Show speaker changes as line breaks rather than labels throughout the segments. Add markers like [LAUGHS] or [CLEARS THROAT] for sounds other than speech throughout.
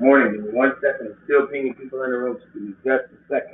Morning, in one second, still pinging people in the room, just give me just a second.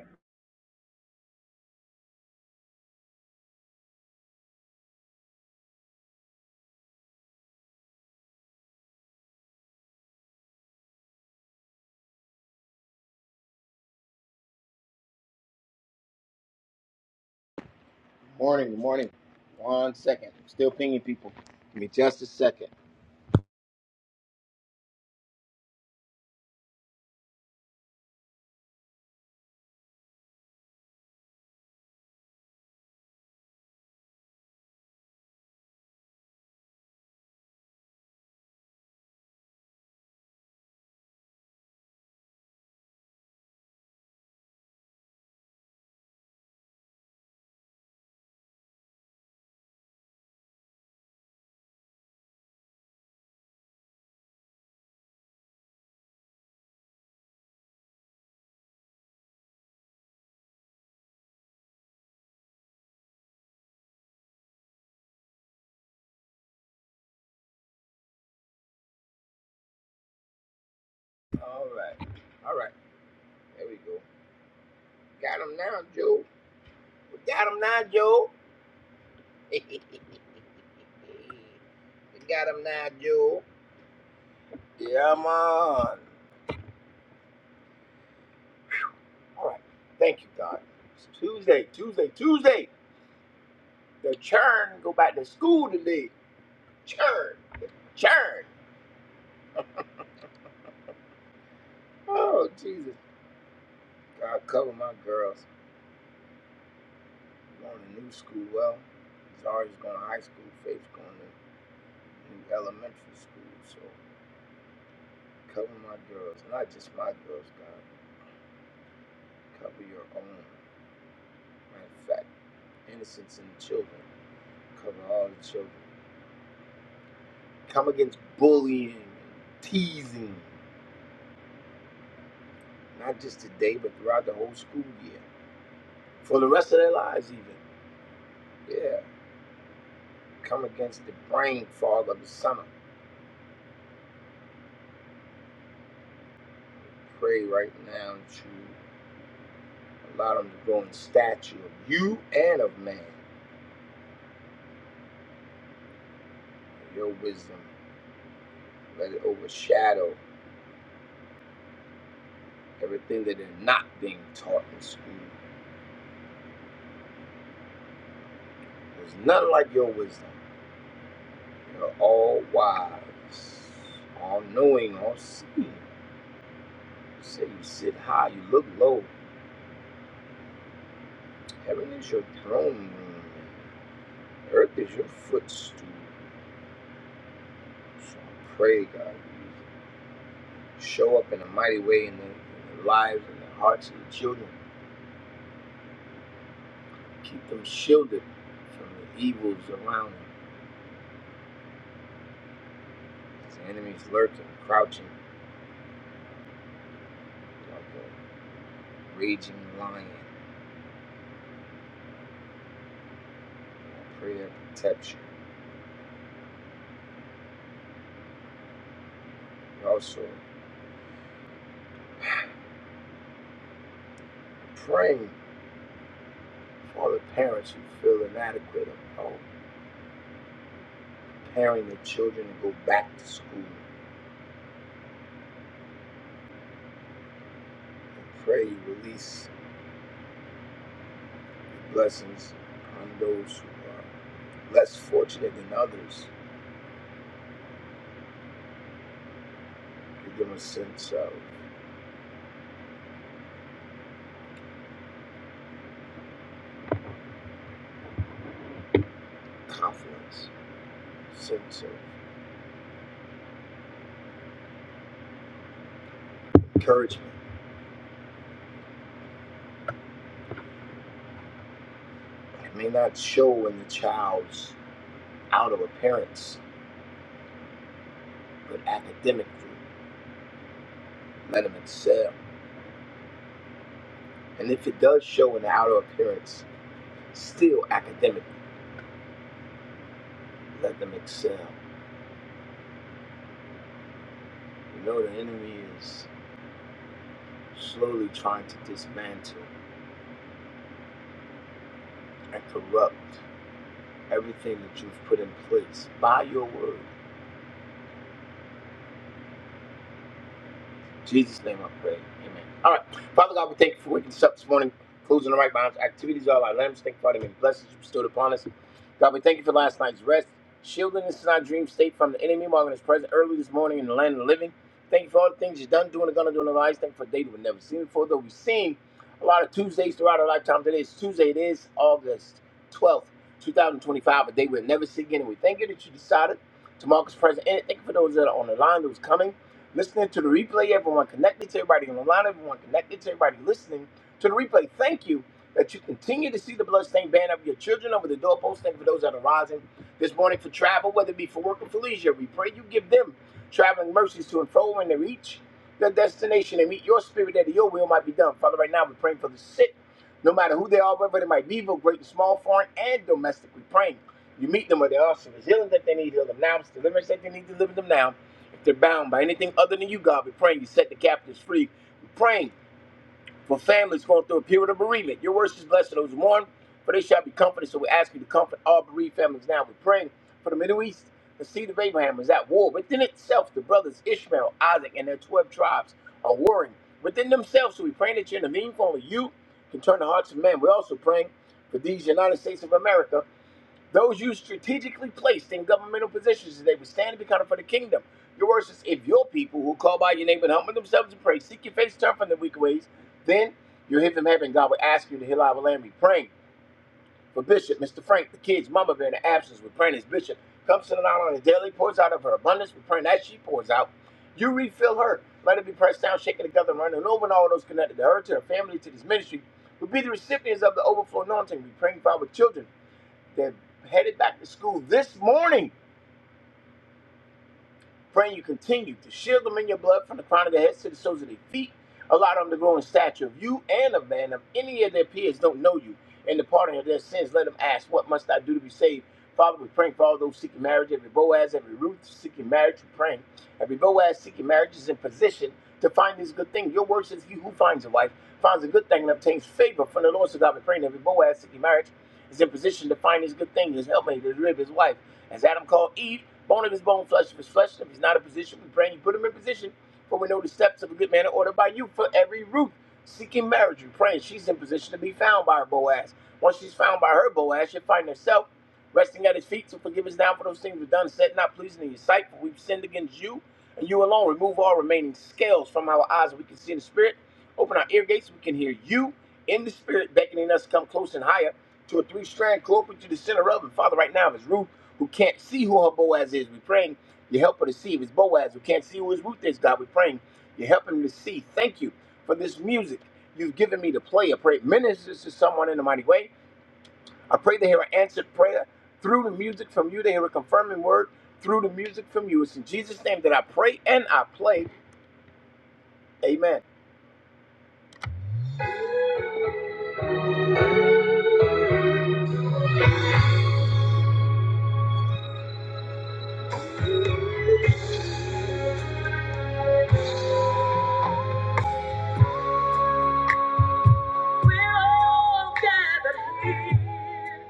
We're all gathered here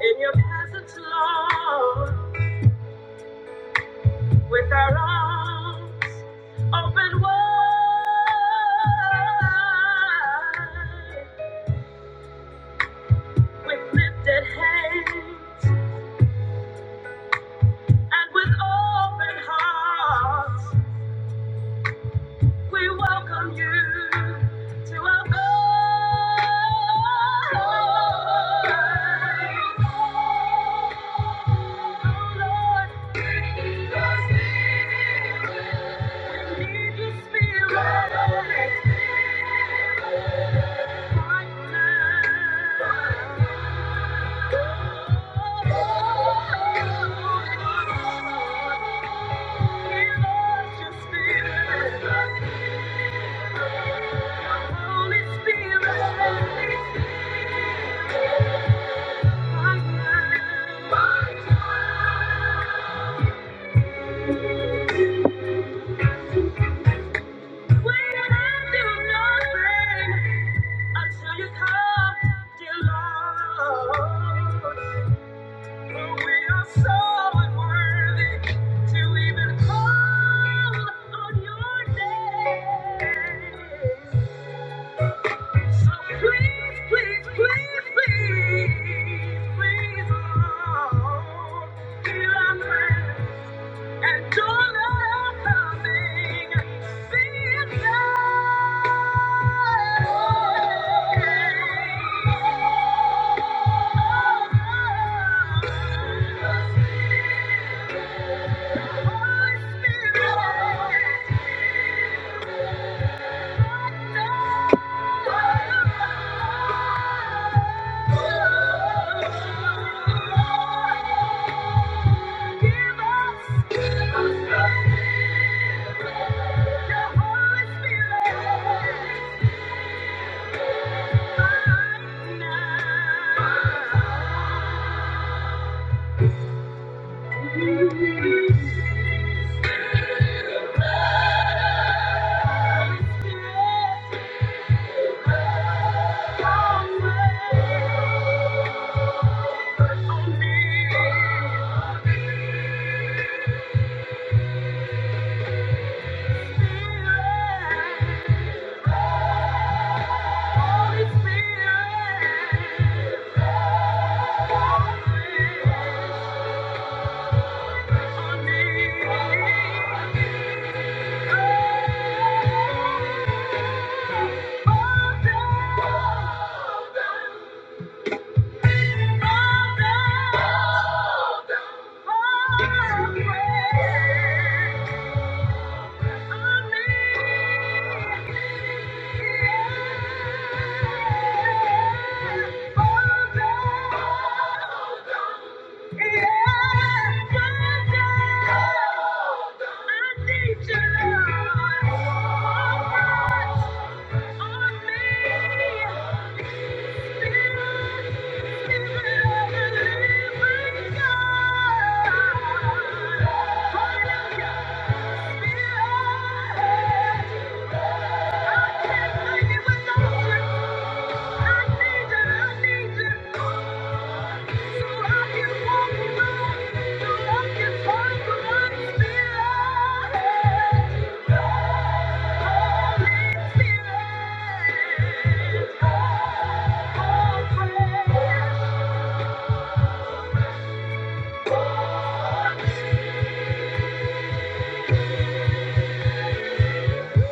in your presence, Lord, with our arms open wide, with lifted hands and with open hearts. We welcome you to our Lord, we need Your Spirit. Holy Spirit, my God, when I do nothing until you come, dear Lord. For we are so unworthy to even call on your name. So please, please, please, please, please, oh, feel our beloved, and don't allow me to see it now. Holy Spirit, Thank you. Thank you. Yeah.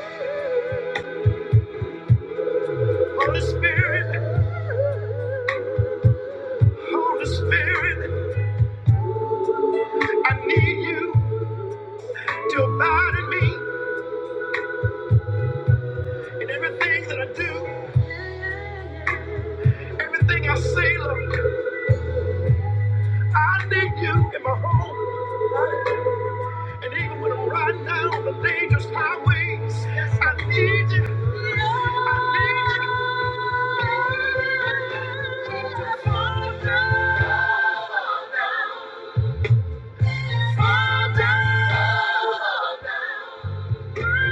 Thank you. Holy Spirit, Holy Spirit, I need you to abide in me in everything that I do, everything I say, Lord. I need you in my home, and even when I'm riding down on the dangerous highways, I need you. I need you. to fall down, fall down, fall down. Spirit.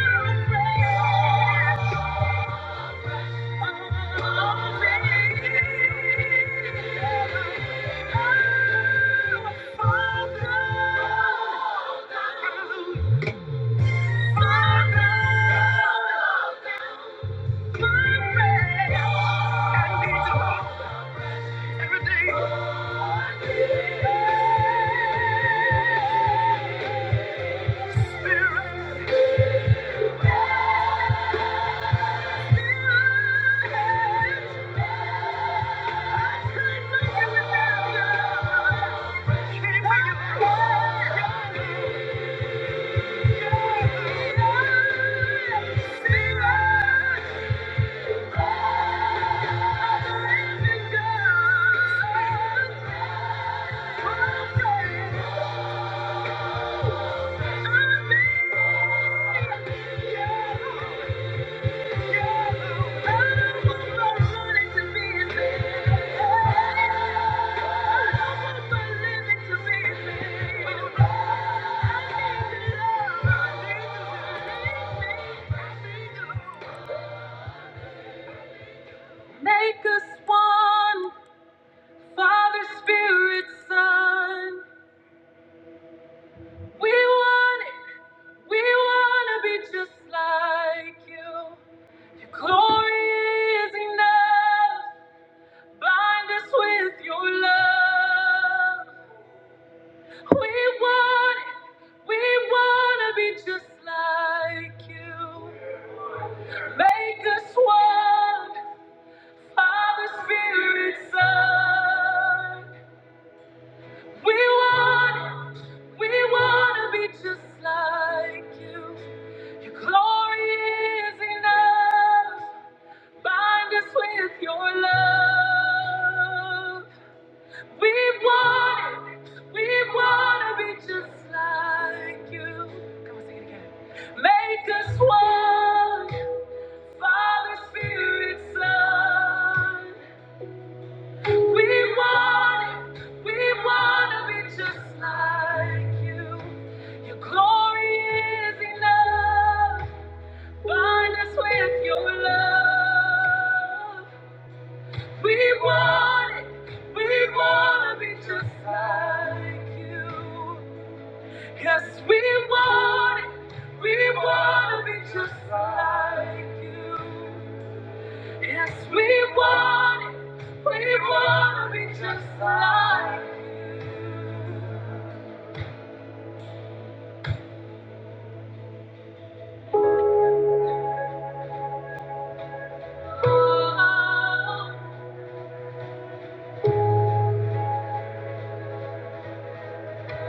Yeah. Make us one, Father, Spirit, Son. We want it. We want to be just like you. Your glory is enough. Bind us with your love. We want it. We want to be just like you. Make us one, Father, Spirit, Son. We want it. We want to be just like you. Your glory is enough. Bind us with your love. We want it. We want to be just like you. Come on, sing it again. Make us one. Father, Spirit, Son. We want it. We want to be just like you. Your glory is enough. Bind us with your love. We want it. We want to be just like you. Yes, we want it. We want to be just like you. Yes, we want it. We want to be just like you. Oh, yeah.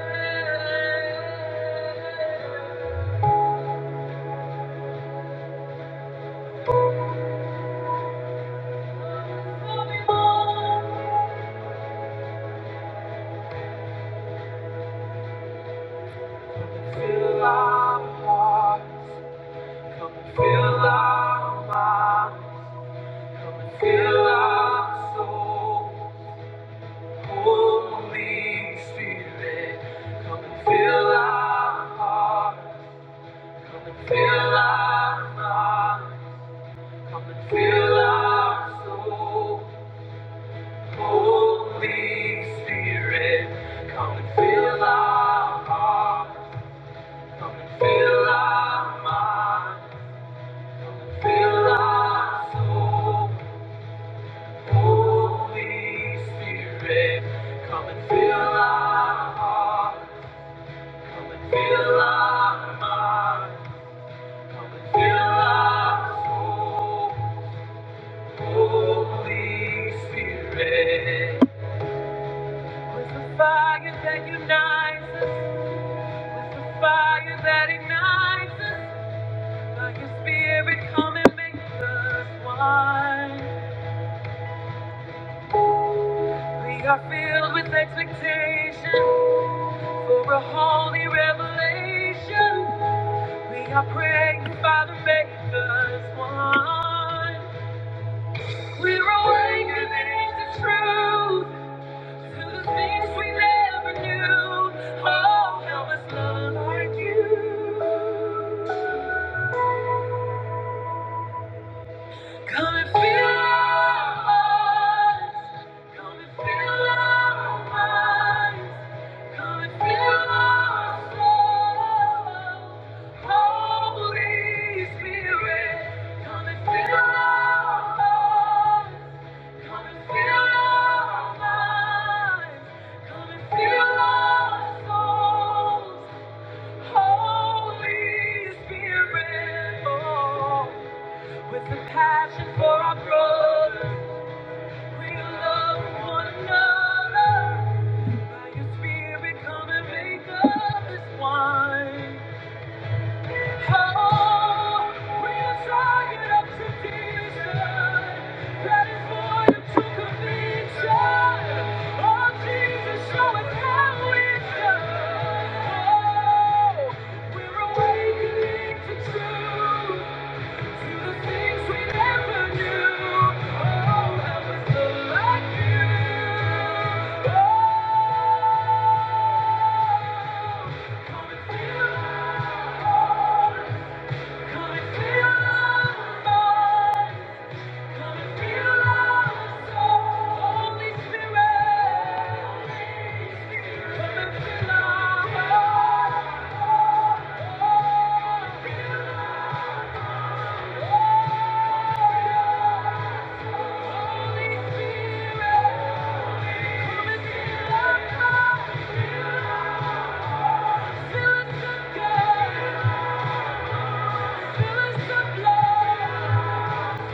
So our hearts. Come and fill our minds, come and fill our souls. Holy Spirit, come and fill our hearts, come and fill our minds, come and fill our souls. Holy Spirit, come and fill our hearts, come and fill our minds, come and fill our souls. Holy Spirit, come and fill our heart, come and fill our mind, come and fill our soul. Holy Spirit, with the fire that unites us, with the fire that ignites us, by your Spirit, come and make us one. We are filled with expectation for a holy revelation. We are praying, Father, make us one. We're awakening to truth, to the things we never knew. Oh, help us love like you. Come and fill our hearts. Come and fill our minds. Come and fill our souls. Holy Spirit, come and fill our hearts. Come and fill our minds. Come and fill our souls. Holy Spirit, oh. With a passion for our brothers, we love one another. By your spirit, come and make up this wine. Oh, we are tired of tradition that is void of true conviction. Oh, Jesus, show us how it's done. Oh, we're awakening to truth. Feel us again, feel us again.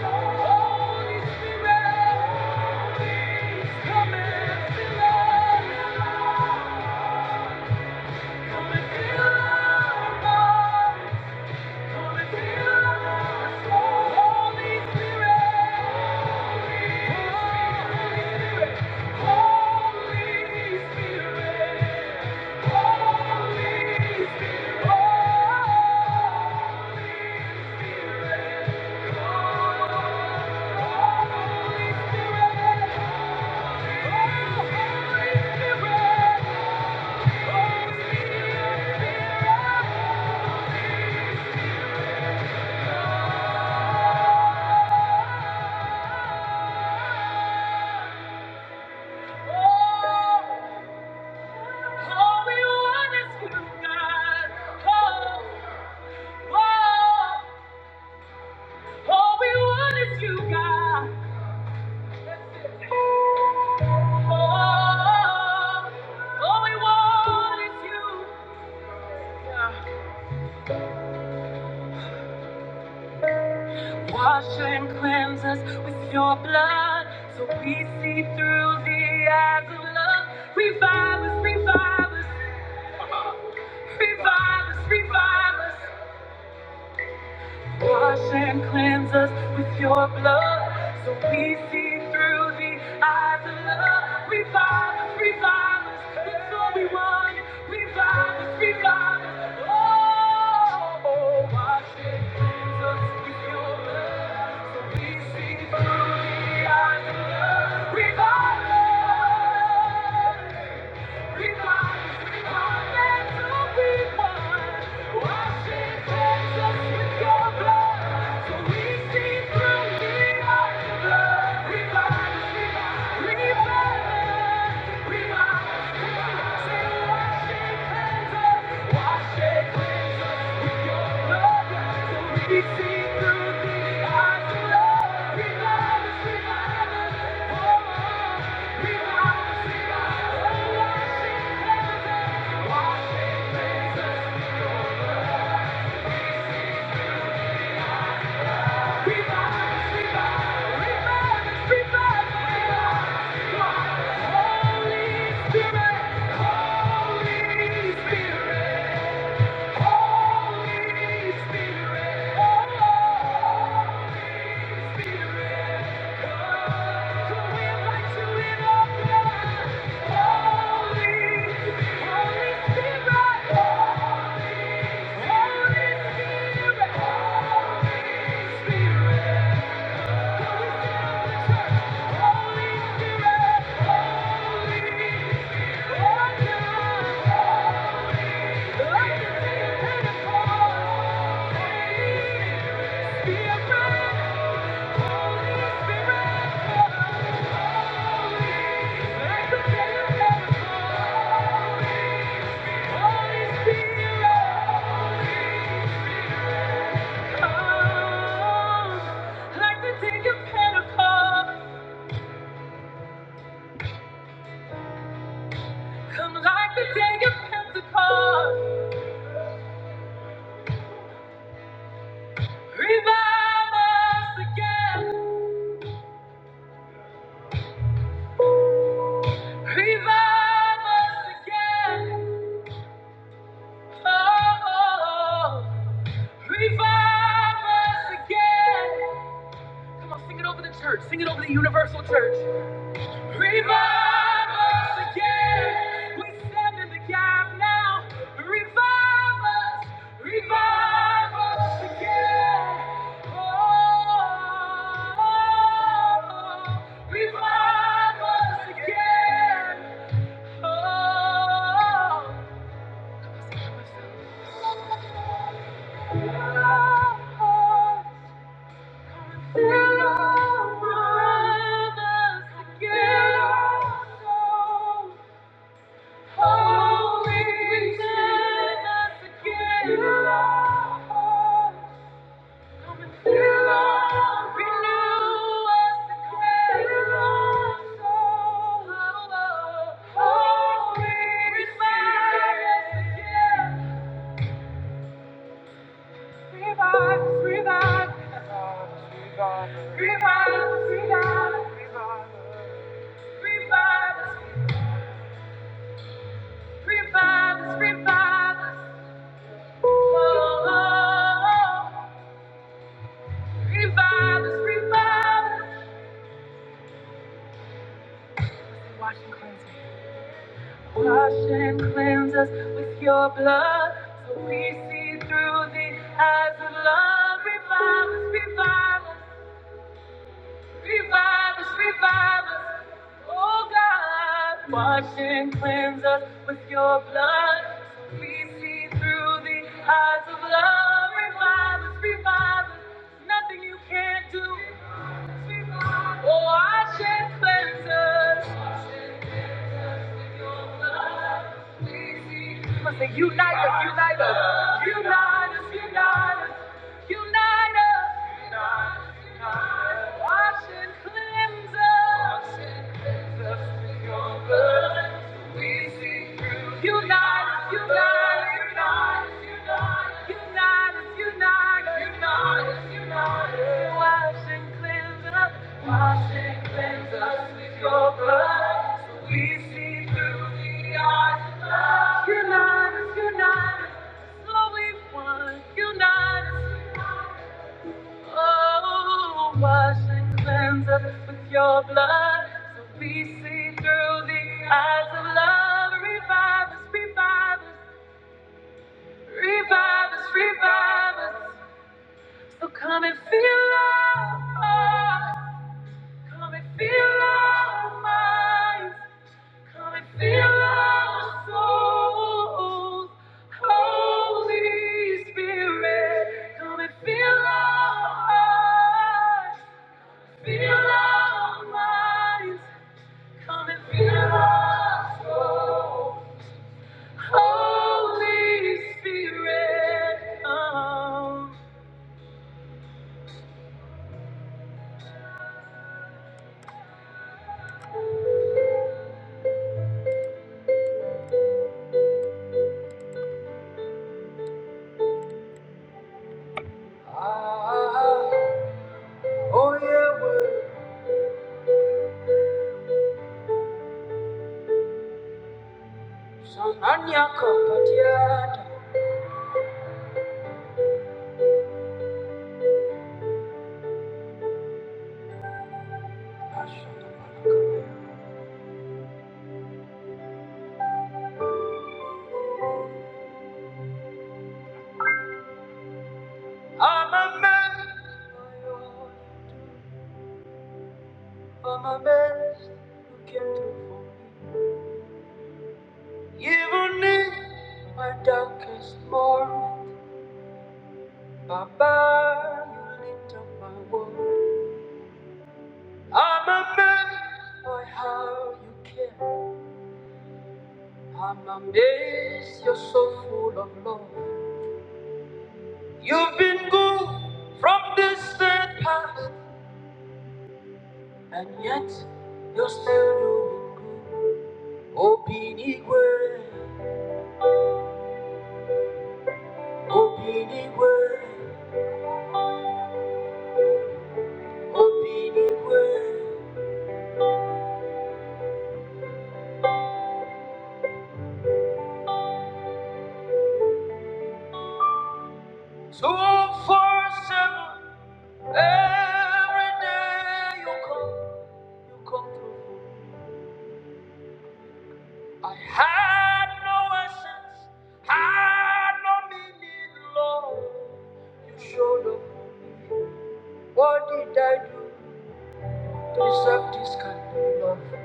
Holy Spirit, come and fill us. Come and fill our Spirit, Holy Spirit, Wash and cleanse us with your blood so we see through the eyes of love. Revive us, revive us, revive us, revive us. Wash and cleanse us with your blood so we see through the eyes of love. Revive us, revive us. That's all we want. Revive us, revive us. Oh, wash and cleanse us with your blood so we see through the eyes of love. Revive us. Revive, revive, revive, say, wash your hands Holy Spirit, Holy Spirit. Holy Spirit, Holy Spirit, come. We invite you in our midst. Holy, Holy Spirit, Holy Spirit, Holy Spirit, Revive us again. Come on, sing it over the church. Sing it over the universal church. Revive us again. We stand in the gap now. Revive us. Revive us again. Oh, revive us again. Oh, us Revive, revive, revive, revive, revive. Revive us, revive us. Oh, revive us, revive us. Wash and cleanse us. Wash and cleanse us with your blood so we see through the eyes of love. Revive us, revive us. Revive us, revive us. Oh God, wash and cleanse us with your blood. So we see through the eyes of love. Revive us, revive us. Nothing you can't do. Oh, wash and cleanse us. Must on, say, unite us, unite us, unite us, unite us, unite us, wash and cleanse us, wash and cleanse us with your blood. so We see through. Unite us, unite us. Wash and cleanse us with your blood, so we see through the eyes of love. Unite us, unite us, so we want. Unite us, oh, wash and cleanse us with your blood, so we see through the eyes of love. Revive us, revive us. Revive us, revive us. So come and feel our Come and feel our minds. Come and feel our souls. Holy Spirit, come and feel our hearts. Feel our minds. Come and feel our souls. Holy Spirit, come. Oh yeah, Sananya Kapatiata. I'm a man. I'm a man. You came through for me. Even in my darkest moment, Baba, you lit up my world. I'm a By how you care. I'm amazed. You're so full of love. You've been good from distant past. And yet, you still do. Opinigwe, Opinigwe, Opinigwe. So for seven, every day you come, you come through. I had no essence, had no meaning, Lord. You showed up. What did I do to deserve this kind of love?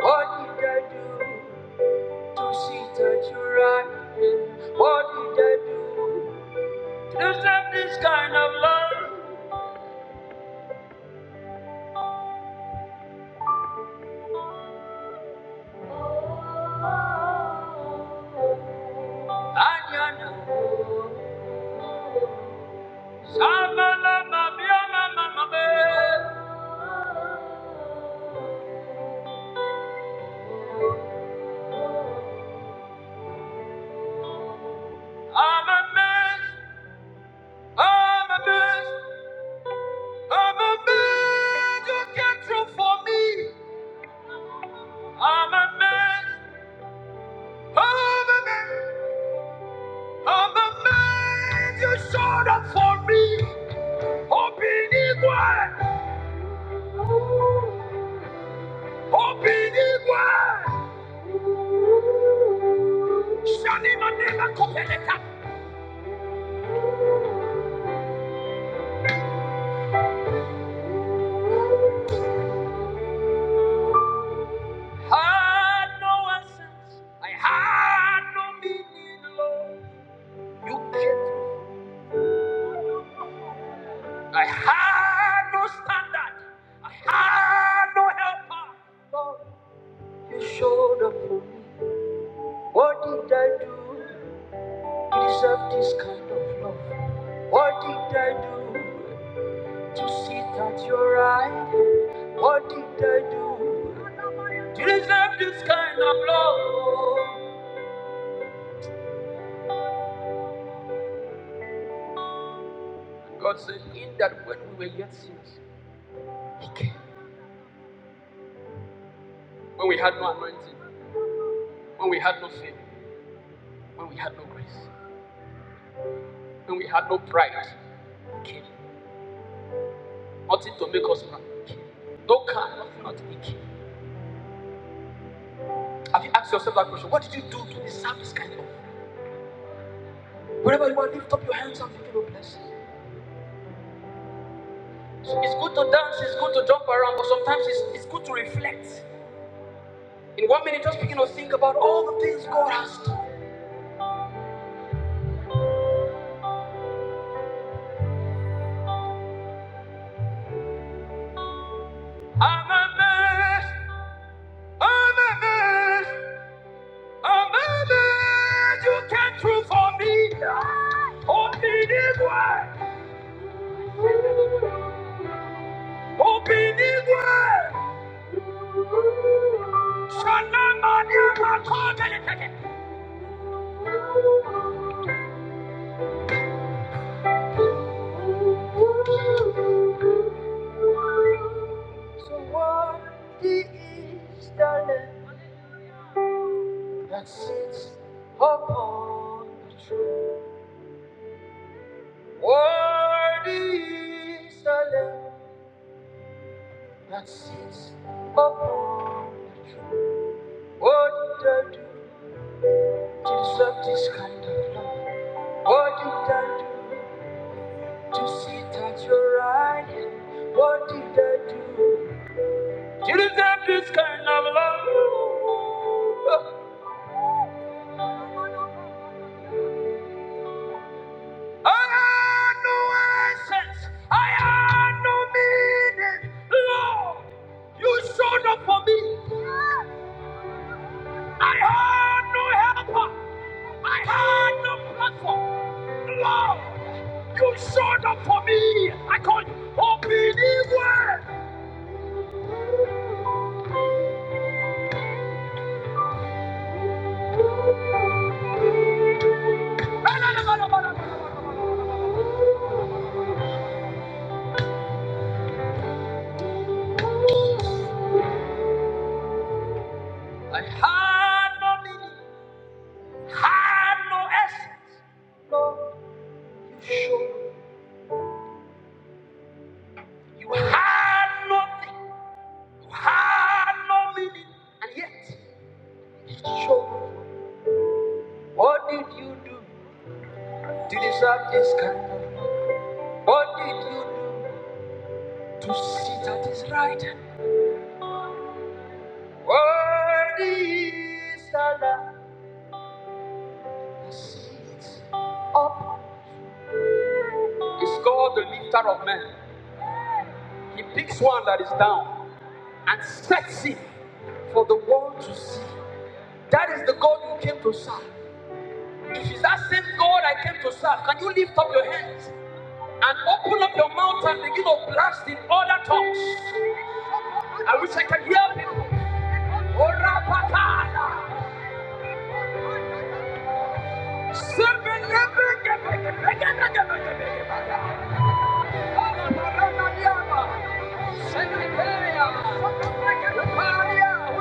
What did I do? to see that you're right. What did I do to deserve this kind of love? Anyana, Samala, Mabia, Mama, Mabe. I'm a mess, I'm a mess, I'm a mess. You can't do for me. I'm a mess, Of the name, of the man. you showed up for me. Obinigwe, Obinigwe, Shani Manela Kopeleka. Had no essence, I had no meaning, Lord. You kept, I had no standard, I had no helper, Lord. You showed up for me. What did I do? deserve this kind of love. What did I do to sit at your right? What did I do to deserve this kind of love? God said, In that when we were yet sinners, He came. When we had no anointing, when we had no faith, when we had no grace, when we had no pride, He came. Nothing to make us man, He came. No car, nothing, nothing, He came. Have you asked yourself that question? What did you do to deserve this kind of love? Wherever you are, lift up your hands and begin to bless So It's good to dance, it's good to jump around, but sometimes it's, it's good to reflect. In one minute, just begin to think about all the things God has done. I'm amazed, I'm amazed, I'm amazed. You came through for me. Obinigwe, Obinigwe. Shanamani Rakode. So worthy is the Lamb that sits upon the throne. Worthy is the Lamb. that sits upon the throne. What did I do to deserve this kind of love? What did I do to sit at your right hand? What did I do to this kind of love? I had no essence. I had no meaning. Lord, you showed up for me. I had no helper. I had no platform. Lord, you showed up for me. I call you OPD word. Had no meaning. Had no essence. Lord, you showed up. You had nothing. You had no meaning. And yet, you showed up. What did you do to deserve this kind of? What did you do to sit at his right hand? What is Allah? Up is God, the lifter of men. He picks one that is down and sets him for the world to see. That is the God you came to serve. If it's that same God I came to serve, can you lift up your hands and open up your mouth and begin to blast in other tongues? I wish I could hear people.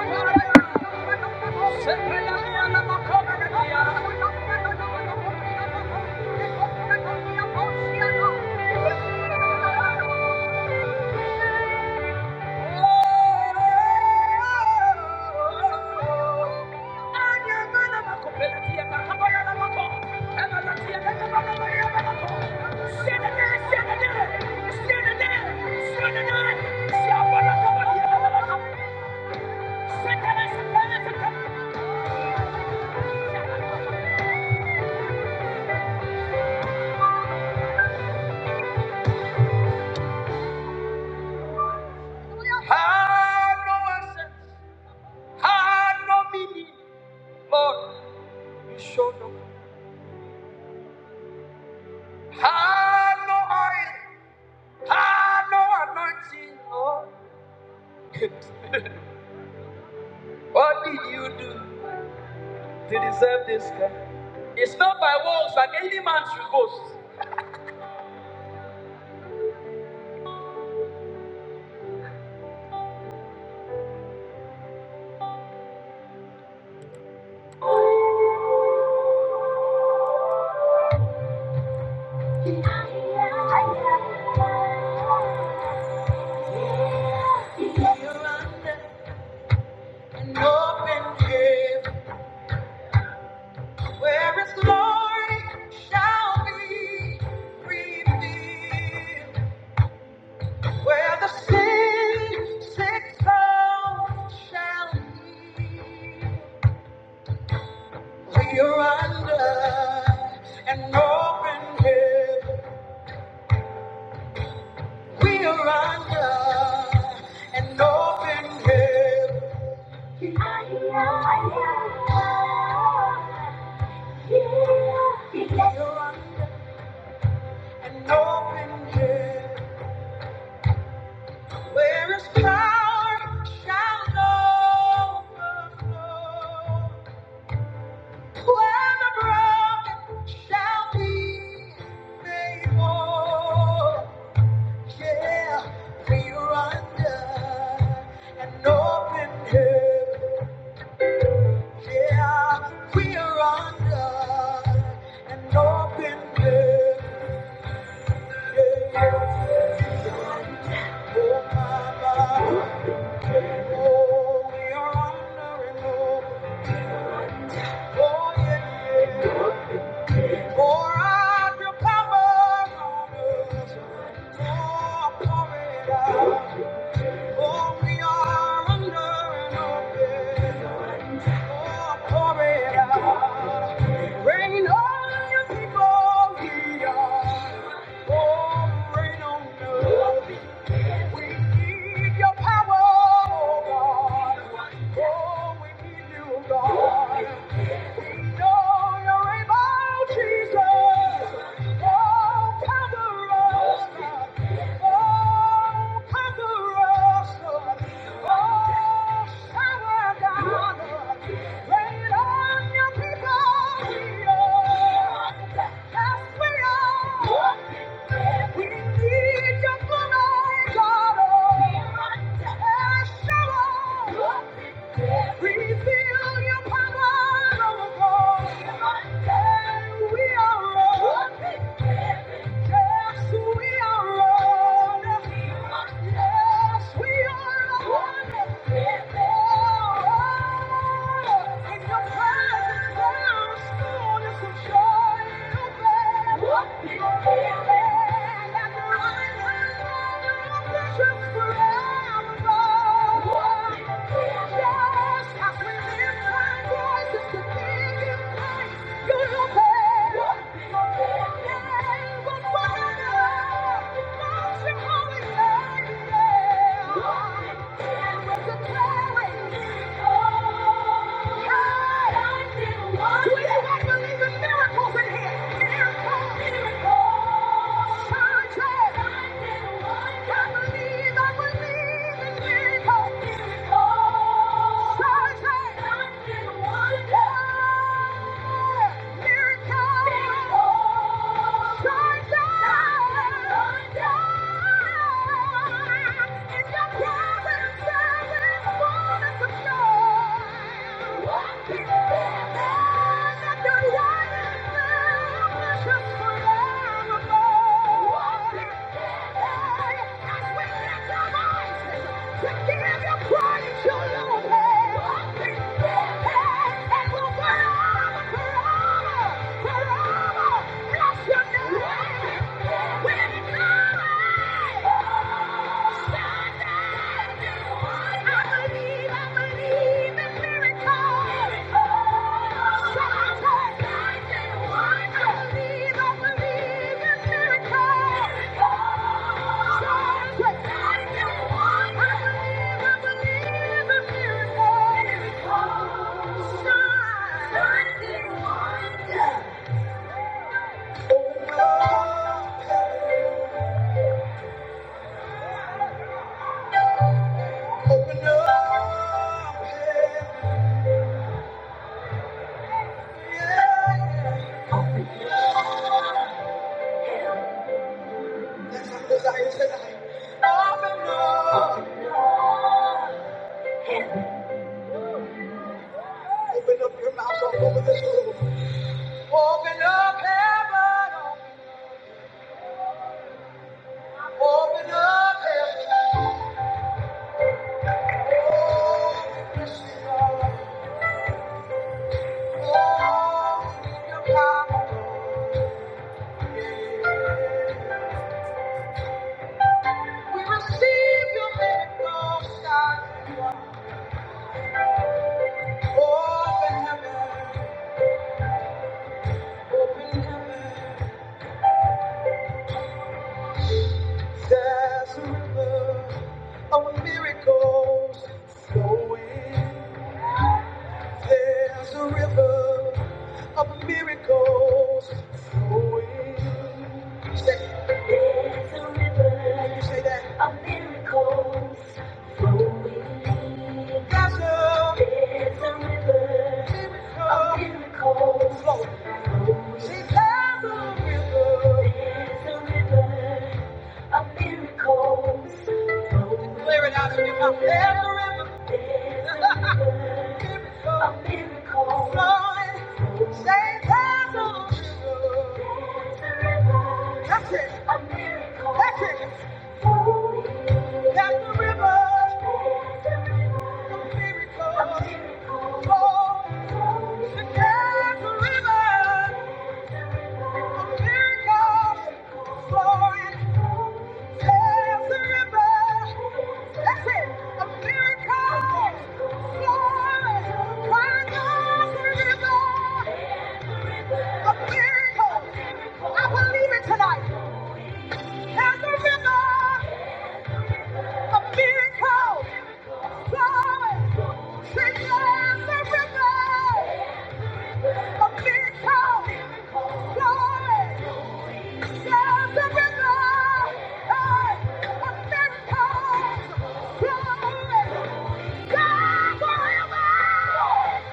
Oh, Had no assets, had no meaning. Lord, you showed up. Had no oil, had no anointing. Oh, [LAUGHS] what did you do to deserve this? kind? It's not by works like any man should boast. An open heaven where His glory shall be revealed, where the sin sick soul shall be. We are under an open heaven. We are under an open heaven. We are under an open heaven. Where is power shall no overflow. Where the broken shall be made whole. Yeah, we are under an open heaven. Yeah, we are under an open heaven. Yeah, yeah. Oh my God, oh we are under an open. Oh yeah, yeah. Pour out your power on us. Oh, pour it out. Oh, we are under an open heaven. Oh, pour it out. Rain on your people, we are. Oh, rain on us. We need your power, oh God. Oh, we need you, God. We know your power. We need your blood, God. Shower. We your power, Lord God. We are Lord. Yes, we are Lord. Yes, we are Lord. Oh, in your presence there is fullness of joy. Your presence, Yes, I will lift my voice to thank you. Miracle! Thank you. Sunday, I believe. Open up heaven, on Open up heaven. It's a river of miracles flowing. It's a river of miracles flowing. Clear it out of your mouth. Every miracle, That's it. That's it. That's the river. A miracle. Oh, that's the river. There's A river, a miracle there's river. Tonight. God, Forever!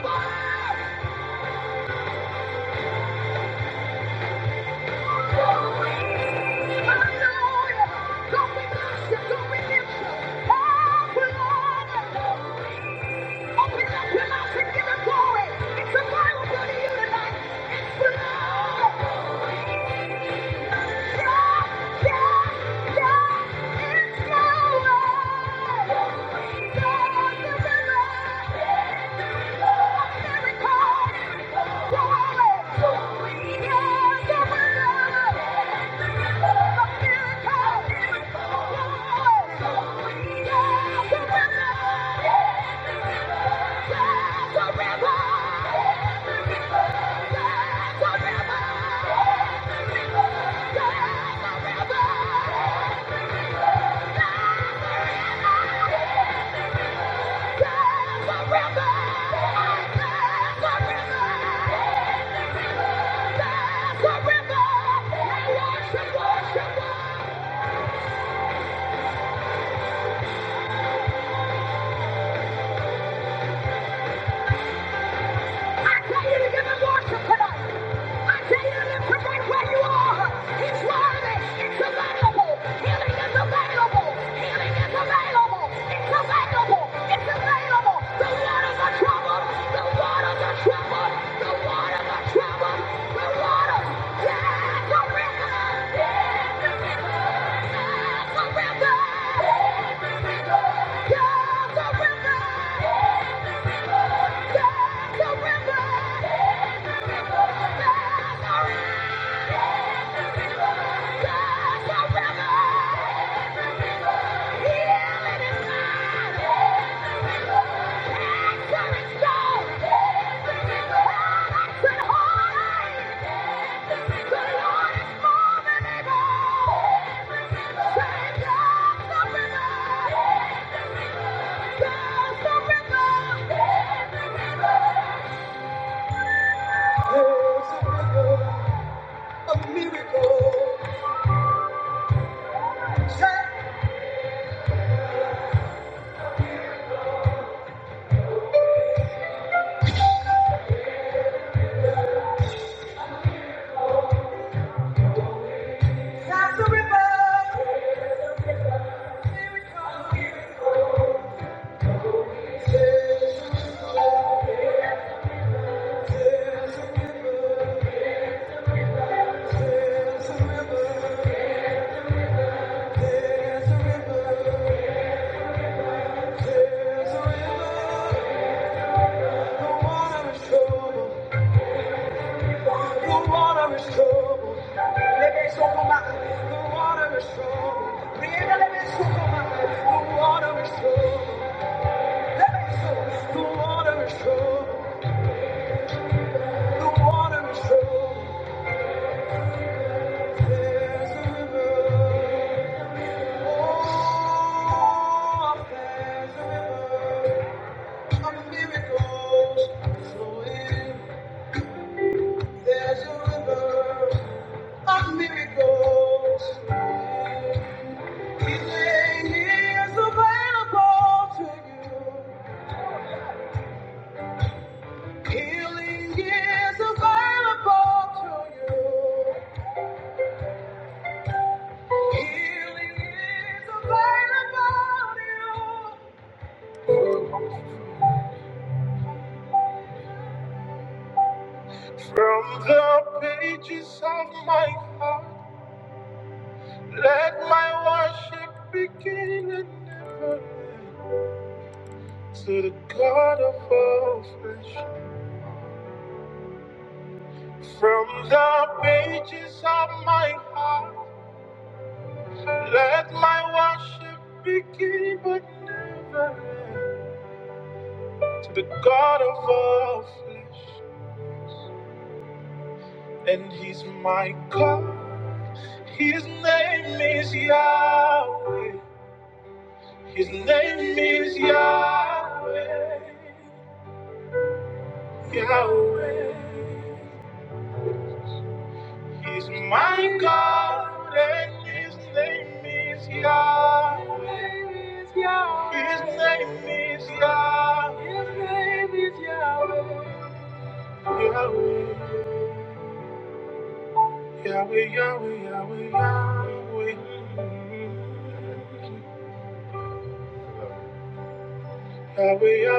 Thank you. Yeah. Yeah. Worship, worship. I tell you to give him worship tonight. I tell you to lift him right where you are. He's worthy. It's available. Healing is available. Healing is available. It's available. It's available. The waters are troubled. The waters are troubled. The waters are troubled. The waters. There's a river. There's a river. There's a river. There's a river. There's a river. There's a river. That's the river. The water is troubled, the water is troubled. There's a river. Oh, there's a river. Of miracles flowing. There's a river of miracles flowing. Healing is available to you. Healing is available to you. Healing is available to you. From the pages of my heart, let my worship begin and never end to the God of all flesh. From the pages of my heart, let my worship begin but never end to the God of all flesh. And He's my God, His name is Yahweh. His name is Yahweh, Yahweh. He's my God, and His name is Yahweh. His name is Yahweh, Yahweh, Yahweh, Yahweh, Yahweh, Yahweh. Yahweh, Yahweh, Yahweh, Yahweh,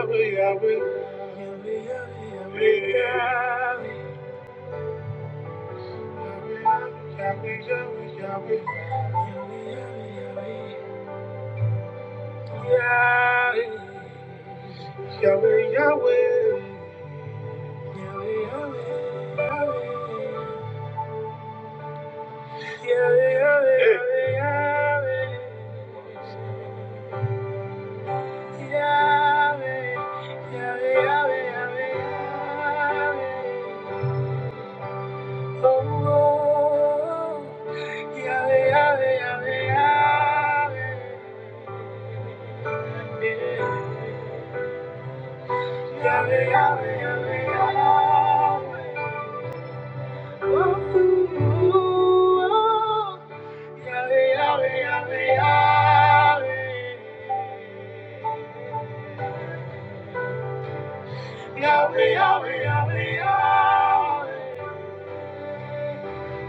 Yahweh, Yahweh, Yahweh, Yahweh, Yahweh. Yahweh, Yahweh, Yahweh, Yahweh.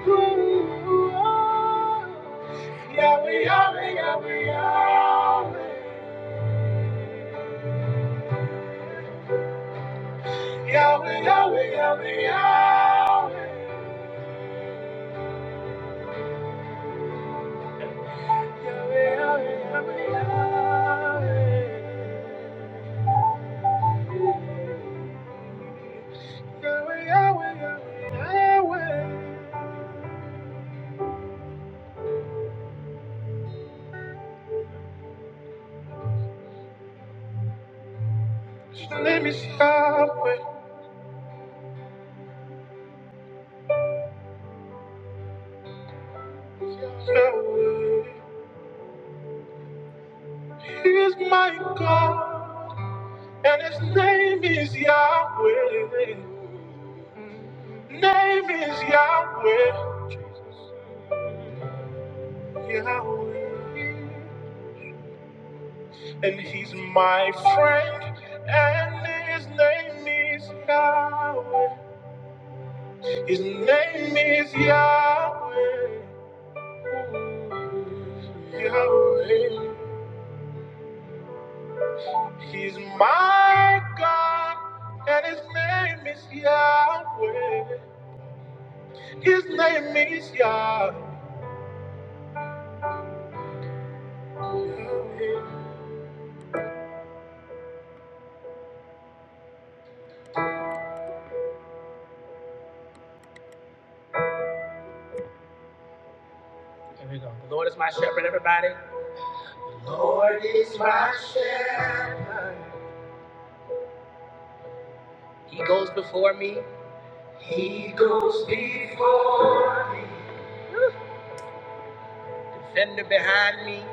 Ooh, oh. Yahweh, Yahweh, Yahweh, Yahweh. Yahweh, Yahweh, Yahweh, Yahweh. Yahweh, Yahweh, Yahweh, Yahweh. Yahweh, Yahweh, Yahweh, Yahweh. Just let me stop with Yahweh. He is my God, and his name is Yahweh. Name is Yahweh, Jesus, Yahweh. And he's my friend, and his name is Yahweh. His name is Yahweh, Yahweh. He's my God, and his name is Yahweh. His name is Yah. The Lord is my shepherd, everybody. The Lord is my shepherd. He goes before me. He goes before me. Defender behind me.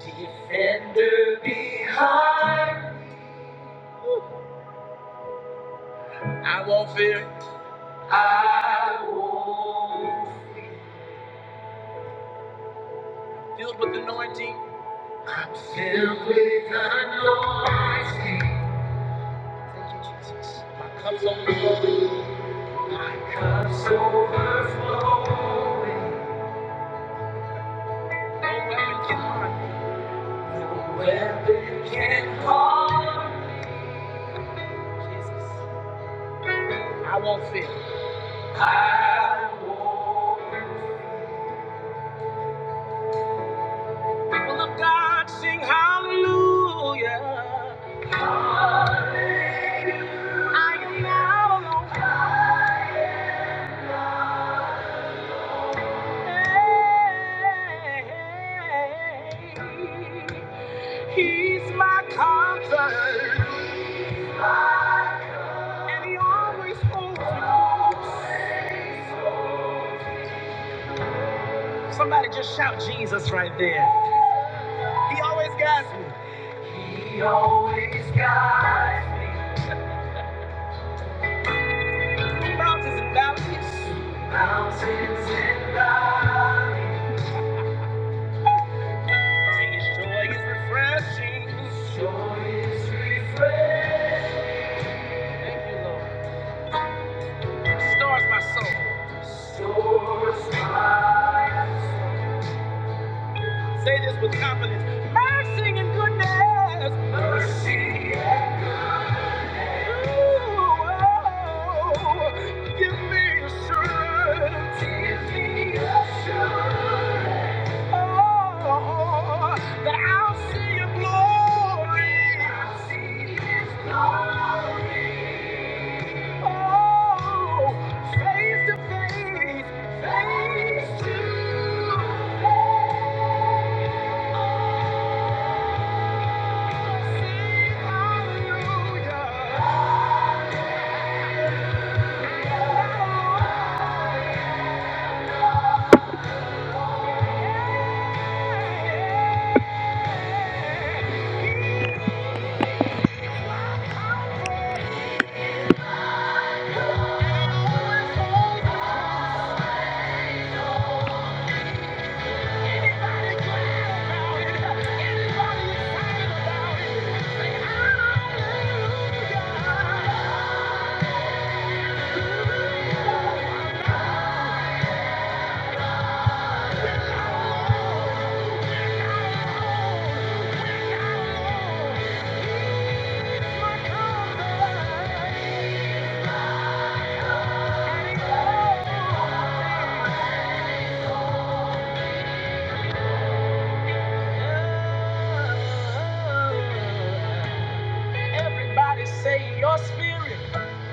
Defender, I won't. Filled with deep. Filled with anointing. Comes on me. It's overflowing. Hallelujah. I am now. alone. He's my comfort, He's my comfort. and he always holds me close. Somebody, he always guides me. He always guides me. Mountains and say, "Hey." Hallelujah. Oh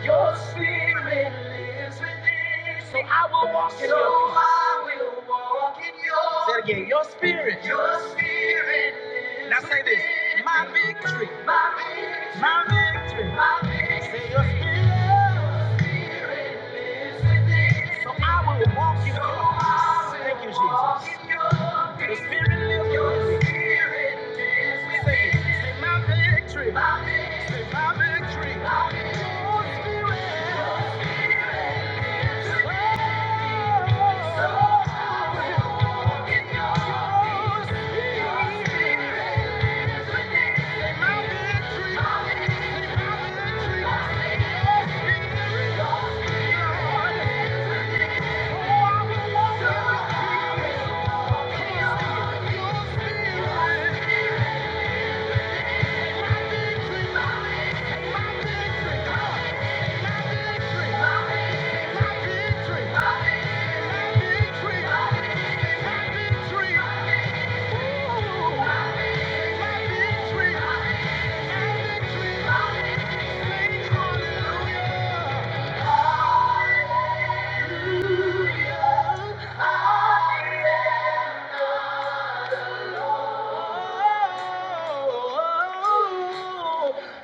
Your spirit lives within. So I will. Say it again. Your spirit lives Now say this. within. My big, my big. My big. Say your spirit. So I will walk in your ways. Thank you, Jesus. The Spirit lives within. Say, say, my victory. Say, my victory. Oh, Spirit. Oh, Spirit. Thank you.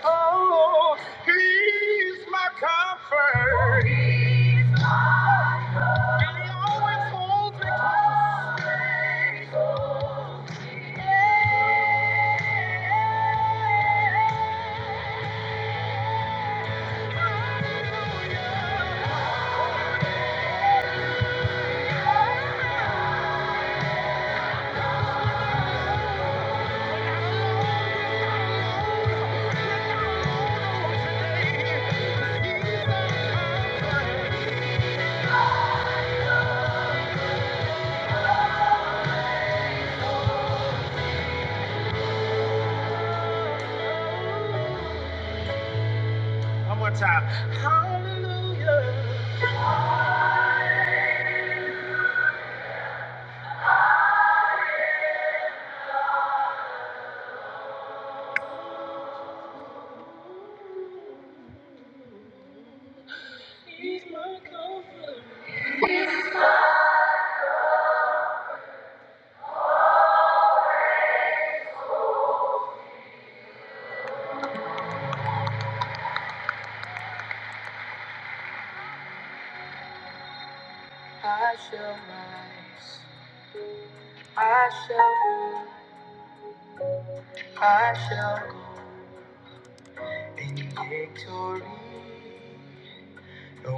Oh, I shall rise. I shall, I shall go in victory. No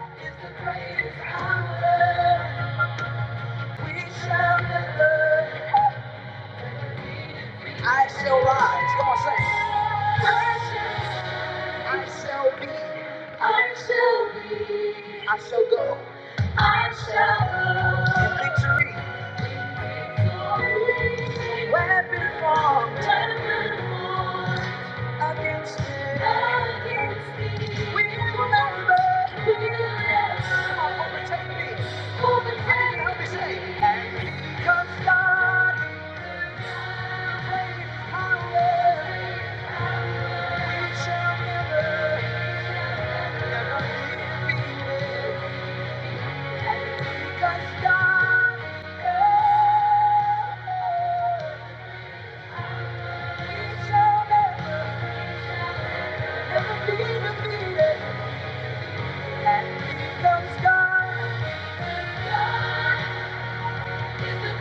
is the greatest power. We shall live. I shall rise. Come on, say. I shall be. I shall be. I shall go. I shall go. In victory. Weapon formed against me. Against me. We will never. We will never. Come on, overtake me. Overtake me. Help me say. And because God. God is the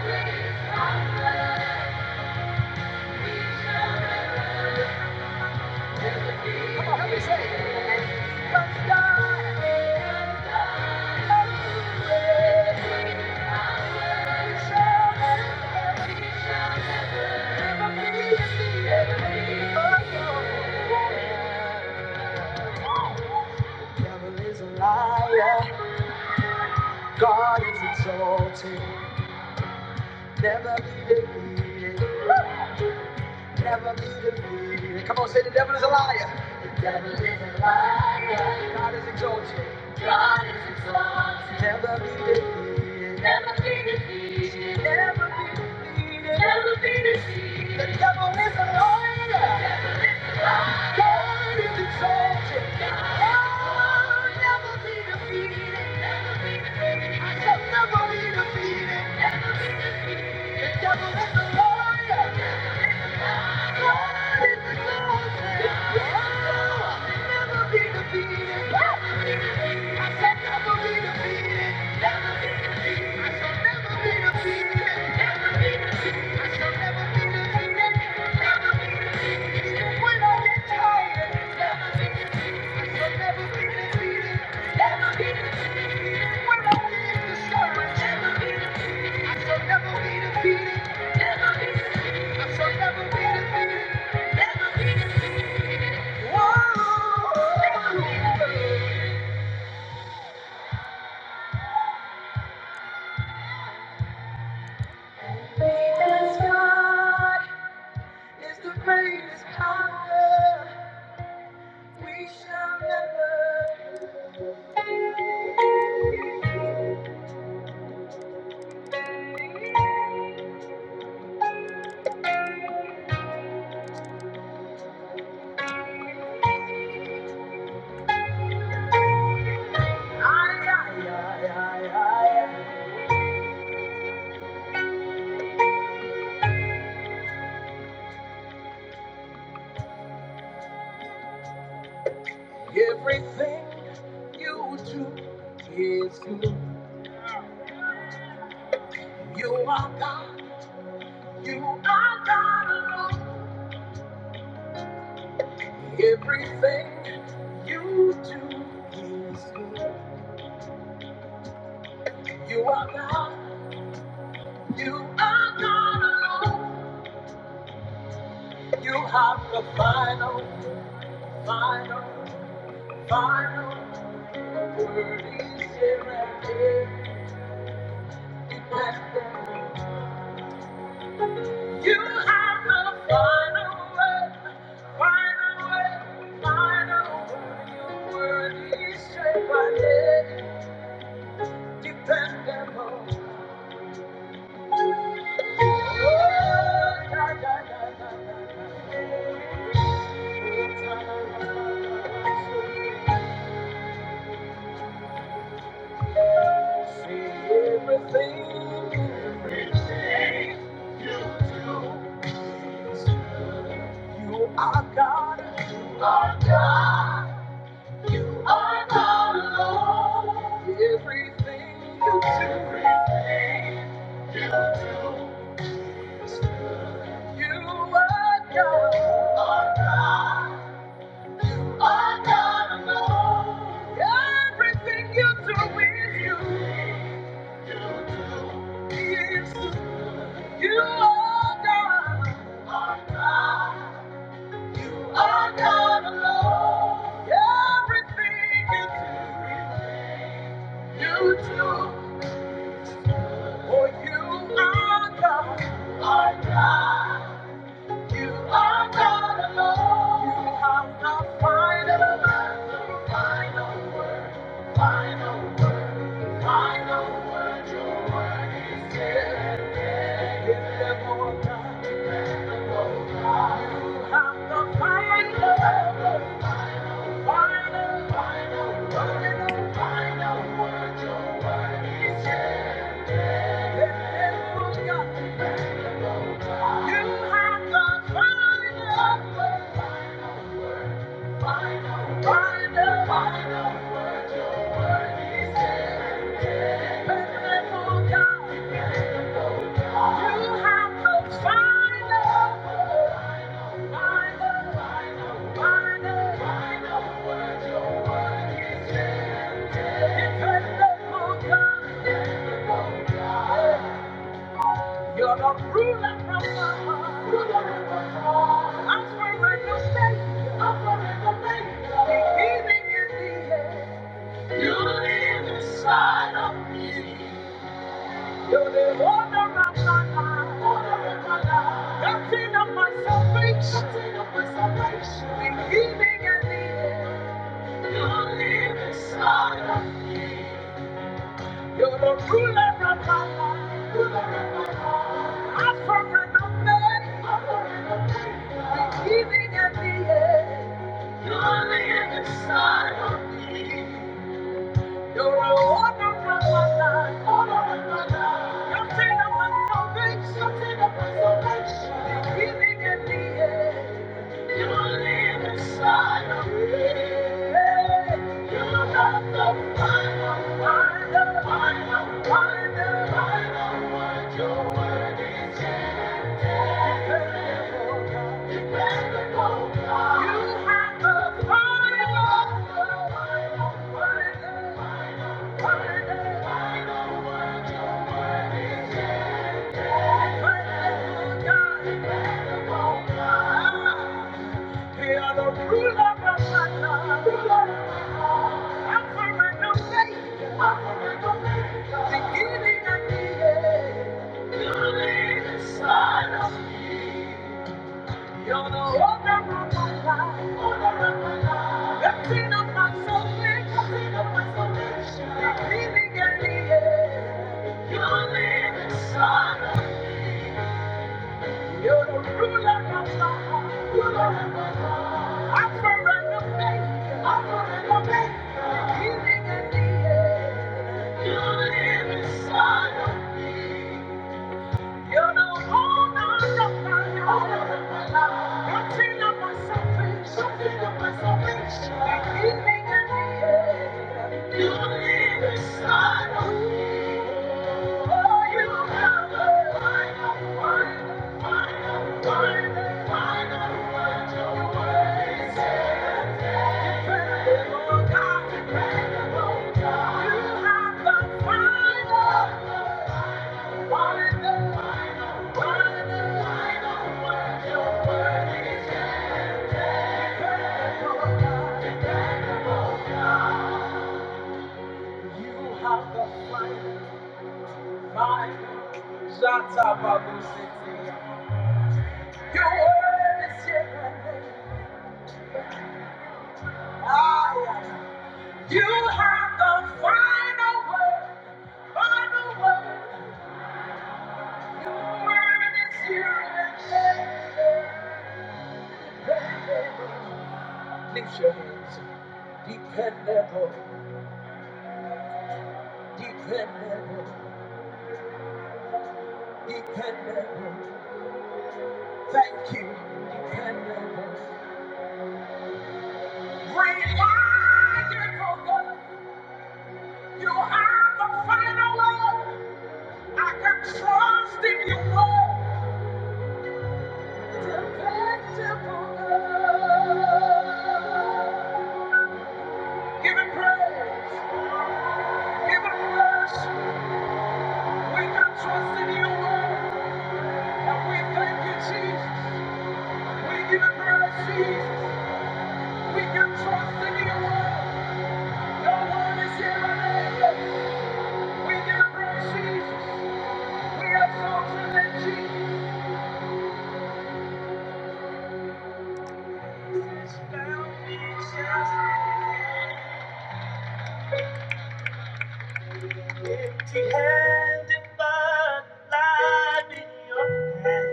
greatest power. We shall never. Come on, help me say it. Because God Never be defeated. Never be defeated. The devil is a liar. God is exalted. Oh, never be defeated. I shall never be defeated. The devil is a liar. God is exalted. Never be defeated. I shall never be defeated. I shall never be defeated. I shall never be defeated. Never be defeated. Even when I get tired. never be defeated. Everything you do is good. You are God, you are God alone. You have the final, final, final. You have the final word, final word, final word. Your word is true, dependable. Oh, da, da, da, da, da. Say everything you know. You are God. You are God. I'm not alone. Everything you do, you are God. I'm not alone. Everything you do is you. Yes, you are God. I'm not i alone. Everything you do, you do, for you are God. I'm God. You are God alone. You are wise and Final, final, final, final word. Your words, yeah. You are final Final, final, final word. Your word is yeah, yeah. Faithful God, you have the final word. You're the ruler from my heart. I'm forever your savior. I'm forever faithful. Beginning and the end. You live inside of me. You're the owner of my life. Owner of my life. Captain of my salvation. Captain of my salvation. Beginning and the end. You're the ruler of my life. I surrender me. I'm giving at the end. You're the inside. You're the order of my life. Order of my life. You're the end of my salvation. You're the end of my healing at the end. You're the inside. Yeah. You're the not the devil. Thank you. You're the one that brought my life. Lifting up my soul, lifting up my salvation. Redeeming and healing. You're the inside. You're the ruler of my heart. I surrender faith. I make you live inside. You're the owner of my life. Lifting up my salvation. Lifting up my salvation. Redeeming and healing. You are live inside. You have the final, final. Shut up, Abu City. Lift your hands. dependable. Give him praise. Give him worship. We can trust in you, Lord. And we thank you, Jesus. We give him praise, Jesus. We can trust in you, Lord. No one is here on earth. We give him praise, Jesus. We have chosen in Jesus. Empty-handed, but life in your hand.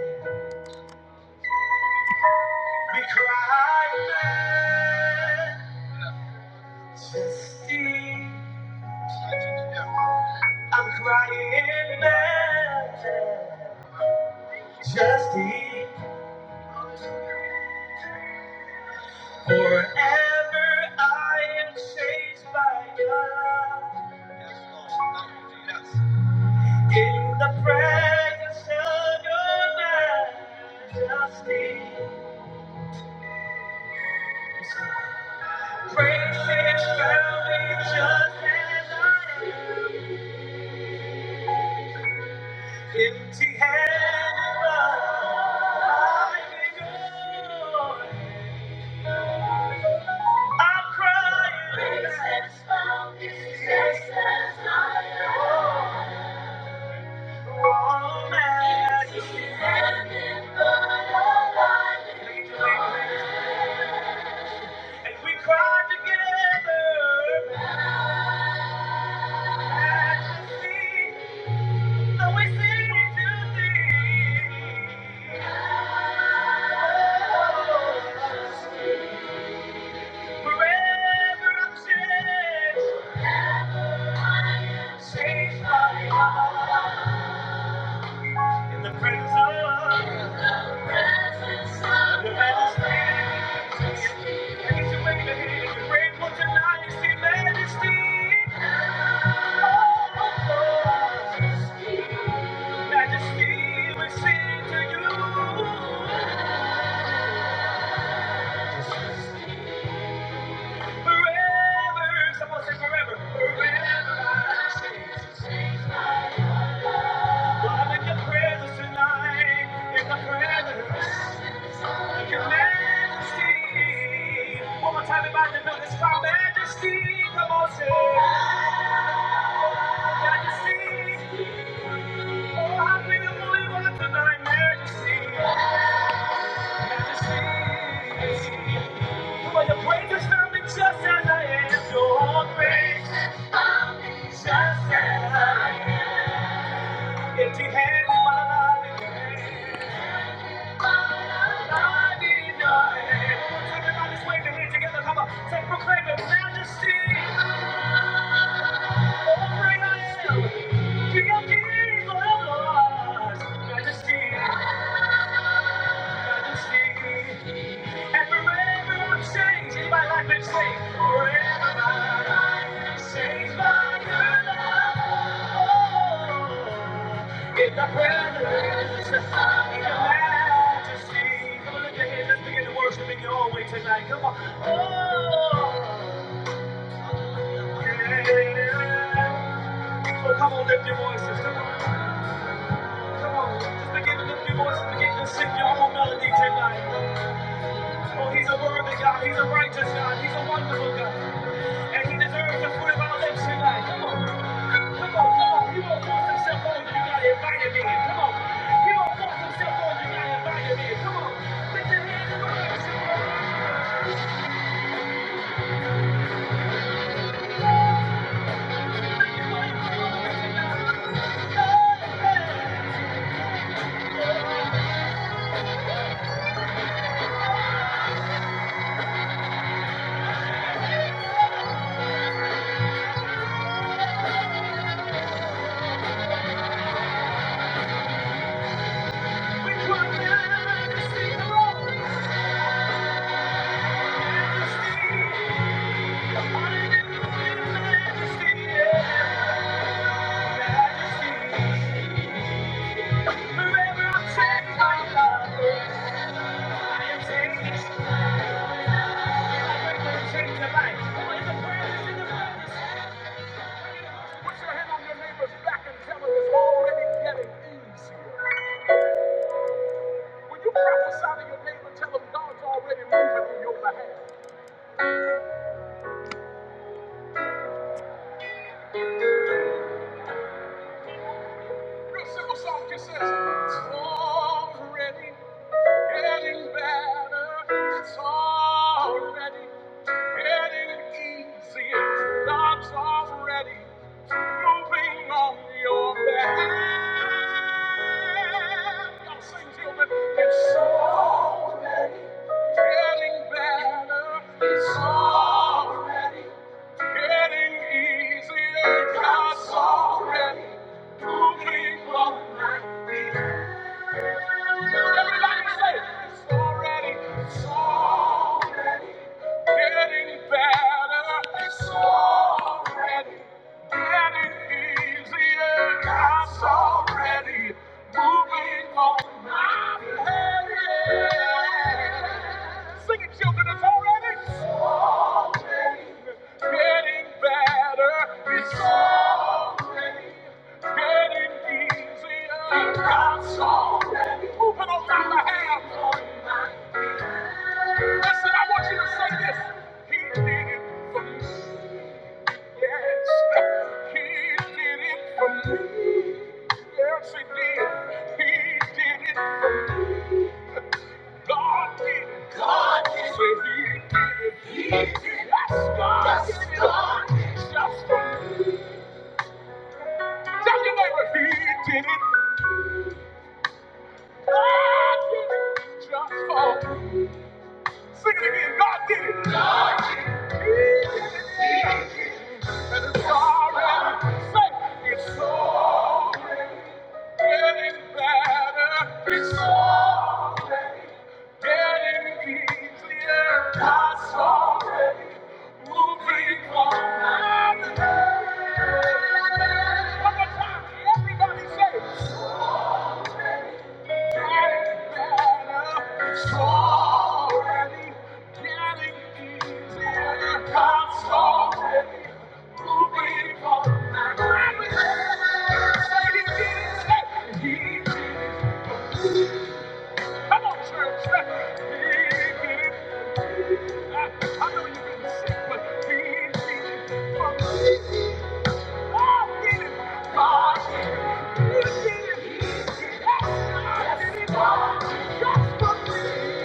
We cry, man. Majesty. I'm crying mountain, just deep. Forever I am changed by God. In the presence of your majesty, praises found me just as I am. Empty handed, but I am yours. I'm crying. Jesus found his Jesus as I am. Oh, man. Jesus and the Lord. And we cry together. Majesty, though we sing to thee. Oh, Forever I'm safe. Safe by God. In the presence of the majesty. I need to wave your hand if you're grateful tonight. It's the majesty. Majesty, we sing to you forever. Someone say forever. Forever. I'm in presence tonight, in the presence of your majesty. One more time, everybody, know this is my majesty. Come majesty. Oh, I feel the Holy One tonight, majesty, majesty. For your praise is not me just as I am, your grace found me just as I am. Empty hands, my life. Everybody's waving hands together. Come on. Say, proclaim the majesty of the great I am. King of kings, Lord of Majesty, majesty. And forever I'm changed. In my life being saved? Forever my life is changed by your love. Oh, In the presence of the in your majesty. Come on, lift your hands. Let's begin to worship in your own way tonight. Come on. Oh, yeah. So come on, lift your voices. Come on. Come on. Just begin to lift your voices. Begin to sing your own melody tonight. Oh, he's a worthy God. He's a righteous God. He's a wonderful God. And he deserves the fruit of our lips tonight. Come on, come on, come on. He won't force himself. We cry down to see the Lord. Majesty, hallelujah, majesty, yeah. Majesty, forever I'm changed by your love. I am changed. Change your life. Come on, in the presence, in the presence. Put your hand on your neighbor's back and tell them it's already getting easier. When you prophesy to your neighbor, tell them God's already moving on your behalf. Real simple song just says, It's already getting better. It's already getting easier. God's already moving on your behalf. Y'all sing, children. It's already getting better. It's already Getting easier, God's already moving on Everybody say, it's already, it's already getting better. It's already getting easier, God's already moving on my behalf. Sing it, children, it's already, it's already getting better. It's already Just for me. Tell your neighbor he did did it. it God did it. just for. me. Sing it again. God did it. God did it. He did it. And it's already safe. It's already getting better. It's already getting easier. God's already moving on. One more time. Everybody say. Thank you.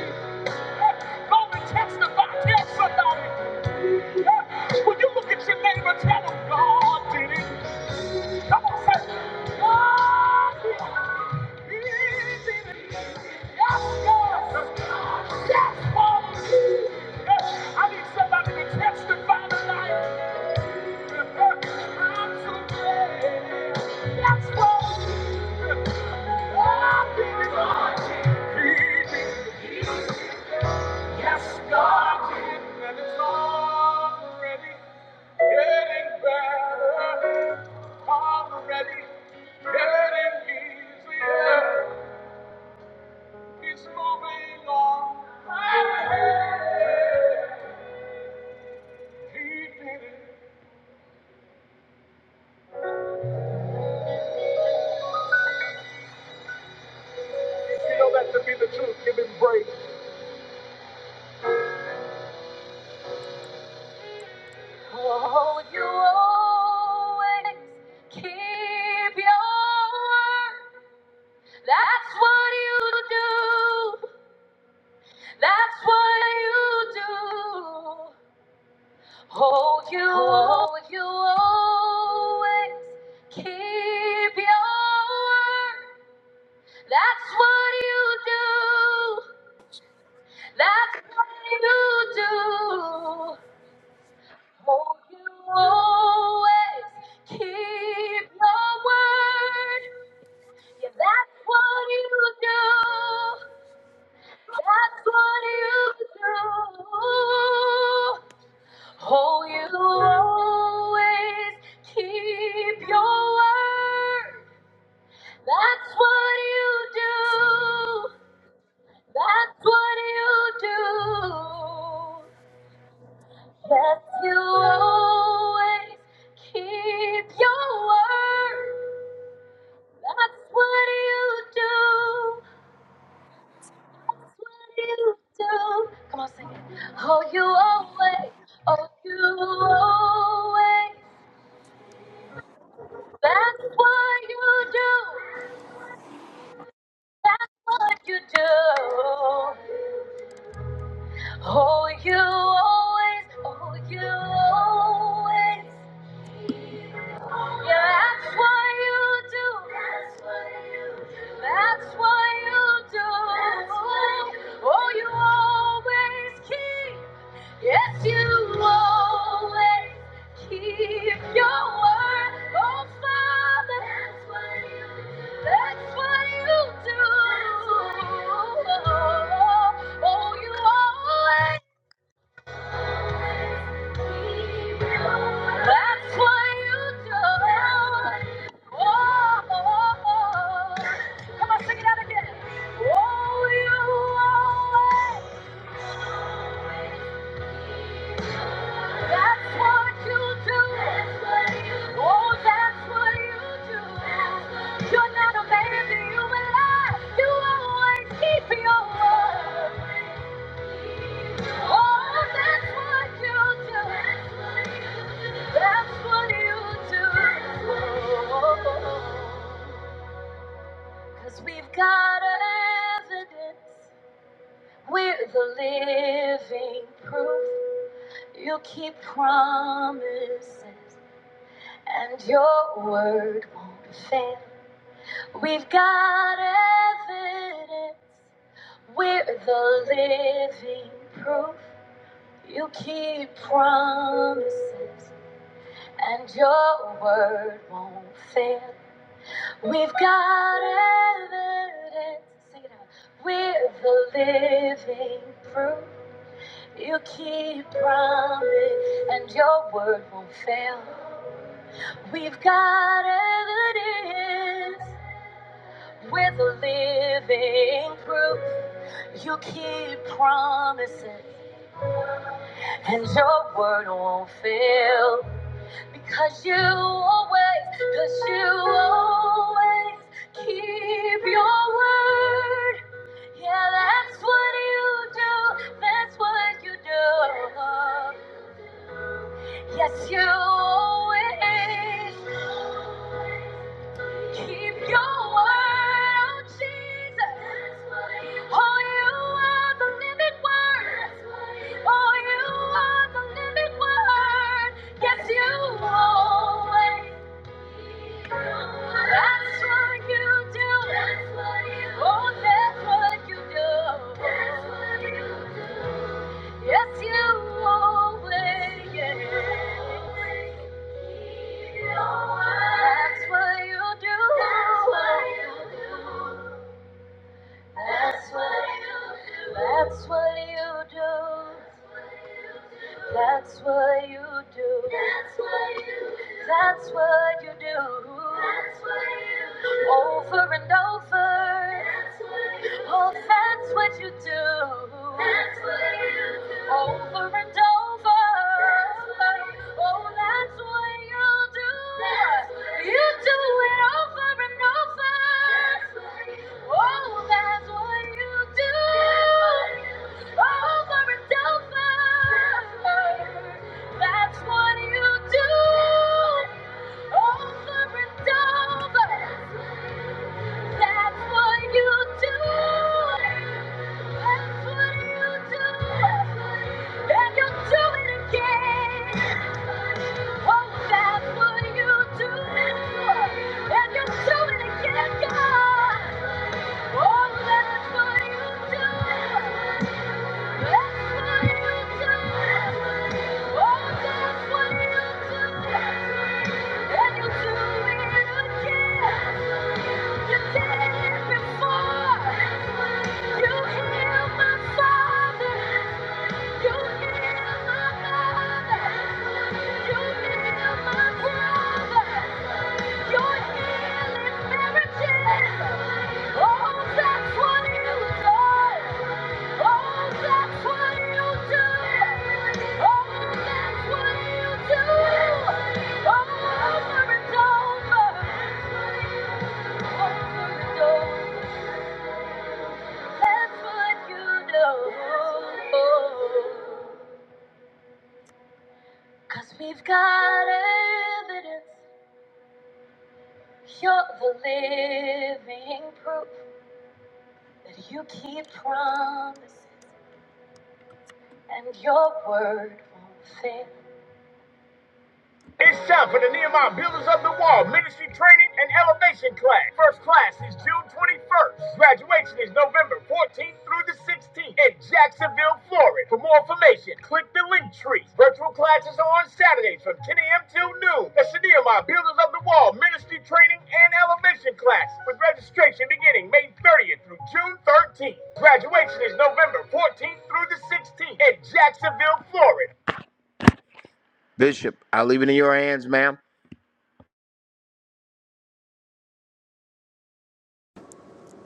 Go and testify. Tell somebody. When you look at your neighbor, tell them God did it. Come on, say, God did it. I need somebody to testify tonight. I'm so glad. That's what I've been Yes, God and it's already getting better. Already getting easier. He's moving on. You know that to be the truth. Give him praise. Oh, you always keep your word. That's what you do. That's what you do. Oh, you, oh, you always keep your word. That's what you do. That's what you do. Oh, you always keep your word. Yeah, that's what you do. That's what you do. Oh, you always keep your word. That's what you do. That's what you do. That you always keep your word. That's what you do. That's what you do. Come on, sing it. Oh, you always. Oh, you always. That's what you do. That's what you do. Oh, you always. Oh, you always. Yeah, that's what you do. That's what you do. That's what you do. That's what you do. Oh, you always keep. Yes, you always keep your word. Oh, Father. That's what you do. That's what you do. That's what you do. Oh, you always. That's what you do. Oh, oh, oh. Come on, sing it out again. Oh, you always. That's what you do. Oh, that's what you do. you are not a man that you will lie. You always keep your word. Oh, that's what you do. That's what you do. Cause we've got evidence. We're the living proof. You keep promises, and your word won't fail. We've got evidence. We're the living proof. You keep promises, and your word won't fail. We've got evidence. Sing it out. We're the living proof. You keep promise, and your word won't fail. We've got evidence. We're the living proof. You keep promises, and your word won't fail. Because you always, because you always keep your word. Yeah, that's what you do. That's what you do. Yes, you always keep your word, oh Jesus. Oh, you are the living word. Oh, you are the living word. Yes, you always. That's what you do. That's what you do. Oh, that's what you do. That's what you do. Yes, you always. Yes. That's what you do. That's what you do. That's what you do. That's what you do. That's what you do. That's what you do. That's what you do. That's what you do. Over and over. That's what you do. Oh, that's what you do. That's what you do. Over and over. That's what you do. Oh, that's what you do. That's what you You do do it over and over. That's what you do. Oh, that's what you do. That's what you do. Over and over. That's what you do. Over and over. That's what you do. That's what you do. And you do it again. Oh, that's what you do. And you do it again, God. Oh, that's what you do. Before You heal my father. Over and over. That's what you know. Cause we've got evidence. You're the living proof that you keep promises and your word won't fail. It's time for the Nehemiah Builders of the Wall Ministry Training and Elevation Class. First class is June 21st. Graduation is November 14th through the 16th in Jacksonville, Florida. For more information, click the link tree. Virtual classes are on Saturdays from 10 a.m. till noon. That's the Nehemiah Builders of the Wall Ministry Training and Elevation Class with registration beginning May 30th through June 13th. Graduation is November 14th through the 16th in Jacksonville, Florida.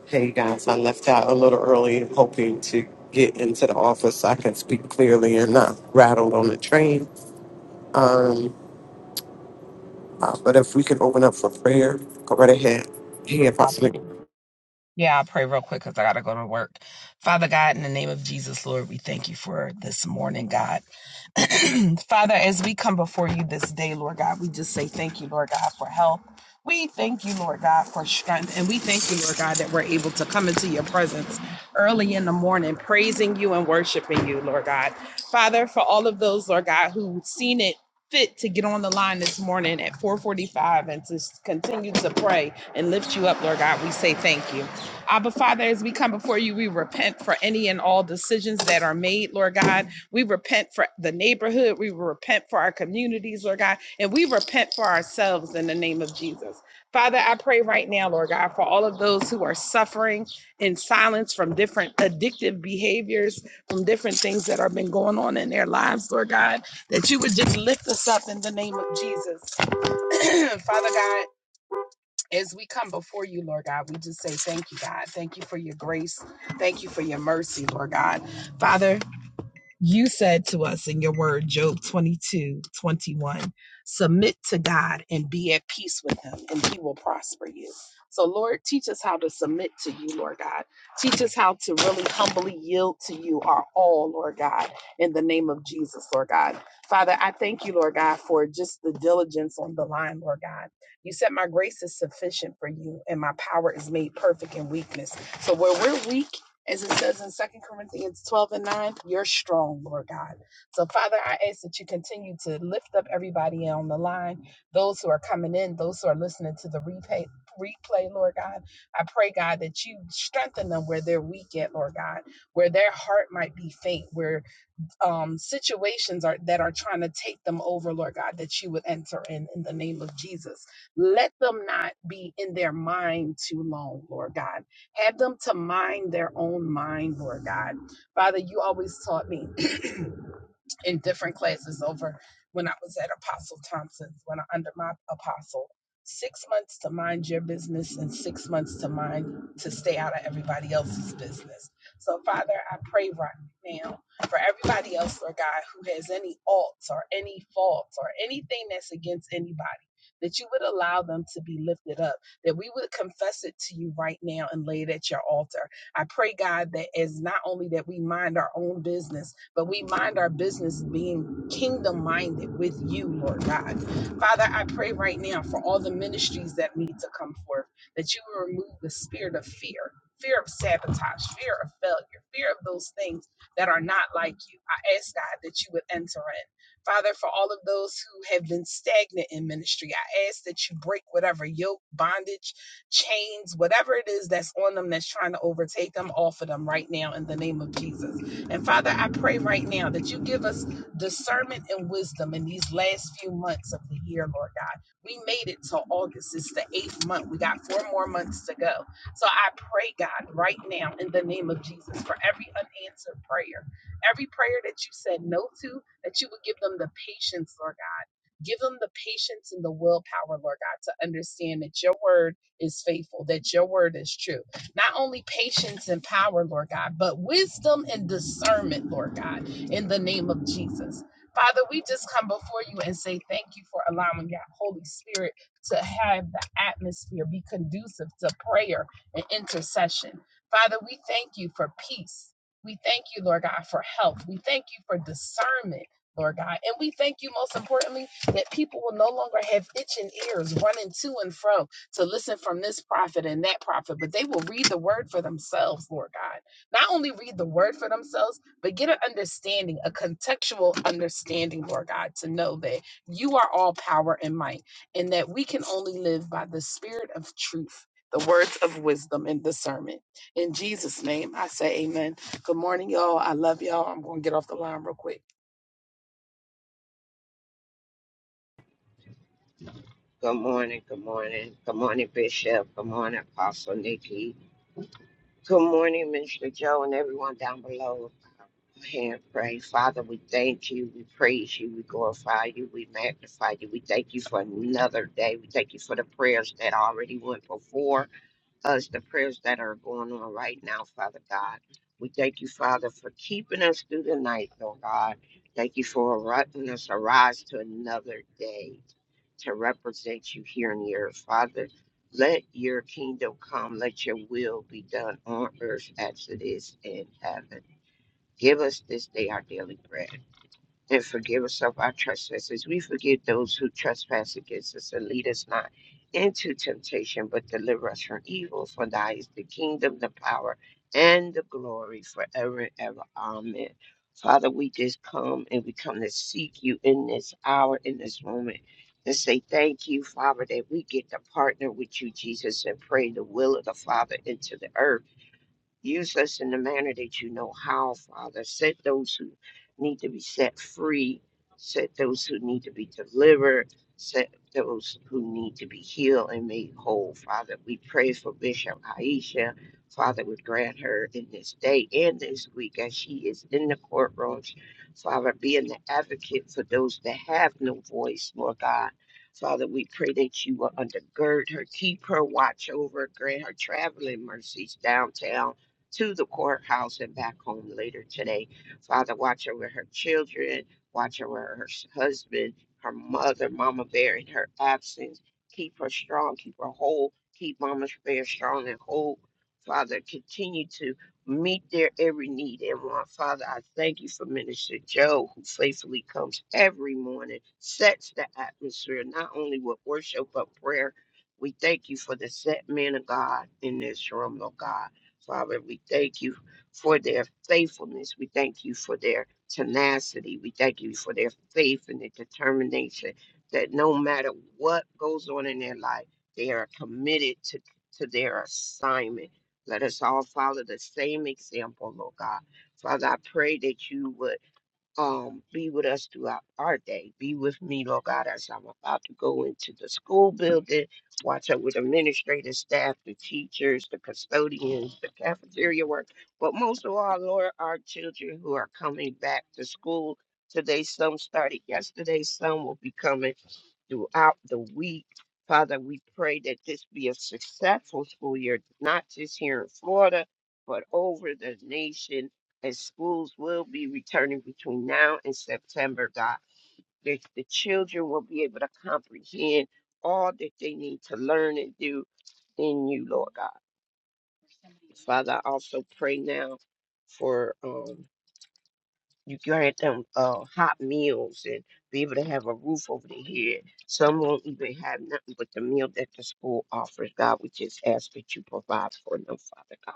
Hey guys, I left out a little early hoping to get into the office so I can speak clearly and not rattled on the train. Um, uh, but if we can open up for prayer, go right ahead. Hey,
Up.
Apostle.
Yeah, I'll pray real quick because I got to go to work. Father God, in the name of Jesus, Lord, we thank you for this morning, God. [CLEARS THROAT] Father, as we come before you this day, Lord God, we just say thank you, Lord God, for health. We thank you, Lord God, for strength. And we thank you, Lord God, that we're able to come into your presence early in the morning, praising you and worshiping you, Lord God. Father, for all of those, Lord God, who have seen it fit to get on the line this morning at 445 and to s- continue to pray and lift you up, Lord God, we say thank you. Abba Father, as we come before you, we repent for any and all decisions that are made, Lord God. We repent for the neighborhood. We repent for our communities, Lord God. And we repent for ourselves in the name of Jesus. Father, I pray right now, Lord God, for all of those who are suffering in silence from different addictive behaviors, from different things that have been going on in their lives, Lord God, that you would just lift us up in the name of Jesus. [CLEARS THROAT] Father God, as we come before you, Lord God, we just say thank you, God. Thank you for your grace. Thank you for your mercy, Lord God. Father, you said to us in your word, Job 22, 21: submit to God and be at peace with him, and he will prosper you. So, Lord, teach us how to submit to you, Lord God. Teach us how to really humbly yield to you, our all, Lord God, in the name of Jesus, Lord God. Father, I thank you, Lord God, for just the diligence on the line, Lord God. You said, My grace is sufficient for you, and my power is made perfect in weakness. So, where we're weak, as it says in Second Corinthians 12 and 9, you're strong, Lord God. So, Father, I ask that you continue to lift up everybody on the line, those who are coming in, those who are listening to the replay, replay, Lord God. I pray, God, that you strengthen them where they're weak at, Lord God, where their heart might be faint, where um, situations are that are trying to take them over, Lord God, that you would enter in in the name of Jesus. Let them not be in their mind too long, Lord God. Have them to mind their own mind, Lord God. Father, you always taught me in different classes over when I was at Apostle Thompson's, when I under my apostle. Six months to mind your business and six months to mind to stay out of everybody else's business. So, Father, I pray right now for everybody else, Lord God, who has any alts or any faults or anything that's against anybody, that you would allow them to be lifted up, that we would confess it to you right now and lay it at your altar. I pray, God, that as not only that we mind our own business, but we mind our business being kingdom minded with you, Lord God. Father, I pray right now for all the ministries that need to come forth, that you will remove the spirit of fear. Fear of sabotage, fear of failure, fear of those things that are not like you. I ask God that you would enter in. Father, for all of those who have been stagnant in ministry, I ask that you break whatever yoke, bondage, chains, whatever it is that's on them that's trying to overtake them, off of them right now in the name of Jesus. And Father, I pray right now that you give us discernment and wisdom in these last few months of the year, Lord God. We made it till August. It's the eighth month. We got four more months to go. So I pray, God, right now in the name of Jesus for every unanswered prayer, every prayer that you said no to, that you would give them the patience, Lord God. Give them the patience and the willpower, Lord God, to understand that your word is faithful, that your word is true not only patience and power, Lord God, but wisdom and discernment, Lord God, in the name of Jesus. Father, we just come before you and say thank you for allowing your Holy Spirit to have the atmosphere be conducive to prayer and intercession. Father, we thank you for peace. We thank you, Lord God, for health. We thank you for discernment, Lord God. And we thank you, most importantly, that people will no longer have itching ears running to and fro to listen from this prophet and that prophet, but they will read the word for themselves, Lord God. Not only read the word for themselves, but get an understanding, a contextual understanding, Lord God, to know that you are all power and might, and that we can only live by the spirit of truth. The words of wisdom and discernment. In Jesus' name, I say amen. Good morning, y'all. I love y'all. I'm going to get off the line real quick.
Good morning, good morning. Good morning, Bishop. Good morning, Apostle Nikki. Good morning, Minister Joe, and everyone down below. Go ahead and pray. Father, we thank you. We praise you. We glorify you. We magnify you. We thank you for another day. We thank you for the prayers that already went before us the prayers that are going on right now, Father God. We thank you, Father, for keeping us through the night, Lord God. Thank you for letting us arise to another day to represent you here on the earth, Father. Let your kingdom come. Let your will be done on earth as it is in heaven. Give us this day our daily bread and forgive us of our trespasses. We forgive those who trespass against us and lead us not into temptation, but deliver us from evil. For thy is the kingdom, the power, and the glory forever and ever. Amen. Father, we just come and we come to seek you in this hour, in this moment, and say thank you, Father, that we get to partner with you, Jesus, and pray the will of the Father into the earth. Use us in the manner that you know how, Father. Set those who need to be set free, set those who need to be delivered, set those who need to be healed and made whole, Father. We pray for Bishop Aisha. Father, would grant her in this day and this week as she is in the courtrooms. Father, being the advocate for those that have no voice, Lord God. Father, we pray that you will undergird her, keep her, watch over, grant her traveling mercies downtown to the courthouse and back home later today. Father, watch over her children, watch over her husband, her mother, Mama Bear in her absence. Keep her strong, keep her whole, keep Mama Bear strong and whole. Father, continue to meet their every need and want. Father, I thank you for Minister Joe, who faithfully comes every morning, sets the atmosphere, not only with worship, but prayer. We thank you for the set man of God in this room, Lord God. Father, we thank you for their faithfulness. We thank you for their tenacity. We thank you for their faith and their determination that no matter what goes on in their life, they are committed to, to their assignment. Let us all follow the same example, Lord God. Father, I pray that you would um, be with us throughout our day. Be with me, Lord God, as I'm about to go into the school building. Watch over the administrative staff, the teachers, the custodians, the cafeteria work. But most of all, Lord, our children who are coming back to school today. Some started yesterday, some will be coming throughout the week. Father, we pray that this be a successful school year, not just here in Florida, but over the nation and schools will be returning between now and September, God. that the children will be able to comprehend all that they need to learn and do in you, Lord God. Father, I also pray now for um, you grant them uh, hot meals and be able to have a roof over their head. Some won't even have nothing but the meal that the school offers, God. We just ask that you provide for them, Father God.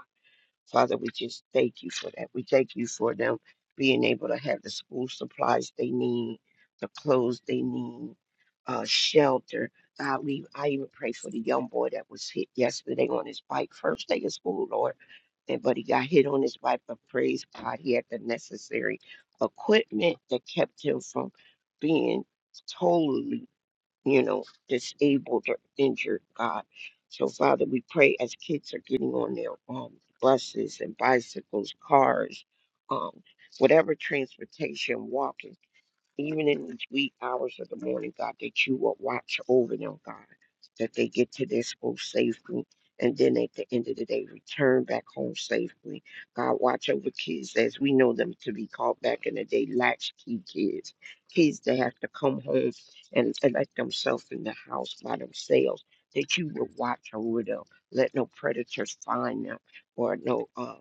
Father, we just thank you for that. We thank you for them being able to have the school supplies they need, the clothes they need, uh, shelter. God, we I even pray for the young boy that was hit yesterday on his bike, first day of school, Lord. And but he got hit on his bike, but praise God, he had the necessary equipment that kept him from being totally you know, disabled or injured, God. So, Father, we pray as kids are getting on their um, buses and bicycles, cars, um, whatever transportation, walking even in these wee hours of the morning, God, that you will watch over them, God, that they get to their school safely. And then at the end of the day, return back home safely. God, watch over kids as we know them to be called back in the day, latchkey kids, kids that have to come home and, let themselves in the house by themselves, that you will watch over them. Let no predators find them or no uh,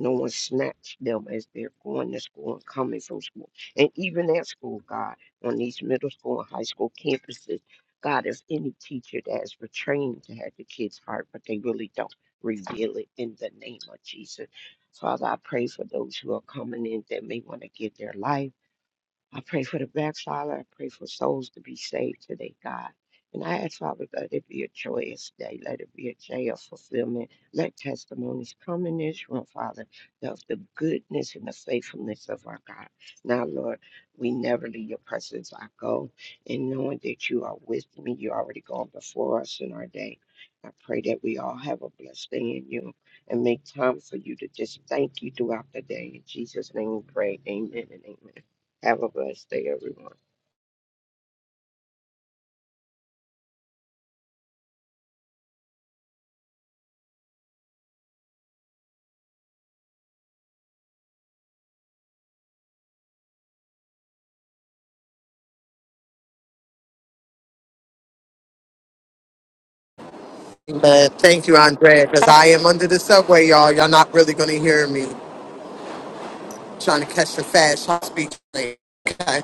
no one snatch them as they're going to school and coming from school and even at school, God, on these middle school and high school campuses. God, if any teacher that is portraying to have the kids' heart, but they really don't reveal it in the name of Jesus. Father, I pray for those who are coming in that may want to give their life. I pray for the backslider. I pray for souls to be saved today, God. And I ask, Father, let it be a joyous day. Let it be a day of fulfillment. Let testimonies come in this room, Father, of the goodness and the faithfulness of our God. Now, Lord, we never leave your presence. I go and knowing that you are with me, you already gone before us in our day. I pray that we all have a blessed day in you and make time for you to just thank you throughout the day. In Jesus' name we pray. Amen and amen. Have a blessed day, everyone.
Amen. Thank you, Andrea, because I am under the subway, y'all. Y'all not really going to hear me trying to catch the fast hot speed train. Okay.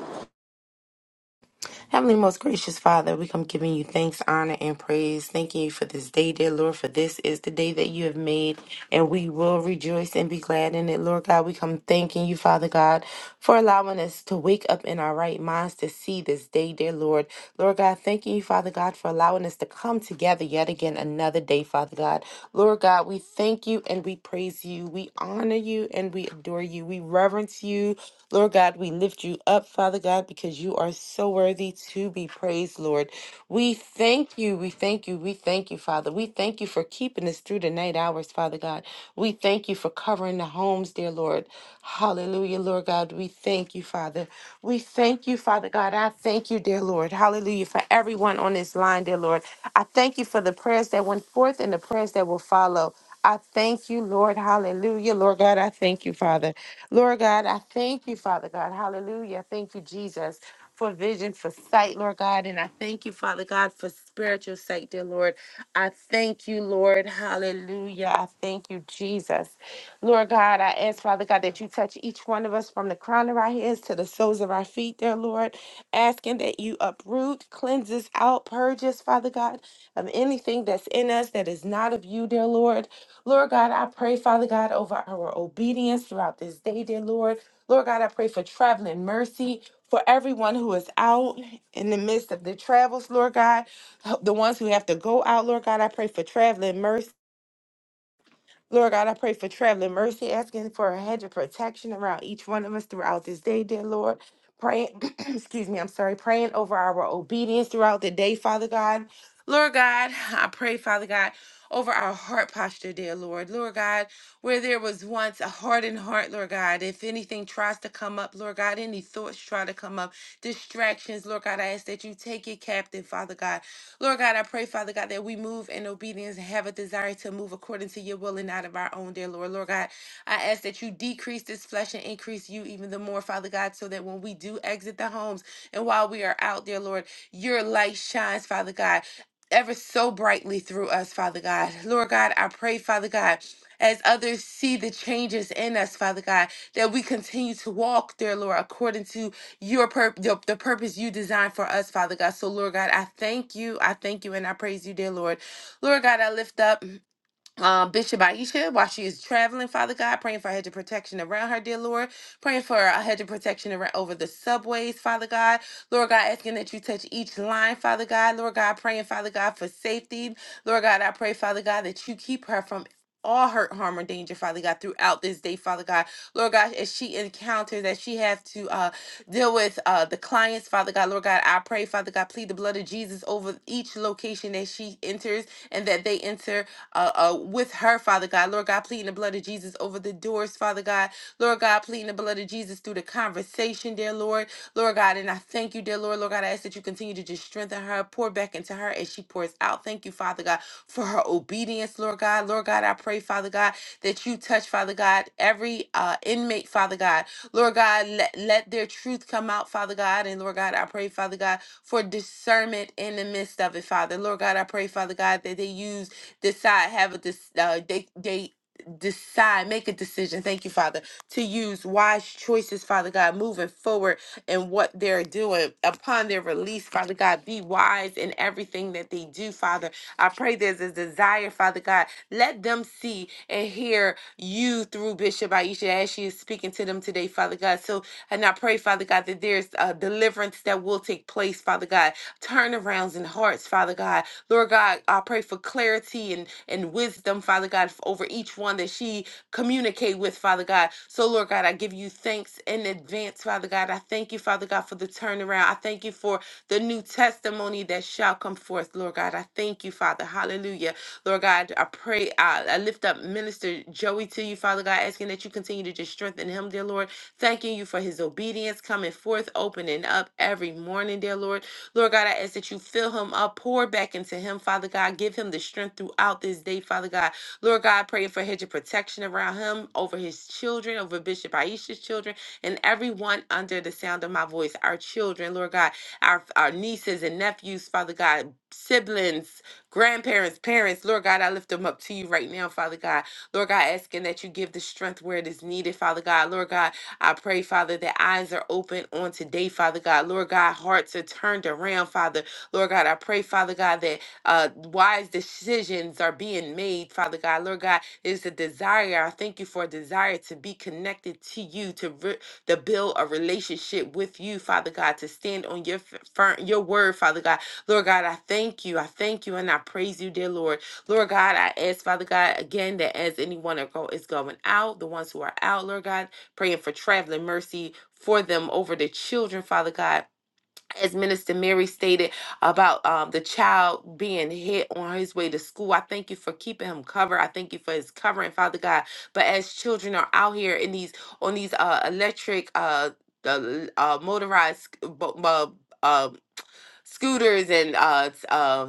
Heavenly, most gracious Father, we come giving you thanks, honor, and praise. Thanking you for this day, dear Lord, for this is the day that you have made, and we will rejoice and be glad in it, Lord God. We come thanking you, Father God, for allowing us to wake up in our right minds to see this day, dear Lord. Lord God, thanking you, Father God, for allowing us to come together yet again another day, Father God. Lord God, we thank you and we praise you. We honor you and we adore you. We reverence you. Lord God, we lift you up, Father God, because you are so worthy to be praised, Lord. We thank you. We thank you. We we thank you, Father. We thank you for keeping us through the night hours, Father God. We thank you for covering the homes, dear Lord. Hallelujah, Lord God. We thank you, Father. We thank you, Father God. I thank you, dear Lord. Hallelujah, for everyone on this line, dear Lord. I thank you for the prayers that went forth and the prayers that will follow. I thank you, Lord. Hallelujah. Lord God, I thank you, Father. Lord God, I thank you, Father God. Hallelujah. Thank you, Jesus for vision, for sight, Lord God. And I thank you, Father God, for spiritual sight, dear Lord. I thank you, Lord. Hallelujah. I thank you, Jesus. Lord God, I ask, Father God, that you touch each one of us from the crown of our heads to the soles of our feet, dear Lord. Asking that you uproot, cleanse us out, purge us, Father God, of anything that's in us that is not of you, dear Lord. Lord God, I pray, Father God, over our obedience throughout this day, dear Lord. Lord God, I pray for traveling mercy for everyone who is out in the midst of the travels, Lord God. The ones who have to go out, Lord God, I pray for traveling mercy. Lord God, I pray for traveling mercy, asking for a hedge of protection around each one of us throughout this day, dear Lord. Praying, [CLEARS THROAT] excuse me, I'm sorry, praying over our obedience throughout the day, Father God. Lord God, I pray, Father God, over our heart posture, dear Lord. Lord God, where there was once a hardened heart, Lord God, if anything tries to come up, Lord God, any thoughts try to come up, distractions, Lord God, I ask that you take it captive, Father God. Lord God, I pray, Father God, that we move in obedience and have a desire to move according to your will and not of our own, dear Lord. Lord God, I ask that you decrease this flesh and increase you even the more, Father God, so that when we do exit the homes and while we are out, dear Lord, your light shines, Father God. Ever so brightly through us, Father God. Lord God, I pray, Father God, as others see the changes in us, Father God, that we continue to walk, dear Lord, according to your pur- the, the purpose you designed for us, Father God. So, Lord God, I thank you. I thank you and I praise you, dear Lord. Lord God, I lift up um, Bishop Aisha, while she is traveling, Father God, praying for a hedge of protection around her, dear Lord, praying for a hedge of protection around over the subways, Father God, Lord God, asking that you touch each line, Father God, Lord God, praying, Father God, for safety, Lord God, I pray, Father God, that you keep her from all hurt, harm, or danger, Father God, throughout this day, Father God, Lord God, as she encounters, as she has to uh, deal with uh, the clients, Father God, Lord God, I pray, Father God, plead the blood of Jesus over each location that she enters and that they enter uh, uh, with her, Father God. Lord God, pleading the blood of Jesus over the doors, Father God. Lord God, pleading the blood of Jesus through the conversation, dear Lord. Lord God, and I thank you, dear Lord. Lord God, I ask that you continue to just strengthen her, pour back into her as she pours out. Thank you, Father God, for her obedience, Lord God. Lord God, I pray, Father God, that you touch, Father God, every uh, inmate, Father God. Lord God, let, let their truth come out, Father God. And Lord God, I pray, Father God, for discernment in the midst of it, Father. Lord God, I pray, Father God, that they use decide, have a dis- uh, they they decide, make a decision. Thank you, Father, to use wise choices, Father God, moving forward in what they're doing upon their release, Father God. Be wise in everything that they do, Father. I pray there's a desire, Father God. Let them see and hear you through Bishop Aisha as she is speaking to them today, Father God. So, and I pray, Father God, that there's a deliverance that will take place, Father God. Turnarounds in hearts, Father God Lord God, I pray for clarity and, and wisdom, Father God, f- over each one that she communicate with, Father God. So, Lord God, I give you thanks in advance, Father God. I thank you, Father God, for the turnaround. I thank you for the new testimony that shall come forth, Lord God. I thank you, Father. Hallelujah. Lord God, I pray, I, I lift up Minister Joey to you, Father God, asking that you continue to just strengthen him, dear Lord. Thanking you for his obedience coming forth, opening up every morning, dear Lord. Lord God, I ask that you fill him up, pour back into him, Father God. Give him the strength throughout this day, Father God. Lord God, praying for a hedge of protection around him, over his children, over Bishop Aisha's children, and everyone under the sound of my voice. Our children, Lord God, our, our nieces and nephews, Father God, siblings, grandparents, parents, Lord God, I lift them up to you right now, Father God. Lord God, asking that you give the strength where it is needed, Father God. Lord God, I pray, Father, that eyes are open on today, Father God. Lord God, hearts are turned around, Father. Lord God, I pray, Father God, that uh, wise decisions are being made, Father God. Lord God, there's a desire. I thank you for a desire to be connected to you, to re- to build a relationship with you, Father God, to stand on your f- fir- your word, Father God. Lord God, I thank you. I thank you and I praise you, dear Lord. Lord God, I ask, Father God, again, that as anyone are go- is going out, the ones who are out, Lord God, praying for traveling mercy for them over the children, Father God. As Minister Mary stated about um, the child being hit on his way to school, I thank you for keeping him covered. I thank you for his covering, Father God. But as children are out here in these on these uh, electric, uh, the uh, motorized uh, scooters and uh, s- uh,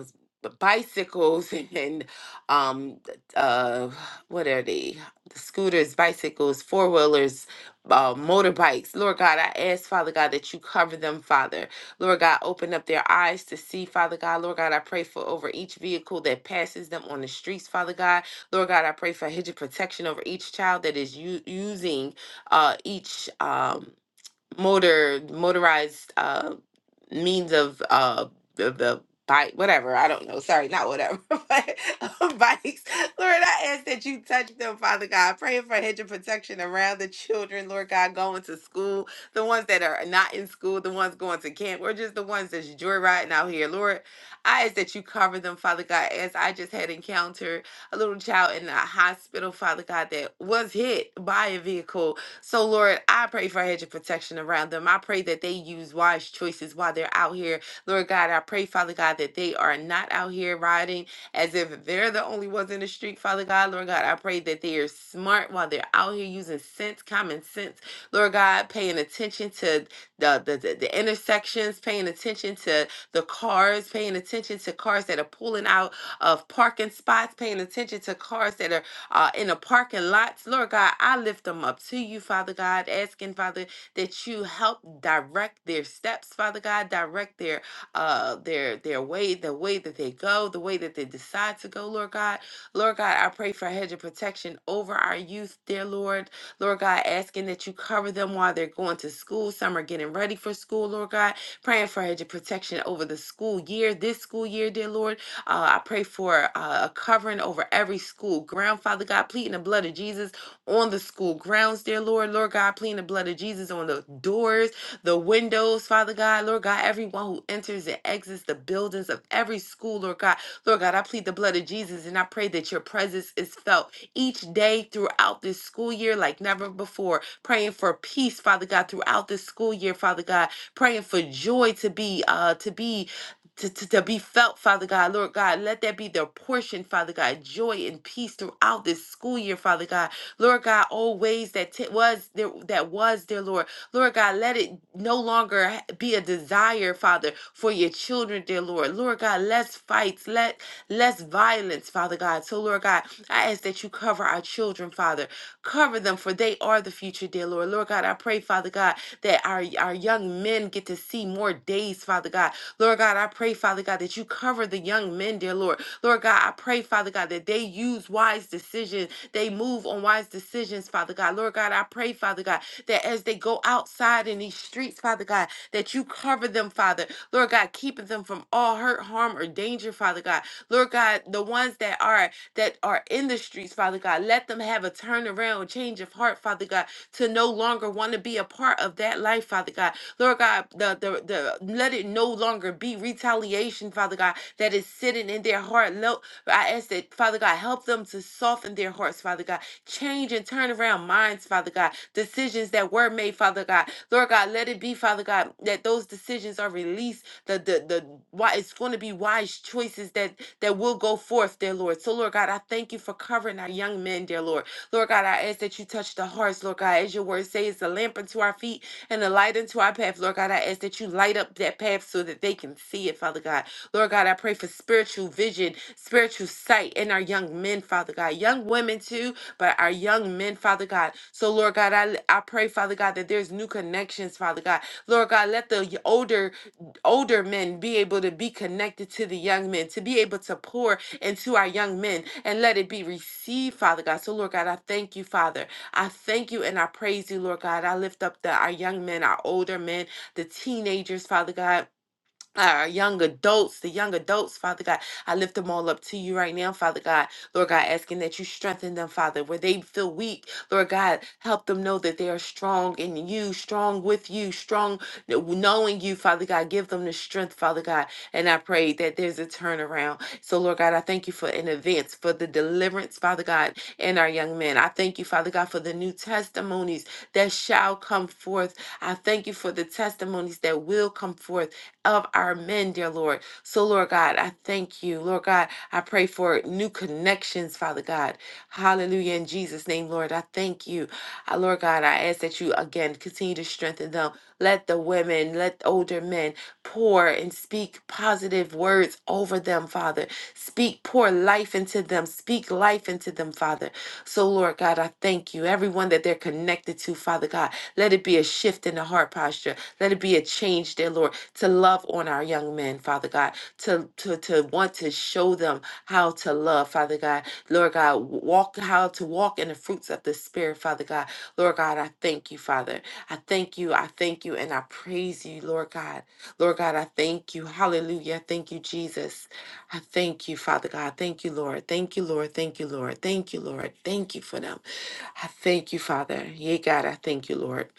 bicycles [LAUGHS] and um, uh, what are they? The scooters, bicycles, four wheelers, uh, motorbikes. Lord God, I ask, Father God, that you cover them, Father. Lord God, open up their eyes to see, Father God. Lord God, I pray for over each vehicle that passes them on the streets, Father God. Lord God, I pray for a hedge of protection over each child that is u- using uh, each. Um, motor motorized uh means of uh the, the bike whatever i don't know sorry not whatever [LAUGHS] but uh, bikes lord i ask that you touch them father god praying for a hedge of protection around the children lord god going to school the ones that are not in school the ones going to camp or just the ones that's joyriding out here lord i ask that you cover them father god as i just had encountered a little child in the hospital father god that was hit by a vehicle so, Lord, I pray for a hedge of protection around them. I pray that they use wise choices while they're out here. Lord God, I pray, Father God, that they are not out here riding as if they're the only ones in the street, Father God. Lord God, I pray that they are smart while they're out here using sense, common sense. Lord God, paying attention to the, the, the, the intersections, paying attention to the cars, paying attention to cars that are pulling out of parking spots, paying attention to cars that are uh, in the parking lots. Lord God, I lift them up to you, Father God, asking, Father, that you help direct their steps, Father God, direct their uh their their way, the way that they go, the way that they decide to go, Lord God. Lord God, I pray for a hedge of protection over our youth, dear Lord. Lord God, asking that you cover them while they're going to school. Some are getting ready for school, Lord God. Praying for a hedge of protection over the school year, this school year, dear Lord. Uh, I pray for uh, a covering over every school ground, Father God, pleading the blood of Jesus on the school grounds, dear Lord. Lord God, pleading the blood of Jesus on the doors, the windows, Father God. Lord God, everyone who enters and exits the buildings of every school, Lord God. Lord God, I plead the blood of Jesus and I pray that your presence is felt each day throughout this school year like never before. Praying for peace, Father God, throughout this school year, Father God praying for joy to be uh to be to, to, to be felt, Father God, Lord God, let that be their portion, Father God, joy and peace throughout this school year, Father God, Lord God, all ways that t- was there, that was there, Lord, Lord God, let it no longer ha- be a desire, Father, for your children, dear Lord, Lord God, less fights, let less violence, Father God. So, Lord God, I ask that you cover our children, Father, cover them, for they are the future, dear Lord, Lord God, I pray, Father God. God, that our, our young men get to see more days, Father God. Lord God, I pray, Father God, that you cover the young men, dear Lord. Lord God, I pray, Father God, that they use wise decisions. They move on wise decisions, Father God. Lord God, I pray, Father God, that as they go outside in these streets, Father God, that you cover them, Father. Lord God, keeping them from all hurt, harm, or danger, Father God. Lord God, the ones that are that are in the streets, Father God, let them have a turnaround, change of heart, Father God to no longer want to be a part of that life, Father God. Lord God, the, the, the let it no longer be retaliation, Father God, that is sitting in their heart. Lo- I ask that, Father God, help them to soften their hearts, Father God Change and turn around minds, Father God. Decisions that were made, Father God. Lord God, let it be, Father God, that those decisions are released. The the the why it's going to be wise choices that that will go forth, dear Lord. So, Lord God, I thank you for covering our young men, dear Lord. Lord God, I ask that you touch the hearts, Lord God, as your word says, a lamp unto our feet and a light unto our path, Lord God. Lord God. I ask that you light up that path so that they can see it, Father God. Lord God, I pray for spiritual vision, spiritual sight in our young men, Father God. Young women too, but our young men, Father God. So, Lord God, I, I pray, Father God, that there's new connections, Father God. Lord God, let the y- older older men be able to be connected to the young men, to be able to pour into our young men and let it be received, Father God. So, Lord God, I thank you, Father. I thank you and I praise you, Lord God. I lift up the, our young men, our older men, the teenagers, Father God our young adults, the young adults, Father God. I lift them all up to you right now, Father God. Lord God, asking that you strengthen them, Father, where they feel weak. Lord God, help them know that they are strong in you, strong with you, strong knowing you, Father God. Give them the strength, Father God. And I pray that there's a turnaround. So, Lord God, I thank you for in advance for the deliverance, Father God, and our young men. I thank you, Father God, for the new testimonies that shall come forth. I thank you for the testimonies that will come forth of our men, dear Lord. So, Lord God, I thank you. Lord God, I pray for new connections, Father God. Hallelujah. In Jesus' name, Lord, I thank you. Uh, Lord God, I ask that you again continue to strengthen them. Let the women, let the older men pour and speak positive words over them, Father. Speak, pour life into them. Speak life into them, Father. So, Lord God, I thank you. Everyone that they're connected to, Father God, let it be a shift in the heart posture. Let it be a change, dear Lord, to love on our young men, Father God, to, to, to want to show them how to love, Father God. Lord God, walk how to walk in the fruits of the Spirit, Father God. Lord God, I thank you, Father. I thank you. I thank you and I praise you, Lord God. Lord God, I thank you. Hallelujah. Thank you, Jesus. I thank you, Father God. Thank you, Lord. Thank you, Lord. Thank you, Lord. Thank you, Lord. Thank you for them. I thank you, Father. Yea, God, I thank you, Lord.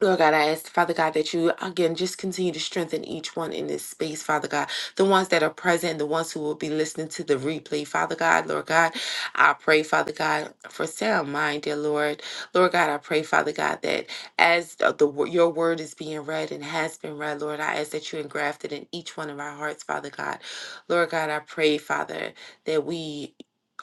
Lord God, I ask, Father God, that you again just continue to strengthen each one in this space, Father God. The ones that are present, the ones who will be listening to the replay, Father God, Lord God. I pray, Father God, for sound mind, dear Lord. Lord God, I pray, Father God, that as the the your word is being read and has been read, Lord, I ask that you engraft it in each one of our hearts, Father God. Lord God, I pray, Father, that we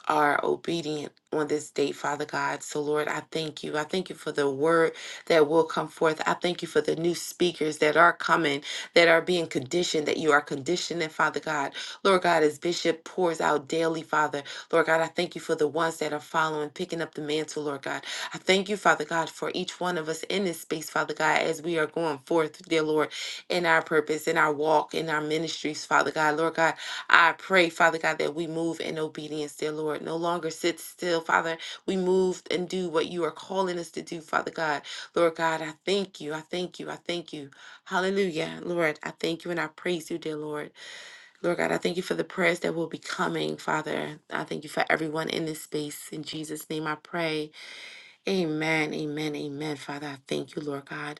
are obedient on this day, Father God. So, Lord, I thank you. I thank you for the word that will come forth. I thank you for the new speakers that are coming, that are being conditioned, that you are conditioning, Father God. Lord God, as Bishop pours out daily, Father, Lord God, I thank you for the ones that are following, picking up the mantle, Lord God. I thank you, Father God, for each one of us in this space, Father God, as we are going forth, dear Lord, in our purpose, in our walk, in our ministries, Father God. Lord God, I pray, Father God, that we move in obedience, dear Lord. No longer sit still, Father. We move and do what you are calling us to do, Father God. Lord God, I thank you. I thank you. I thank you. Hallelujah. Lord, I thank you and I praise you, dear Lord. Lord God, I thank you for the prayers that will be coming, Father. I thank you for everyone in this space. In Jesus' name I pray. Amen. Amen. Amen. Father, I thank you, Lord God.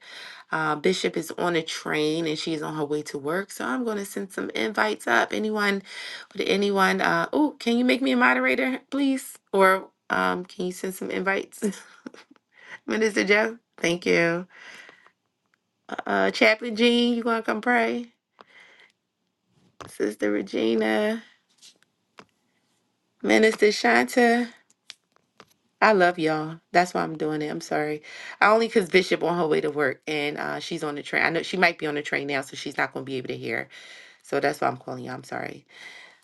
Uh, Bishop is on a train and she's on her way to work. So I'm going to send some invites up. Anyone, would anyone, uh, oh, can you make me a moderator, please? Or um, can you send some invites? [LAUGHS] Minister Joe, thank you. Uh, Chaplain Jean, you gonna come pray? Sister Regina, Minister Shanta. I love y'all. That's why I'm doing it. I'm sorry. I only cause Bishop on her way to work and uh, she's on the train. I know she might be on the train now, so she's not gonna be able to hear. So that's why I'm calling you. I'm sorry.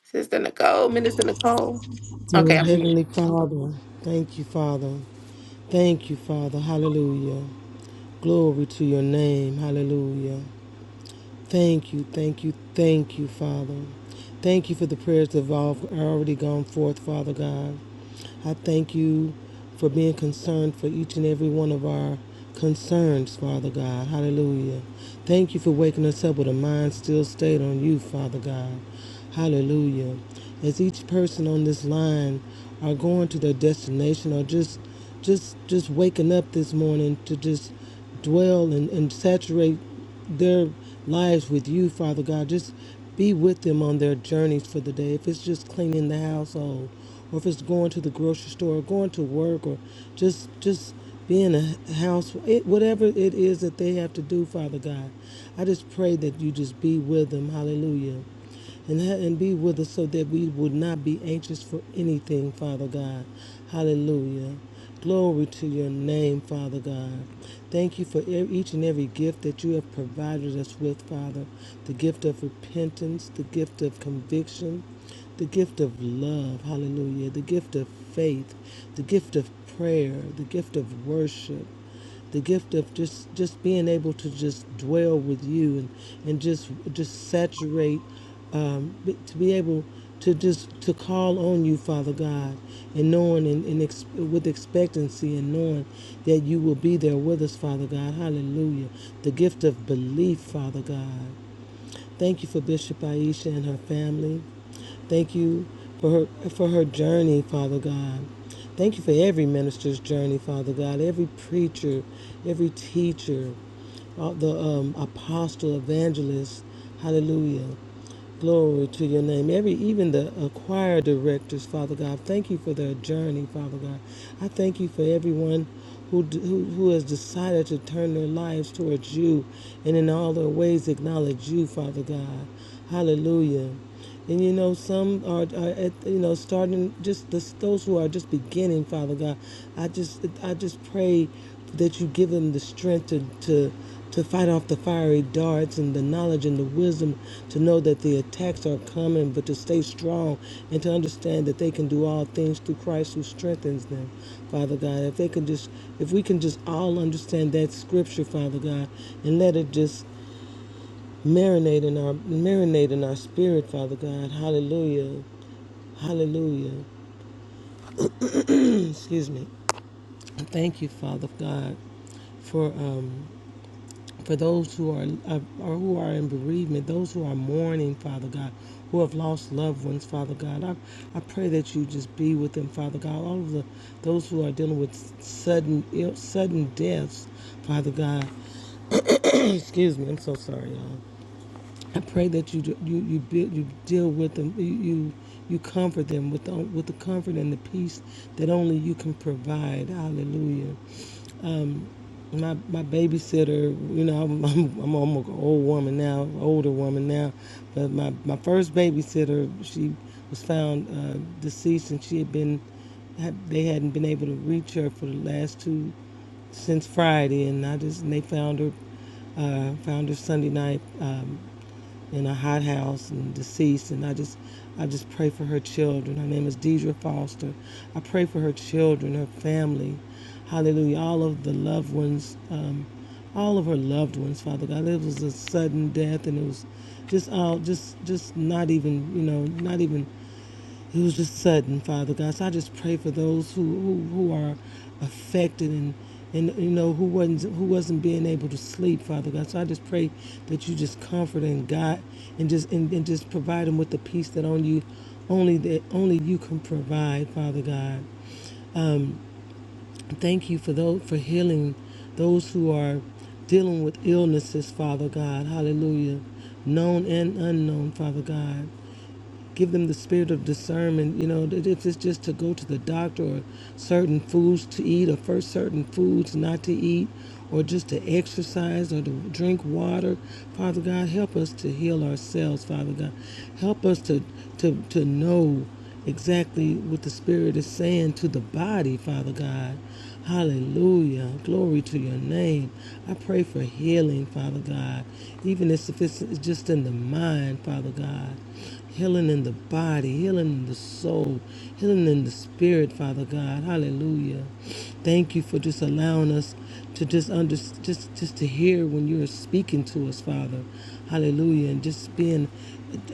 Sister Nicole, Minister Nicole.
Dear
Okay, I'm
Heavenly Father, thank you, Father. Thank you, Father. Hallelujah. Glory to your name. Hallelujah. Thank you, thank you, thank you, Father. Thank you for the prayers that have al- already gone forth, Father God. I thank you for being concerned for each and every one of our concerns, Father God. Hallelujah. Thank you for waking us up with a mind still stayed on you, Father God. Hallelujah. As each person on this line are going to their destination or just just just waking up this morning to just dwell and, and saturate their lives with you, Father God. Just be with them on their journeys for the day. If it's just cleaning the household, or if it's going to the grocery store, or going to work, or just just being a house, it, whatever it is that they have to do, Father God, I just pray that you just be with them. Hallelujah and, and be with us so that we would not be anxious for anything, Father God. Hallelujah. Glory to your name, Father God. Thank you for e- each and every gift that you have provided us with, Father. The gift of repentance, the gift of conviction, the gift of love, hallelujah, the gift of faith, the gift of prayer, the gift of worship the gift of just just being able to just dwell with you and and just just saturate um, be- to be able to just to call on you father god and knowing and, and ex- with expectancy and knowing that you will be there with us father god hallelujah the gift of belief father god Thank you for Bishop Aisha and her family. Thank you for her for her journey, Father God. Thank you for every minister's journey, Father God. Every preacher, every teacher, all the um, apostle, evangelist. Hallelujah. Glory to your name. Every even the uh, choir directors, Father God, thank you for their journey, Father God. I thank you for everyone who, d- who who has decided to turn their lives towards you and in all their ways acknowledge you, Father God. Hallelujah. And you know, some are, are at, you know, starting just the, those who are just beginning, Father God. I just, I just pray that you give them the strength to, to, to fight off the fiery darts and the knowledge and the wisdom to know that the attacks are coming, but to stay strong and to understand that they can do all things through Christ who strengthens them, Father God. If they can just, if we can just all understand that scripture, Father God, and let it just marinate in our marinate in our spirit, Father God. Hallelujah. Hallelujah. [CLEARS THROAT] Excuse me. Thank you, Father God, for um for those who are uh, or who are in bereavement, those who are mourning, Father God, who have lost loved ones, Father God. I, I pray that you just be with them, Father God. All of the those who are dealing with sudden ill, sudden deaths, Father God. [CLEARS THROAT] Excuse me. I'm so sorry, y'all. I pray that you you you build you deal with them you you, you comfort them with the, with the comfort and the peace that only you can provide. Hallelujah. My my babysitter, you know, I'm [LAUGHS] I'm, I'm almost an old woman now, older woman now, but my my first babysitter, she was found uh, deceased and she had been had- they hadn't been able to reach her for the last two since Friday, and I just and they found her uh, found her Sunday night. Um, in a hot house and deceased. And I just, I just pray for her children. Her name is Deidre Foster. I pray for her children, her family. Hallelujah. All of the loved ones, um, all of her loved ones, Father God. It was a sudden death and it was just all, just, just not even, you know, not even it was just sudden, Father God. So I just pray for those who who, who are affected and and you know who wasn't who wasn't being able to sleep, Father God. So I just pray that you just comfort and God and just and, and just provide them with the peace that only you only that only you can provide, Father God. Thank you for those for healing those who are dealing with illnesses, Father God. Hallelujah. Known and unknown, Father God give them the spirit of discernment. You know, that if it's just to go to the doctor or certain foods to eat, or first certain foods not to eat, or just to exercise or to drink water, Father God, help us to heal ourselves, Father God. Help us to to to know exactly what the Spirit is saying to the body, Father God. Hallelujah. Glory to your name. I pray for healing, Father God, even if it's just in the mind, Father God. Healing in the body, healing in the soul, healing in the spirit, Father God. Hallelujah. Thank you for just allowing us to just under, just just to hear when you're speaking to us, Father. Hallelujah. And just being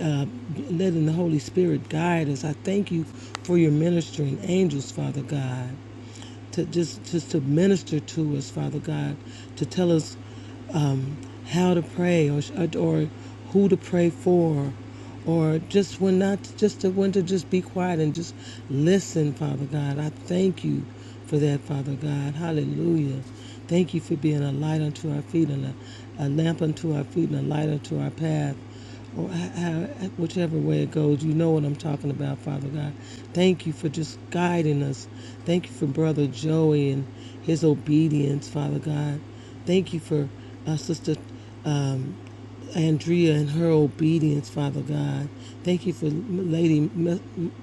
uh, letting the Holy Spirit guide us. I thank you for your ministering angels, Father God to just just to minister to us, Father God, to tell us um, how to pray or or who to pray for, or just when not just to when to just be quiet and just listen, Father God. I thank you for that, Father God. Hallelujah. Thank you for being a light unto our feet and a, a lamp unto our feet and a light unto our path or whichever way it goes. You know what I'm talking about, Father God. Thank you for just guiding us. Thank you for Brother Joey and his obedience, Father God. Thank you for uh, Sister. Um, Andrea and her obedience, Father God. Thank you for Lady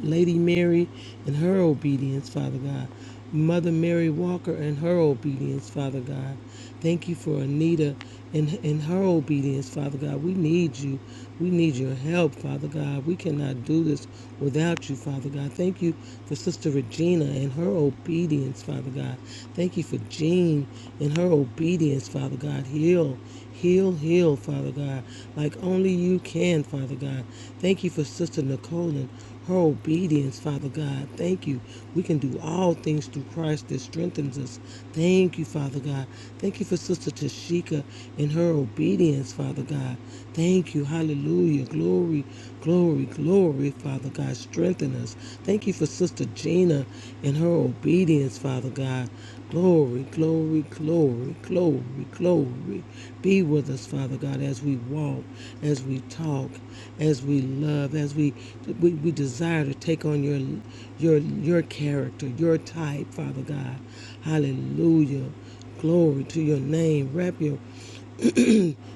Lady Mary and her obedience, Father God. Mother Mary Walker and her obedience, Father God. Thank you for Anita and, and her obedience, Father God. We need you. We need your help, Father God. We cannot do this without you, Father God. Thank you for Sister Regina and her obedience, Father God. Thank you for Jean and her obedience, Father God. Heal Heal, heal, Father God, like only you can, Father God. Thank you for Sister Nicole and her obedience, Father God. Thank you. We can do all things through Christ that strengthens us. Thank you, Father God. Thank you for Sister Tashika and her obedience, Father God. Thank you. Hallelujah. Glory, glory, glory, Father God. Strengthen us. Thank you for Sister Gina and her obedience, Father God. Glory, glory, glory, glory, glory. Be with us, Father God, as we walk, as we talk, as we love, as we we, we desire to take on your your your character, your type, Father God. Hallelujah. Glory to your name. Wrap your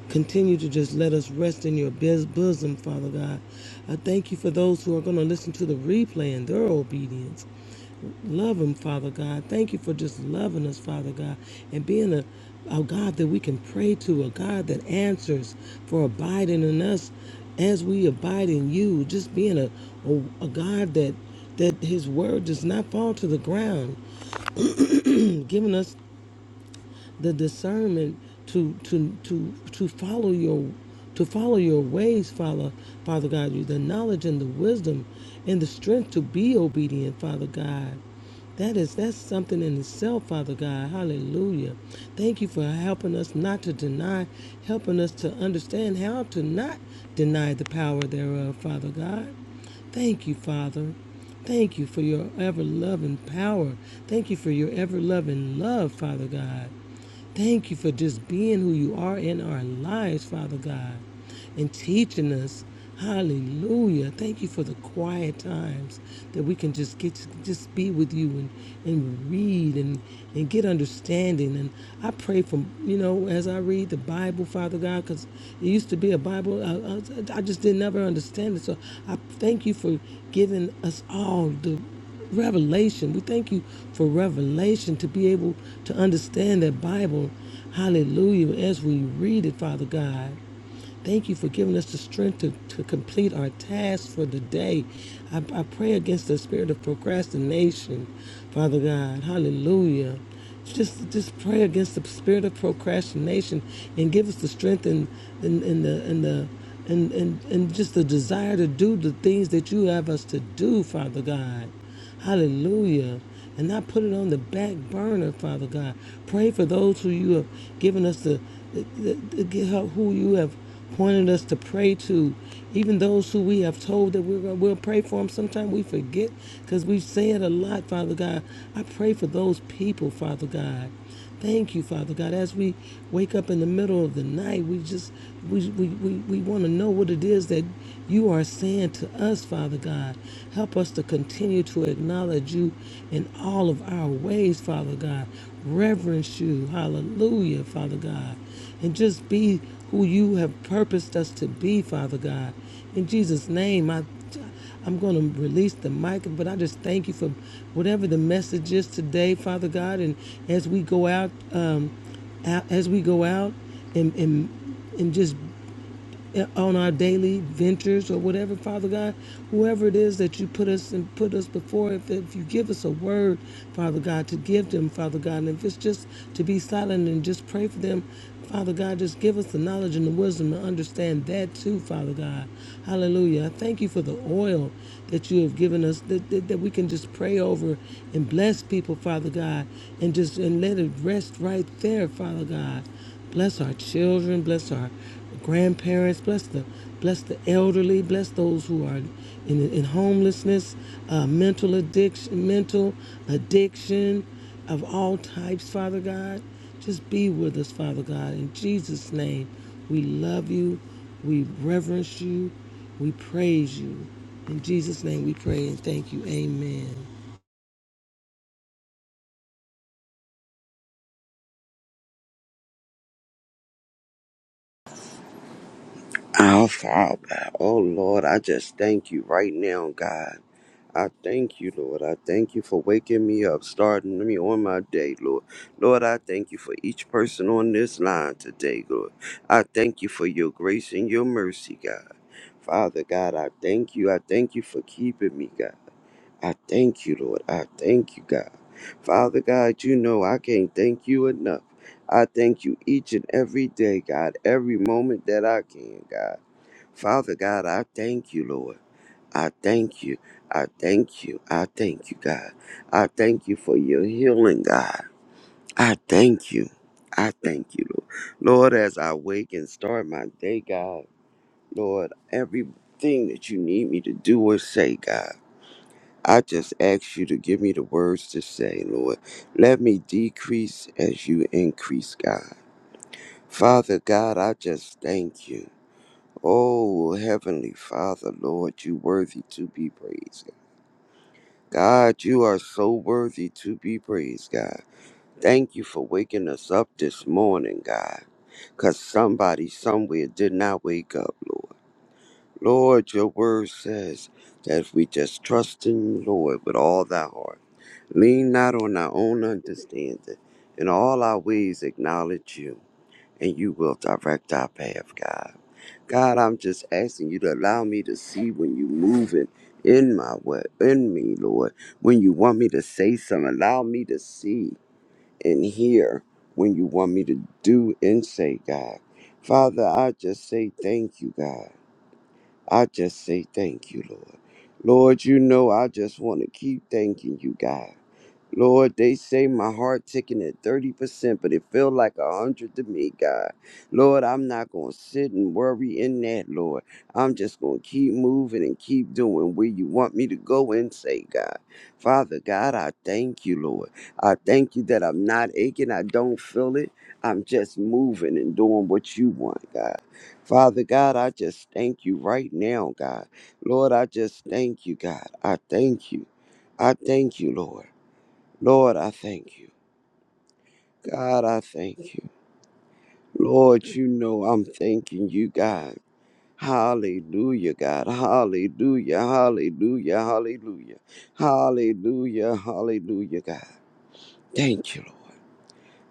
Continue to just let us rest in your bes- bosom, Father God. I thank you for those who are going to listen to the replay and their obedience. Love them, Father God. Thank you for just loving us, Father God, and being a, a God that we can pray to, a God that answers for abiding in us as we abide in you. Just being a, a, a God that that his word does not fall to the ground, and giving us the discernment to to to to follow your to follow your ways, Father, Father God, you the knowledge and the wisdom and the strength to be obedient, Father God. That is that's something in itself, Father God. Hallelujah. Thank you for helping us not to deny, helping us to understand how to not deny the power thereof, Father God. Thank you, Father. Thank you for your ever loving power. Thank you for your ever loving love, Father God. Thank you for just being who you are in our lives, Father God, and teaching us. Hallelujah. Thank you for the quiet times that we can just get to just be with you and, and read and, and get understanding. And I pray for, you know, as I read the Bible, Father God, because it used to be a Bible, I, I, I just didn't ever understand it. So I thank you for giving us all the revelation. We thank you for revelation to be able to understand that Bible. Hallelujah. As we read it, Father God. Thank you for giving us the strength to, to complete our tasks for the day. I, I pray against the spirit of procrastination, Father God. Hallelujah. Just, just pray against the spirit of procrastination and give us the strength and, and, and the, and the, and, and, and just the desire to do the things that you have us to do, Father God. Hallelujah. And not put it on the back burner, Father God. Pray for those who you have given us to get help who you have pointed us to pray to. Even those who we have told that we're, we'll pray for them, sometimes we forget because we say it a lot, Father God. I pray for those people, Father God. Thank you, Father God. As we wake up in the middle of the night, we just we we, we, we want to know what it is that you are saying to us, Father God. Help us to continue to acknowledge you in all of our ways, Father God. Reverence you. Hallelujah, Father God. And just be who you have purposed us to be, Father God. In Jesus' name, I I'm going to release the mic, but I just thank you for whatever the message is today, Father God. And as we go out, um, out as we go out and, and and just on our daily ventures or whatever, Father God, whoever it is that you put us and put us before, if, if you give us a word, Father God, to give them, Father God, and if it's just to be silent and just pray for them, Father God, just give us the knowledge and the wisdom to understand that too, Father God. Hallelujah. I thank you for the oil that you have given us that, that, that we can just pray over and bless people, Father God, and just and let it rest right there, Father God. Bless our children, bless our grandparents, bless the bless the elderly, bless those who are in, in homelessness, uh, mental addiction, mental addiction of all types, Father God. Just be with us, Father God. In Jesus' name, we love you, we reverence you, we praise you. In Jesus' name we pray and thank you. Amen.
Our Father, oh Lord, I just thank you right now, God. I thank you, Lord. I thank you for waking me up, starting me on my day, Lord. Lord, I thank you for each person on this line today, Lord. I thank you for your grace and your mercy, God. Father God, I thank you. I thank you for keeping me, God. I thank you, Lord. I thank you, God. Father God, you know I can't thank you enough. I thank you each and every day, God, every moment that I can, God. Father God, I thank you, Lord. I thank you. I thank you. I thank you, God. I thank you for your healing, God. I thank you. I thank you, Lord. Lord, as I wake and start my day, God, Lord, everything that you need me to do or say, God, I just ask you to give me the words to say, Lord. Let me decrease as you increase, God. Father God, I just thank you. Oh, Heavenly Father, Lord, you worthy to be praised. God, you are so worthy to be praised, God. Thank you for waking us up this morning, God, because somebody somewhere did not wake up, Lord. Lord, your word says that if we just trust in you, Lord, with all thy heart, lean not on our own understanding, in all our ways acknowledge you, and you will direct our path, God. God, I'm just asking you to allow me to see when you moving in my way, in me, Lord. When you want me to say something, allow me to see and hear when you want me to do and say, God. Father, I just say thank you, God. I just say thank you, Lord. Lord, you know I just want to keep thanking you, God. Lord, they say my heart ticking at 30%, but it feel like a 100 to me, God. Lord, I'm not going to sit and worry in that, Lord. I'm just going to keep moving and keep doing where you want me to go and say, God. Father God, I thank you, Lord. I thank you that I'm not aching. I don't feel it. I'm just moving and doing what you want, God. Father God, I just thank you right now, God. Lord, I just thank you, God. I thank you. I thank you, Lord. Lord, I thank you. God, I thank you. Lord, you know I'm thanking you, God. Hallelujah, God. Hallelujah, hallelujah, hallelujah. Hallelujah, hallelujah, God. Thank you, Lord.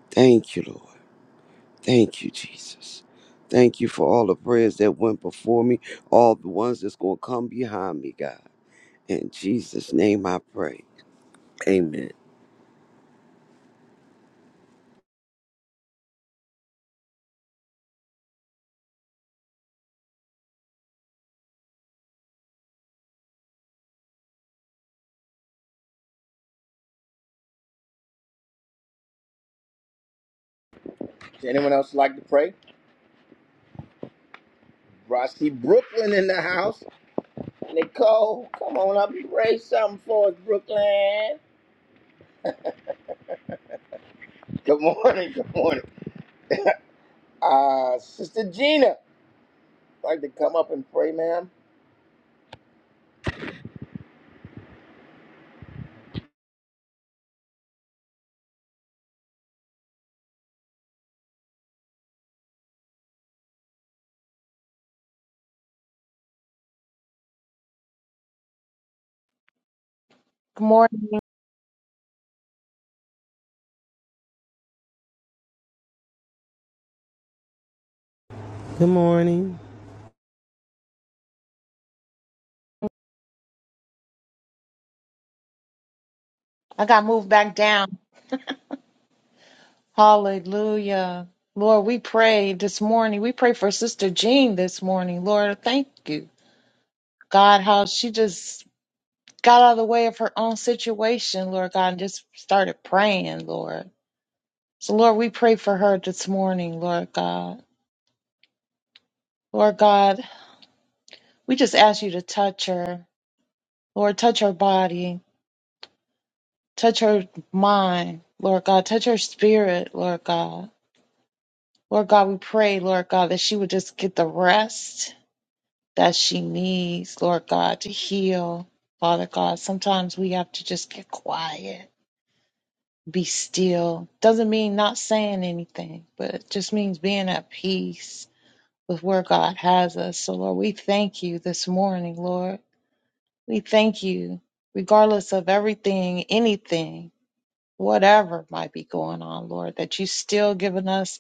Thank you, Lord. Thank you, Jesus. Thank you for all the prayers that went before me, all the ones that's going to come behind me, God. In Jesus' name I pray. Amen.
Good morning.
Good morning.
I got moved back down. Hallelujah. Lord, we pray this morning. We pray for Sister Jean this morning. Lord, thank you. God, how she just got out of the way of her own situation, Lord God, and just started praying, Lord. So, Lord, we pray for her this morning, Lord God. Lord God, we just ask you to touch her. Lord, touch her body, touch her mind, Lord God, touch her spirit, Lord God. Lord God, we pray, Lord God, that she would just get the rest that she needs, Lord God, to heal. Father God, sometimes we have to just get quiet, be still. Doesn't mean not saying anything, but it just means being at peace with where God has us. So, Lord, we thank you this morning, Lord. We thank you, regardless of everything, anything, whatever might be going on, Lord, that you still giving us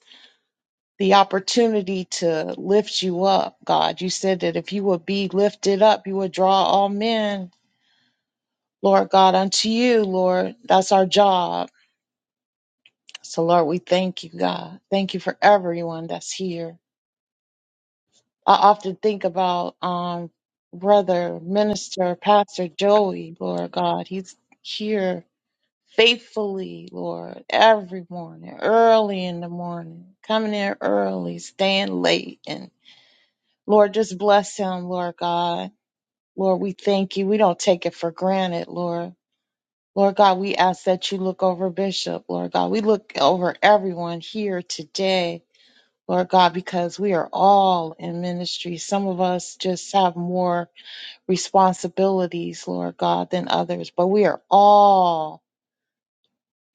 the opportunity to lift you up, God. You said that if you would be lifted up, you would draw all men, Lord God, unto you, Lord. That's our job. So, Lord, we thank you, God. Thank you for everyone that's here. I often think about um, brother, minister, pastor Joey, Lord God. He's here faithfully, Lord, every morning, early in the morning, coming in early, staying late, and. Lord, just bless him, Lord God. Lord, we thank you. We don't take it for granted, Lord. Lord God, we ask that you look over Bishop, Lord God. We look over everyone here today, Lord God, because we are all in ministry. Some of us just have more responsibilities, Lord God, than others, but we are all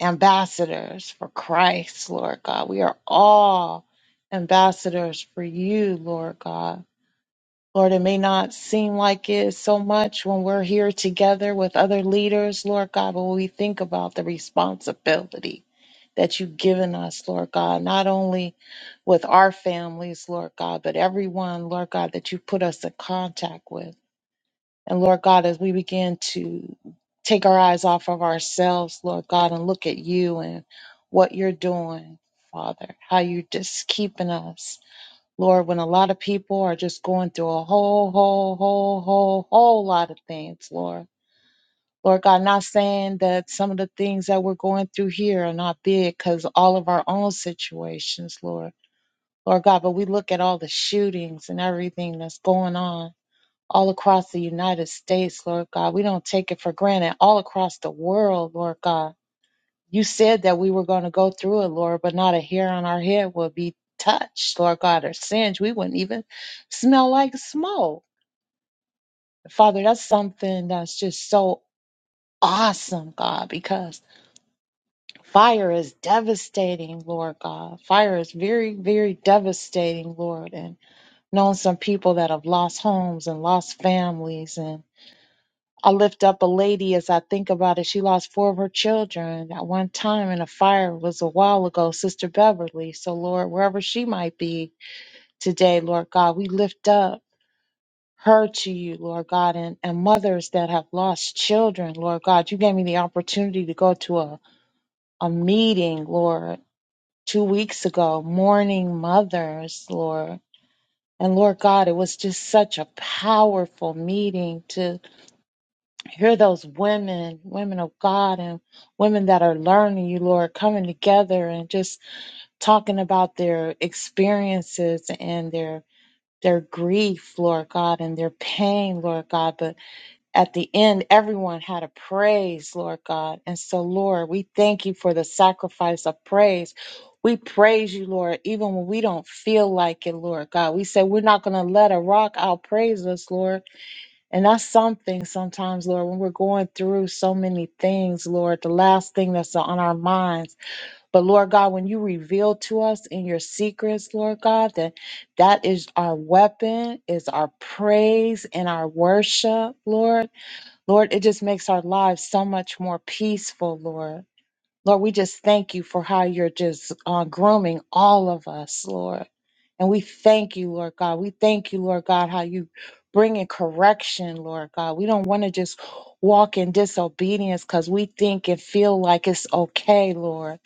ambassadors for Christ, Lord God. We are all ambassadors for you, Lord God. Lord, it may not seem like it so much when we're here together with other leaders, Lord God, but we think about the responsibility that you've given us, Lord God, not only with our families, Lord God, but everyone, Lord God, that you put us in contact with. And Lord God, as we begin to take our eyes off of ourselves, Lord God, and look at you and what you're doing, Father, how you're just keeping us Lord, when a lot of people are just going through a whole, whole, whole, whole, whole lot of things, Lord. Lord God, not saying that some of the things that we're going through here are not big because all of our own situations, Lord. Lord God, but we look at all the shootings and everything that's going on all across the United States, Lord God. We don't take it for granted all across the world, Lord God you said that we were going to go through it, Lord, but not a hair on our head will be touched, Lord God, or singed. We wouldn't even smell like smoke. Father, that's something that's just so awesome, God, because fire is devastating, Lord God. Fire is very, very devastating, Lord. And known some people that have lost homes and lost families and I lift up a lady as I think about it. She lost four of her children at one time in a fire. It was a while ago, Sister Beverly. So, Lord, wherever she might be today, Lord God, we lift up her to you, Lord God, and, and mothers that have lost children, Lord God. You gave me the opportunity to go to a, a meeting, Lord, two weeks ago, mourning mothers, Lord. And Lord God, it was just such a powerful meeting to. Hear those women, women of God, and women that are learning you, Lord, coming together and just talking about their experiences and their their grief, Lord God, and their pain, Lord God. But at the end, everyone had a praise, Lord God. And so, Lord, we thank you for the sacrifice of praise. We praise you, Lord, even when we don't feel like it, Lord God. We say we're not going to let a rock outpraise us, Lord. And that's something sometimes, Lord, when we're going through so many things, Lord, the last thing that's on our minds. But Lord God, when you reveal to us in your secrets, Lord God, that that is our weapon, is our praise and our worship, Lord. Lord, it just makes our lives so much more peaceful, Lord. Lord, we just thank you for how you're just uh, grooming all of us, Lord. And we thank you, Lord God. We thank you, Lord God, how you bring in correction, Lord God. We don't want to just walk in disobedience because we think and feel like it's okay, Lord.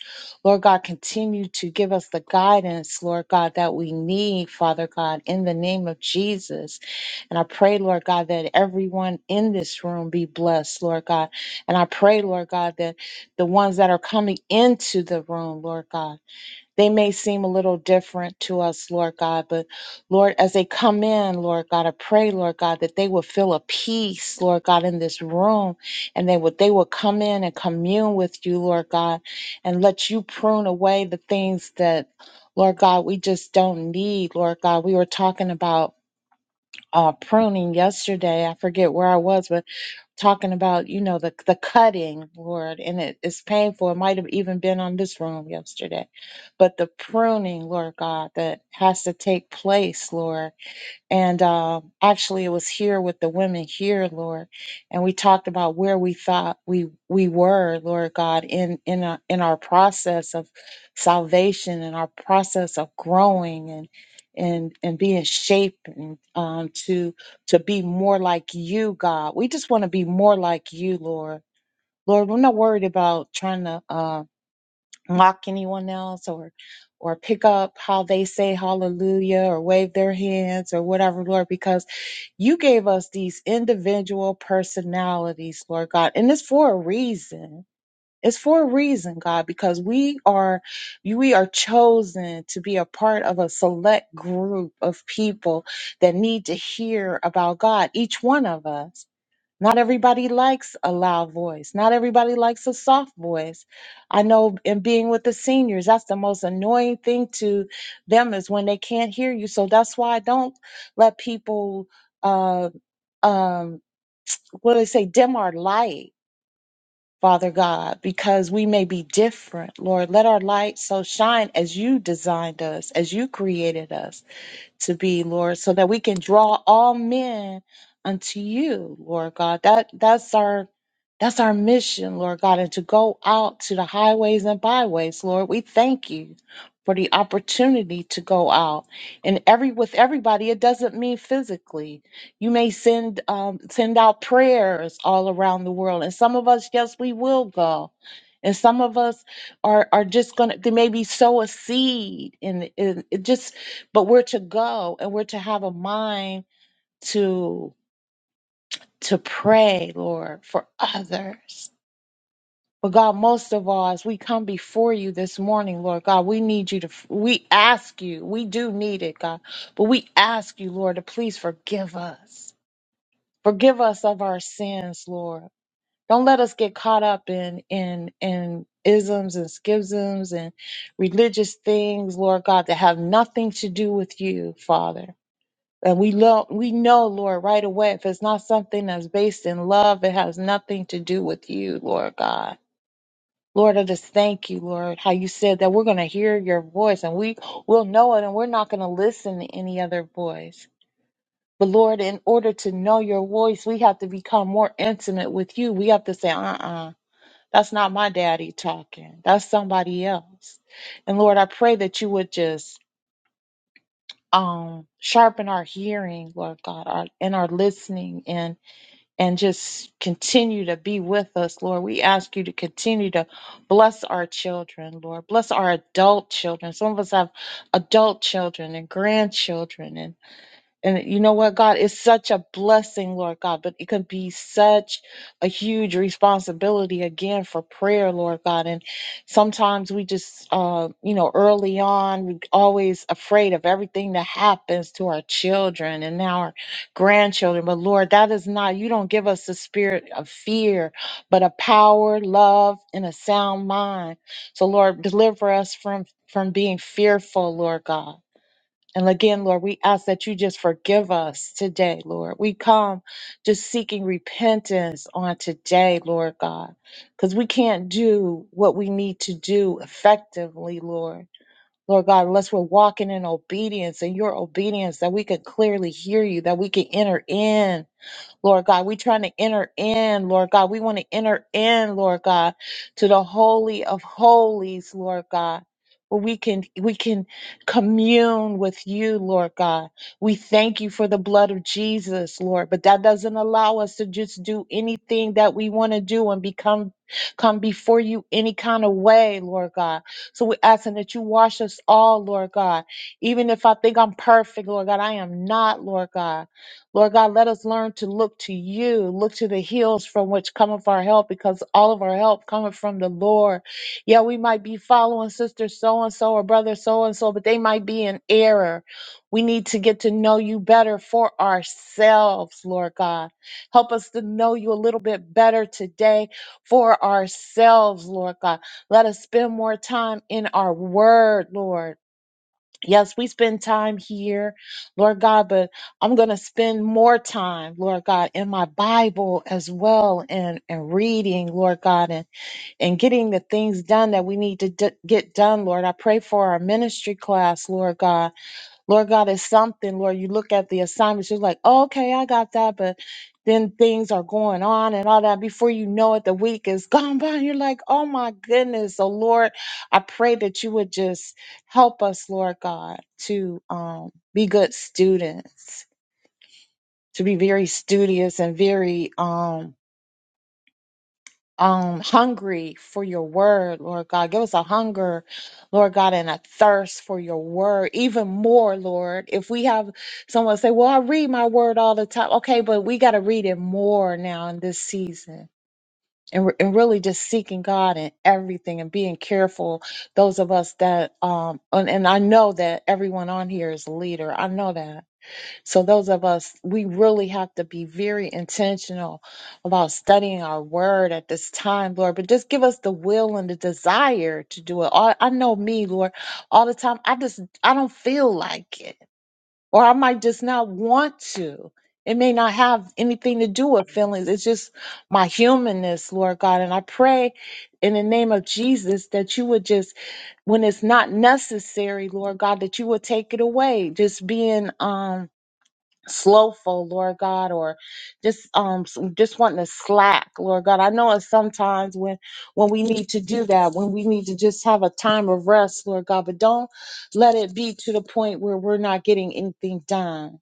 Lord God, continue to give us the guidance, Lord God, that we need, Father God, in the name of Jesus. And I pray, Lord God, that everyone in this room be blessed, Lord God. And I pray, Lord God, that the ones that are coming into the room, Lord God, they may seem a little different to us, Lord God, but Lord, as they come in, Lord God, I pray, Lord God, that they will feel a peace, Lord God, in this room, and they would they will come in and commune with you, Lord God, and let you prune away the things that, Lord God, we just don't need, Lord God. We were talking about uh, pruning yesterday. I forget where I was, but talking about you know the the cutting lord and it is painful it might have even been on this room yesterday but the pruning lord god that has to take place lord and uh, actually, it was here with the women here, Lord, and we talked about where we thought we we were, Lord God, in in our, in our process of salvation and our process of growing and and and being shaped and um, to to be more like you, God. We just want to be more like you, Lord. Lord, we're not worried about trying to uh, mock anyone else or or pick up how they say hallelujah or wave their hands or whatever, Lord, because you gave us these individual personalities, Lord God, and it's for a reason. It's for a reason, God, because we are you- we are chosen to be a part of a select group of people that need to hear about God, each one of us. Not everybody likes a loud voice. Not everybody likes a soft voice. I know in being with the seniors, that's the most annoying thing to them is when they can't hear you. So that's why I don't let people uh um, what do they say? Dim our light, Father God, because we may be different. Lord, let our light so shine as you designed us, as you created us to be, Lord, so that we can draw all men unto you, Lord God. That that's our that's our mission, Lord God, and to go out to the highways and byways, Lord. We thank you for the opportunity to go out. And every with everybody, it doesn't mean physically. You may send um, send out prayers all around the world. And some of us, yes, we will go. And some of us are are just gonna they maybe sow a seed and, and it just but we're to go and we're to have a mind to to pray lord for others but god most of all as we come before you this morning lord god we need you to we ask you we do need it god but we ask you lord to please forgive us forgive us of our sins lord don't let us get caught up in in in isms and schisms and religious things lord god that have nothing to do with you father And we love, we know, Lord, right away, if it's not something that's based in love, it has nothing to do with you, Lord God. Lord, I just thank you, Lord, how you said that we're going to hear your voice and we will know it and we're not going to listen to any other voice. But Lord, in order to know your voice, we have to become more intimate with you. We have to say, uh uh, that's not my daddy talking. That's somebody else. And Lord, I pray that you would just um sharpen our hearing, Lord God, our, and our listening and and just continue to be with us, Lord. We ask you to continue to bless our children, Lord. Bless our adult children. Some of us have adult children and grandchildren, and. And you know what, God, it's such a blessing, Lord God, but it can be such a huge responsibility again for prayer, Lord God. And sometimes we just, uh, you know, early on, we always afraid of everything that happens to our children and now our grandchildren. But Lord, that is not, you don't give us the spirit of fear, but a power, love, and a sound mind. So, Lord, deliver us from from being fearful, Lord God. And again, Lord, we ask that you just forgive us today, Lord. We come just seeking repentance on today, Lord God, because we can't do what we need to do effectively, Lord. Lord God, unless we're walking in obedience and your obedience, that we could clearly hear you, that we can enter in Lord God. We're trying to enter in, Lord God. We want to enter in, Lord God, to the holy of holies, Lord God. Where we can we can commune with you, Lord God. We thank you for the blood of Jesus, Lord. But that doesn't allow us to just do anything that we want to do and become come before you any kind of way, Lord God. So we're asking that you wash us all, Lord God. Even if I think I'm perfect, Lord God, I am not, Lord God. Lord God, let us learn to look to you, look to the hills from which cometh our help, because all of our help cometh from the Lord. Yeah, we might be following sister so and so or brother so and so, but they might be in error. We need to get to know you better for ourselves, Lord God. Help us to know you a little bit better today for ourselves, Lord God. Let us spend more time in our word, Lord. Yes, we spend time here, Lord God, but I'm going to spend more time, Lord God, in my Bible as well and, and reading, Lord God, and, and getting the things done that we need to d- get done, Lord. I pray for our ministry class, Lord God. Lord God, is something, Lord, you look at the assignments, you're like, oh, okay, I got that, but then things are going on and all that. Before you know it, the week is [LAUGHS] gone by. And you're like, oh my goodness. So Lord, I pray that you would just help us, Lord God, to um, be good students, to be very studious and very um um hungry for your word, Lord God. Give us a hunger, Lord God, and a thirst for your word, even more, Lord. If we have someone say, Well, I read my word all the time. Okay, but we got to read it more now in this season. And, re- and really just seeking God in everything and being careful. Those of us that um and, and I know that everyone on here is a leader. I know that. So those of us, we really have to be very intentional about studying our word at this time, Lord. But just give us the will and the desire to do it. All, I know me, Lord, all the time. I just I don't feel like it, or I might just not want to. It may not have anything to do with feelings. It's just my humanness, Lord God. And I pray in the name of Jesus that you would just when it's not necessary, Lord God, that you would take it away. Just being um slowful, Lord God, or just um s- just wanting to slack, Lord God. I know it's sometimes when when we need to do that, when we need to just have a time of rest, Lord God, but don't let it be to the point where we're not getting anything done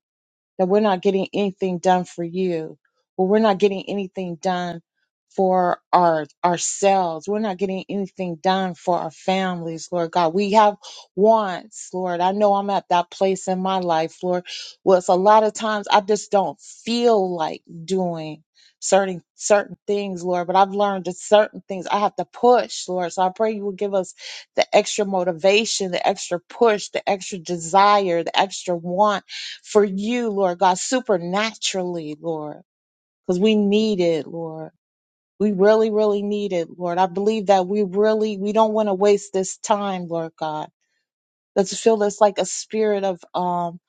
that we're not getting anything done for you, or we're not getting anything done for our ourselves. We're not getting anything done for our families, Lord God. We have wants, Lord. I know I'm at that place in my life, Lord, where it's a lot of times I just don't feel like doing certain certain things, Lord. But I've learned that certain things I have to push, Lord. So I pray you will give us the extra motivation, the extra push, the extra desire, the extra want for you, Lord God, supernaturally, Lord, because we need it, Lord. We really, really need it, Lord. I believe that we really, we don't want to waste this time, Lord God. Let's feel this like a spirit of, um,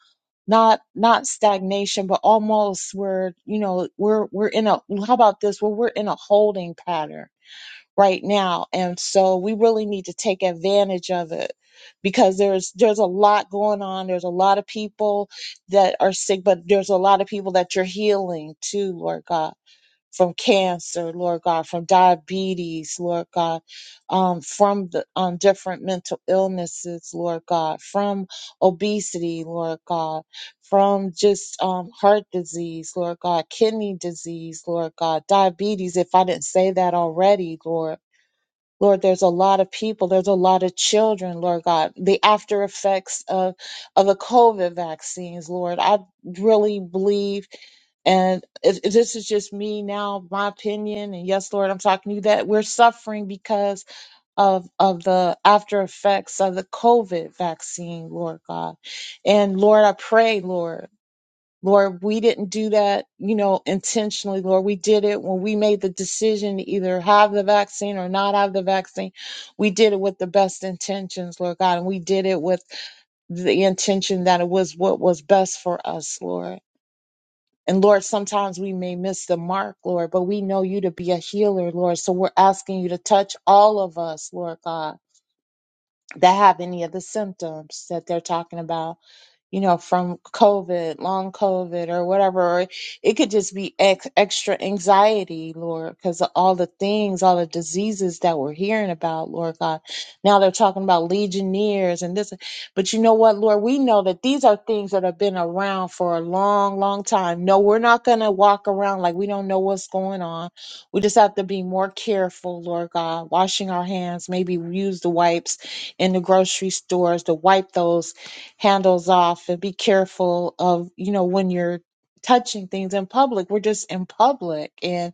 not, not stagnation, but almost where, you know, we're, we're in a, how about this? Well, we're in a holding pattern right now and so we really need to take advantage of it because there's there's a lot going on there's a lot of people that are sick but there's a lot of people that you're healing too lord god from cancer lord god from diabetes lord god um, from the um, different mental illnesses lord god from obesity lord god from just um, heart disease lord god kidney disease lord god diabetes if i didn't say that already lord Lord, there's a lot of people, there's a lot of children, Lord God. The after effects of, of the COVID vaccines, Lord, I really believe, and it, it- this is just me now, my opinion, and yes, Lord, I'm talking to you, that we're suffering because of, of the after effects of the COVID vaccine, Lord God. And Lord, I pray, Lord. Lord, we didn't do that, you know, intentionally. Lord, we did it when we made the decision to either have the vaccine or not have the vaccine. We did it with the best intentions, Lord God, and we did it with the intention that it was what was best for us, Lord. And Lord, sometimes we may miss the mark, Lord, but we know you to be a healer, Lord. So we're asking you to touch all of us, Lord God, that have any of the symptoms that they're talking about you know, from COVID, long COVID, or whatever. Or it could just be ex- extra anxiety, Lord, because of all the things, all the diseases that we're hearing about, Lord God. Now they're talking about legionnaires and this. But you know what, Lord? We know that these are things that have been around for a long, long time. No, we're not going to walk around like we don't know what's going on. We just have to be more careful, Lord God, washing our hands, maybe use the wipes in the grocery stores to wipe those handles off and be careful of, you know, when you're touching things in public. We're just in public and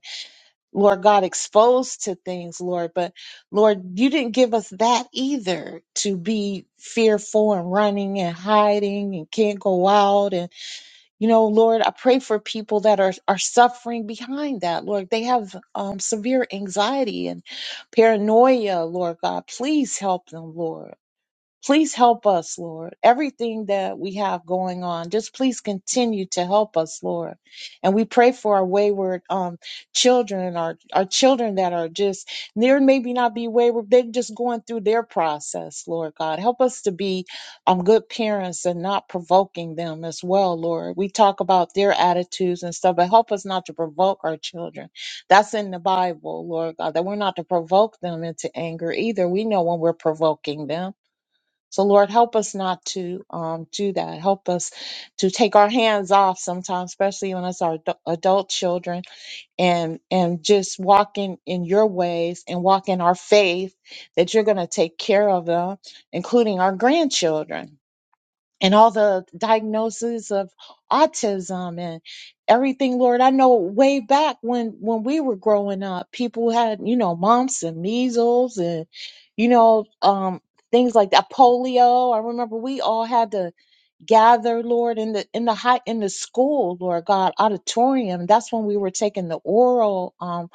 Lord God exposed to things, Lord. But Lord, you didn't give us that either to be fearful and running and hiding and can't go out. And, you know, Lord, I pray for people that are, are suffering behind that, Lord. They have um, severe anxiety and paranoia, Lord God. Please help them, Lord. Please help us, Lord. Everything that we have going on, just please continue to help us, Lord. And we pray for our wayward um, children, our, our children that are just, they're maybe not be wayward, they're just going through their process, Lord God. Help us to be um, good parents and not provoking them as well, Lord. We talk about their attitudes and stuff, but help us not to provoke our children. That's in the Bible, Lord God, that we're not to provoke them into anger either. We know when we're provoking them so, Lord, help us not to um, do that. Help us to take our hands off sometimes, especially when it's our adu- adult children, and and just walk in, in your ways and walk in our faith that you're going to take care of them, including our grandchildren and all the diagnoses of autism and everything lord i know way back when when we were growing up people had you know mumps and measles and you know um things like that polio i remember we all had to gather lord in the in the high in the school lord god auditorium that's when we were taking the oral um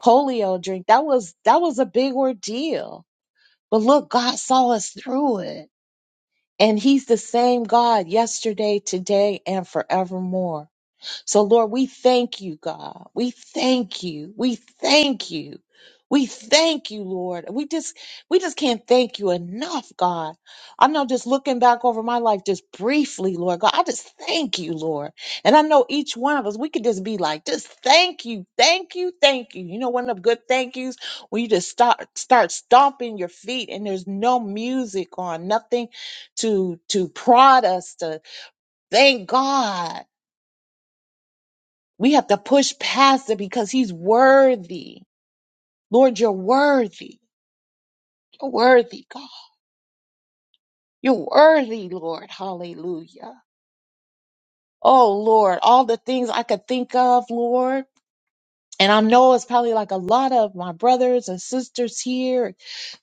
polio drink that was that was a big ordeal but look god saw us through it and he's the same God yesterday, today, and forevermore. So, Lord, we thank you, God. We thank you. We thank you. We thank you, Lord. We just we just can't thank you enough, God. I know just looking back over my life just briefly, Lord God, I just thank you, Lord. And I know each one of us, we could just be like, just thank you, thank you, thank you. You know, one of the good thank yous when you just start start stomping your feet and there's no music on, nothing to to prod us to thank God. We have to push past it because he's worthy. Lord, you're worthy. You're worthy, God. You're worthy, Lord. Hallelujah. Oh, Lord, all the things I could think of, Lord. And I know it's probably like a lot of my brothers and sisters here,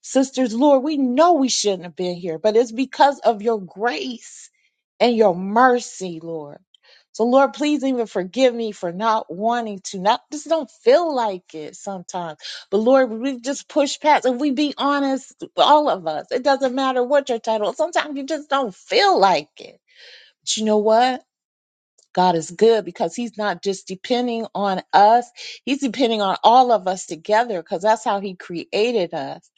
sisters, Lord, we know we shouldn't have been here, but it's because of your grace and your mercy, Lord. So, Lord, please even forgive me for not wanting to, not just don't feel like it sometimes. But, Lord, we just push past and we be honest, all of us. It doesn't matter what your title. Sometimes you just don't feel like it. But you know what? God is good because he's not just depending on us, he's depending on all of us together because that's how he created us.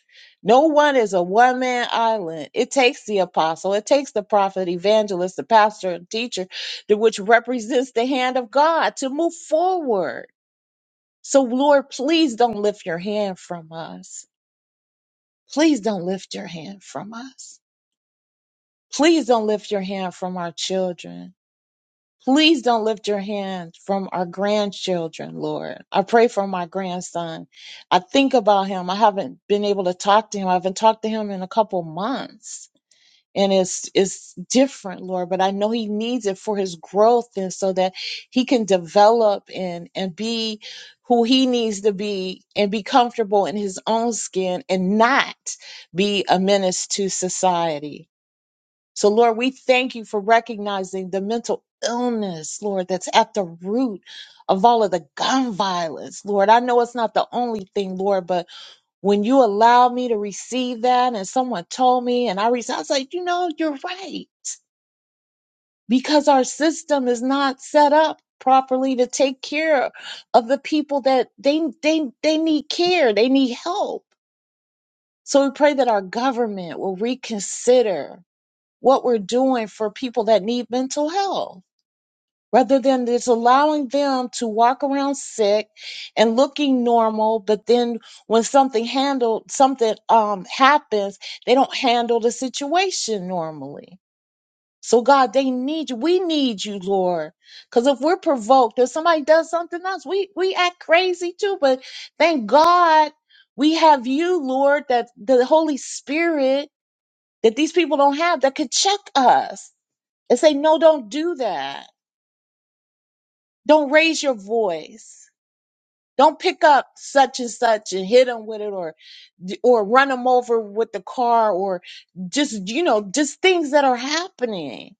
No one is a one man island. It takes the apostle, it takes the prophet, evangelist, the pastor, and teacher, the- which represents the hand of God to move forward. So, Lord, please don't lift your hand from us. Please don't lift your hand from us. Please don't lift your hand from our children. Please don't lift your hand from our grandchildren, Lord. I pray for my grandson. I think about him. I haven't been able to talk to him. I haven't talked to him in a couple months. And it's it's different, Lord, but I know he needs it for his growth and so that he can develop and and be who he needs to be and be comfortable in his own skin and not be a menace to society. So, Lord, we thank you for recognizing the mental illness, Lord, that's at the root of all of the gun violence, Lord. I know it's not the only thing, Lord, but when you allow me to receive that and someone told me and I received, I was like, you know, you're right. Because our system is not set up properly to take care of the people that they they they need care, they need help. So we pray that our government will reconsider what we're doing for people that need mental health rather than just allowing them to walk around sick and looking normal but then when something handled something um happens they don't handle the situation normally so god they need you we need you lord because if we're provoked if somebody does something else we we act crazy too but thank god we have you lord that the holy spirit that these people don't have that could check us and say, no, don't do that. Don't raise your voice. Don't pick up such and such and hit them with it or, or run them over with the car or just, you know, just things that are happening.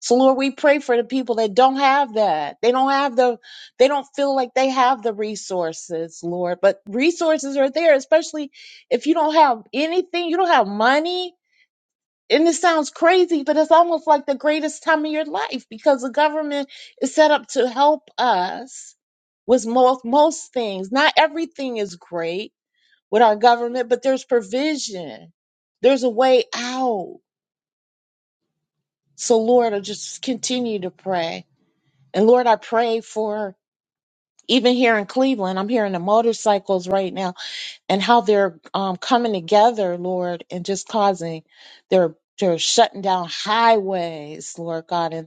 So Lord, we pray for the people that don't have that. They don't have the, they don't feel like they have the resources, Lord, but resources are there, especially if you don't have anything, you don't have money, and it sounds crazy, but it's almost like the greatest time of your life because the government is set up to help us with most most things. Not everything is great with our government, but there's provision. There's a way out. So Lord, I just continue to pray. And Lord, I pray for even here in Cleveland, I'm hearing the motorcycles right now and how they're um, coming together, Lord, and just causing they're they're shutting down highways, Lord God, and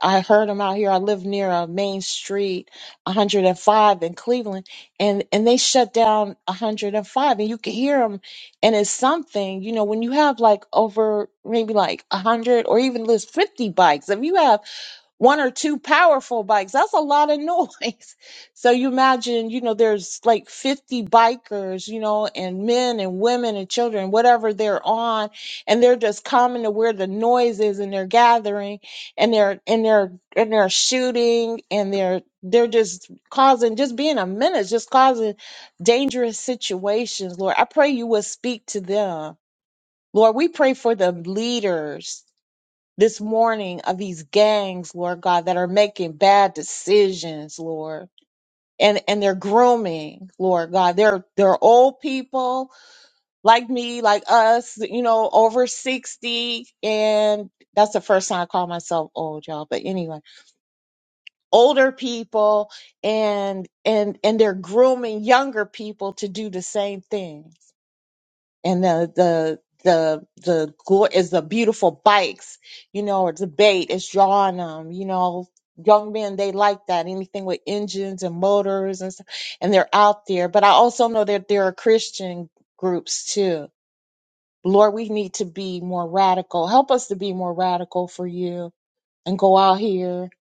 I heard them out here. I live near a main street, 105 in Cleveland, and and they shut down 105, and five, and you could hear them. And it's something, you know, when you have like over maybe like 100 or even list 50 bikes. If you have one or two powerful bikes. That's a lot of noise. [LAUGHS] So you imagine, you know, there's like 50 bikers, you know, and men and women and children, whatever they're on, and they're just coming to where the noise is and they're gathering and they're and they're and they're shooting and they're they're just causing just being a menace, just causing dangerous situations. Lord, I pray you will speak to them. Lord, we pray for the leaders this morning of these gangs, Lord God, that are making bad decisions, Lord. And and they're grooming, Lord God. They're they're old people like me, like us, you know, over 60. And that's the first time I call myself old, y'all. But anyway, older people and and and they're grooming younger people to do the same things and the the the the gore is the beautiful bikes, you know, or debate. It's drawing them, you know. Young men, they like that. Anything with engines and motors and stuff, and they're out there. But I also know that there are Christian groups too. Lord, we need to be more radical. Help us to be more radical for you and go out here.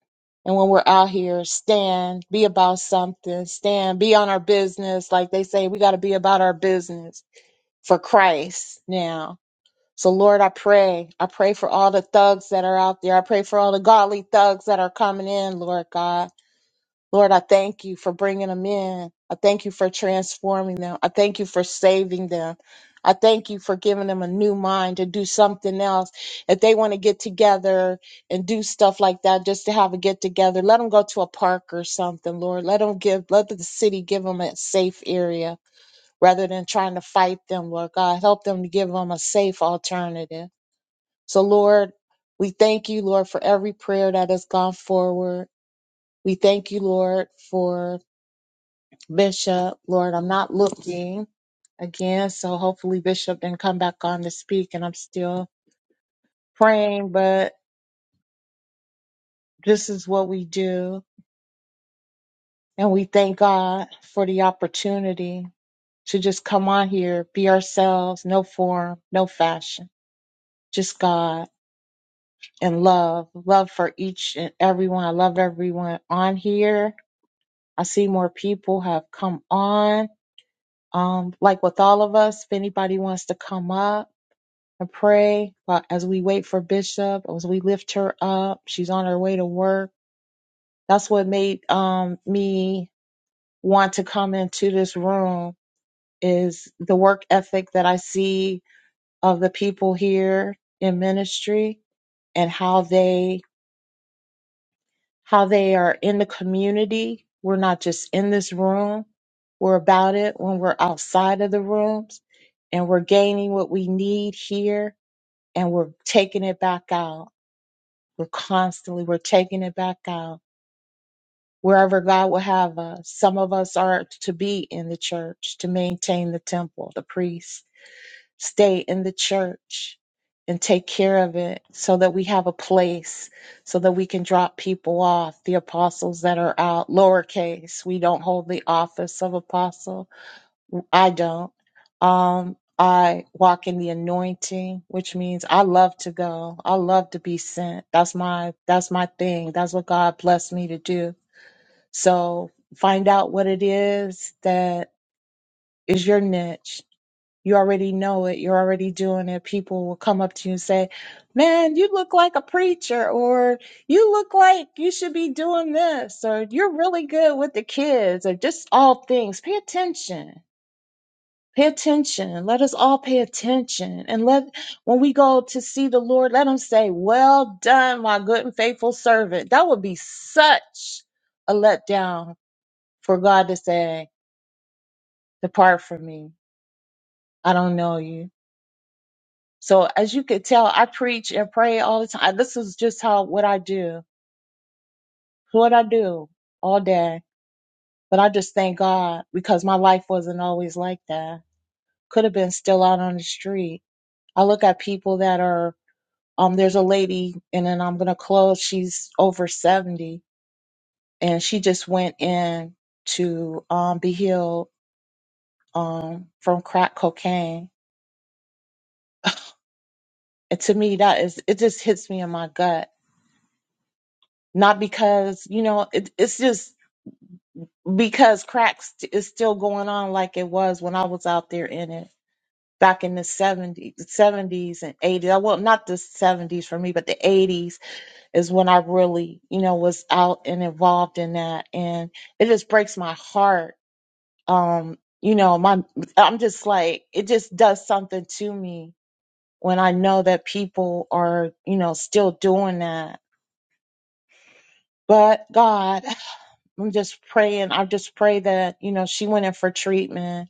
And when we're out here, stand, be about something, stand, be on our business. Like they say, we got to be about our business for Christ now so, Lord, I pray. I pray for all the thugs that are out there. I pray for all the godly thugs that are coming in, Lord God. Lord, I thank you for bringing them in. I thank you for transforming them. I thank you for saving them. I thank you for giving them a new mind to do something else. If they want to get together and do stuff like that, just to have a get together, let them go to a park or something, Lord. Let them give, let the city give them a safe area rather than trying to fight them, Lord God. Help them to give them a safe alternative. So, Lord, we thank you, Lord, for every prayer that has gone forward. We thank you, Lord, for Bishop. Lord, I'm not looking again, so hopefully Bishop didn't come back on to speak, and I'm still praying, but this is what we do. And we thank God for the opportunity to just come on here, be ourselves, no form, no fashion, just God and love, love for each and everyone. I love everyone on here I see more people have come on. Um, like with all of us, if anybody wants to come up and pray while- as we wait for Bishop, as we lift her up, she's on her way to work. That's what made um, me want to come into this room is the work ethic that I see of the people here in ministry and how they how they are in the community. We're not just in this room, we're about it when we're outside of the rooms and we're gaining what we need here and we're taking it back out. We're constantly, we're taking it back out wherever God will have us. Some of us are to be in the church to maintain the temple, the priest stay in the church and take care of it so that we have a place so that we can drop people off the apostles that are out lowercase we don't hold the office of apostle i don't um i walk in the anointing which means i love to go i love to be sent that's my that's my thing that's what god blessed me to do so find out what it is that is your niche you already know it. You're already doing it. People will come up to you and say, Man, you look like a preacher, or you look like you should be doing this, or you're really good with the kids, or just all things. Pay attention. Pay attention. Let us all pay attention. And let, when we go to see the Lord, let him say, Well done, my good and faithful servant. That would be such a letdown for God to say, Depart from me. I don't know you. So as you could tell, I preach and pray all the time. This is just how what I do, what I do all day. But I just thank God because my life wasn't always like that. Could have been still out on the street. I look at people that are um. There's a lady, and then I'm gonna close. She's over seventy, and she just went in to um be healed um from crack cocaine. And to me, that is it just hits me in my gut not because you know it, it's just because cracks is still going on like it was when I was out there in it back in the 70s, 70s and 80s. Well, not the 70s for me, but the 80s is when I really, you know, was out and involved in that. And it just breaks my heart. Um, you know, my, I'm just like, it just does something to me when I know that people are, you know, still doing that. But God, [LAUGHS] [SIGHS] I'm just praying. I just pray that, you know, she went in for treatment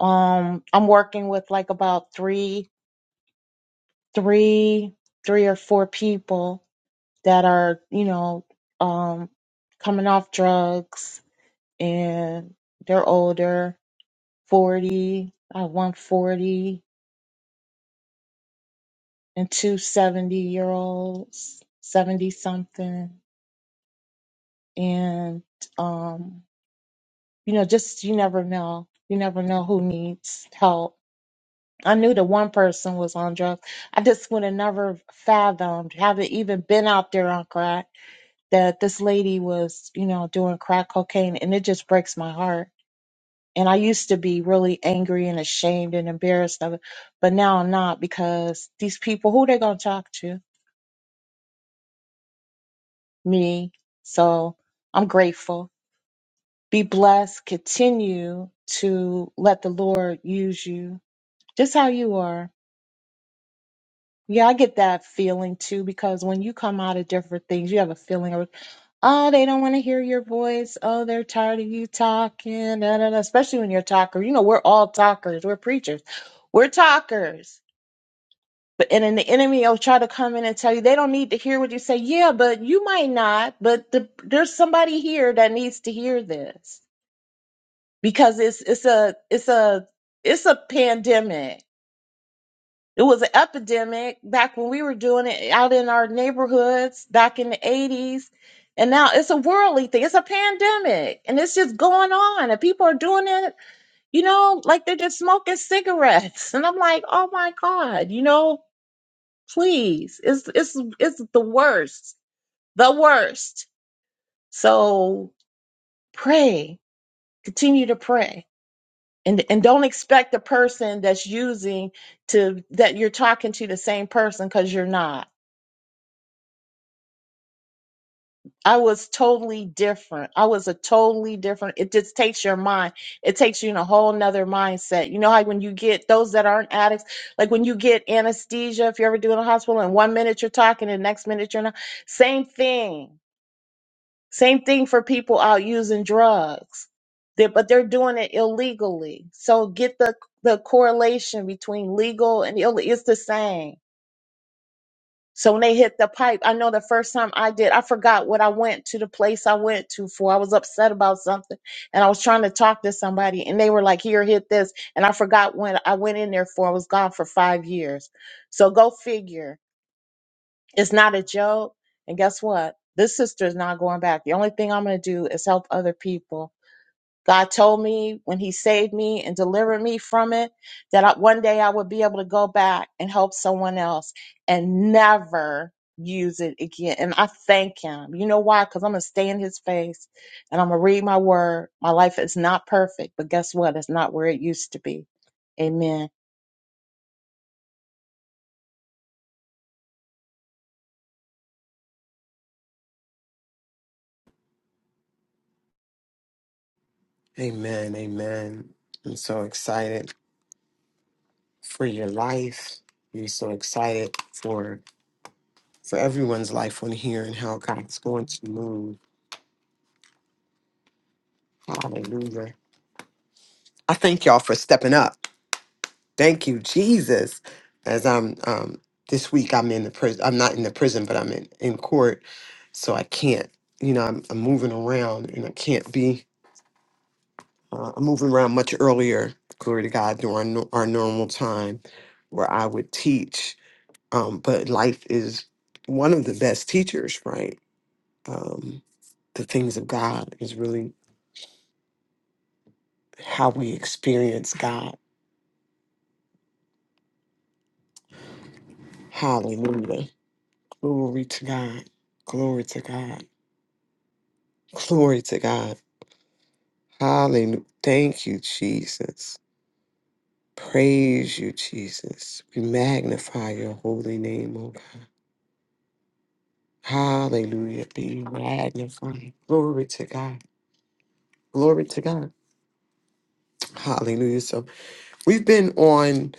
Um, I'm working with like about three, three, three or four people that are, you know, um, coming off drugs and they're older, 40, I have one 40 and 270 year olds, 70 something. And, um, you know, just you never know. You never know who needs help I knew the one person was on drugs. I just would have never fathomed, haven't even been out there on crack, that this lady was, you know, doing crack cocaine. And it just breaks my heart. And I used to be really angry and ashamed and embarrassed of it. But now I'm not because these people, who they going to talk to? Me. So I'm grateful. Be blessed. Continue to let the Lord use you just how you are Yeah, I get that feeling too because when you come out of different things, you have a feeling of, oh, they don't want to hear your voice. Oh, they're tired of you talking. Da, da, da. Especially when you're a talker. You know, we're all talkers. We're preachers. We're talkers. But and then the enemy will try to come in and tell you they don't need to hear what you say. Yeah, but you might not. But the, there's somebody here that needs to hear this because it's it's a it's a it's a pandemic It was an epidemic back when we were doing it out in our neighborhoods back in the 80s. And now it's a worldly thing. It's a pandemic and it's just going on. And people are doing it, you know, like they're just smoking cigarettes. [LAUGHS] And I'm like, oh my God, you know, please. It's it's it's the worst. The worst. So pray. Continue to pray. And and don't expect the person that's using to that you're talking to the same person because you're not I was totally different. I was a totally different. It just takes your mind. It takes you in a whole nother mindset. You know how when you get those that aren't addicts, like when you get anesthesia, if you're ever doing a hospital, and one minute you're talking, and the next minute you're not. Same thing. Same thing for people out using drugs. They- but they're doing it illegally. So get the the correlation between legal and illegal. It's the same so when they hit the pipe, I know the first time I did, I forgot what I went to the place I went to for. I was upset about something and I was trying to talk to somebody and they were like, here, hit this. And I forgot when I went in there for. I was gone for five years. So go figure. It's not a joke. And guess what? This sister is not going back. The only thing I'm going to do is help other people God told me when He saved me and delivered me from it that I, one day I would be able to go back and help someone else and never use it again. And I thank Him. You know why? Because I'm going to stay in His face and I'm going to read my word. My life is not perfect, but guess what? It's not where it used to be. Amen.
Amen. Amen. I'm so excited for your life. I'm so excited for for everyone's life on here and how God's going to move. Hallelujah. I thank y'all for stepping up. Thank you, Jesus. As I'm um this week I'm in the prison I'm not in the prison, but I'm in, in court. So I can't, you know, I'm, I'm moving around and I can't be uh, I'm moving around much earlier, glory to God, during no- our normal time where I would teach. Um, but life is one of the best teachers, right? Um, the things of God is really how we experience God. Hallelujah. Glory to God. Glory to God. Glory to God. Hallelujah. Thank you, Jesus. Praise you, Jesus. We magnify your holy name, oh God. Hallelujah. Be magnified. Glory to God. Glory to God. Hallelujah. So we've been on,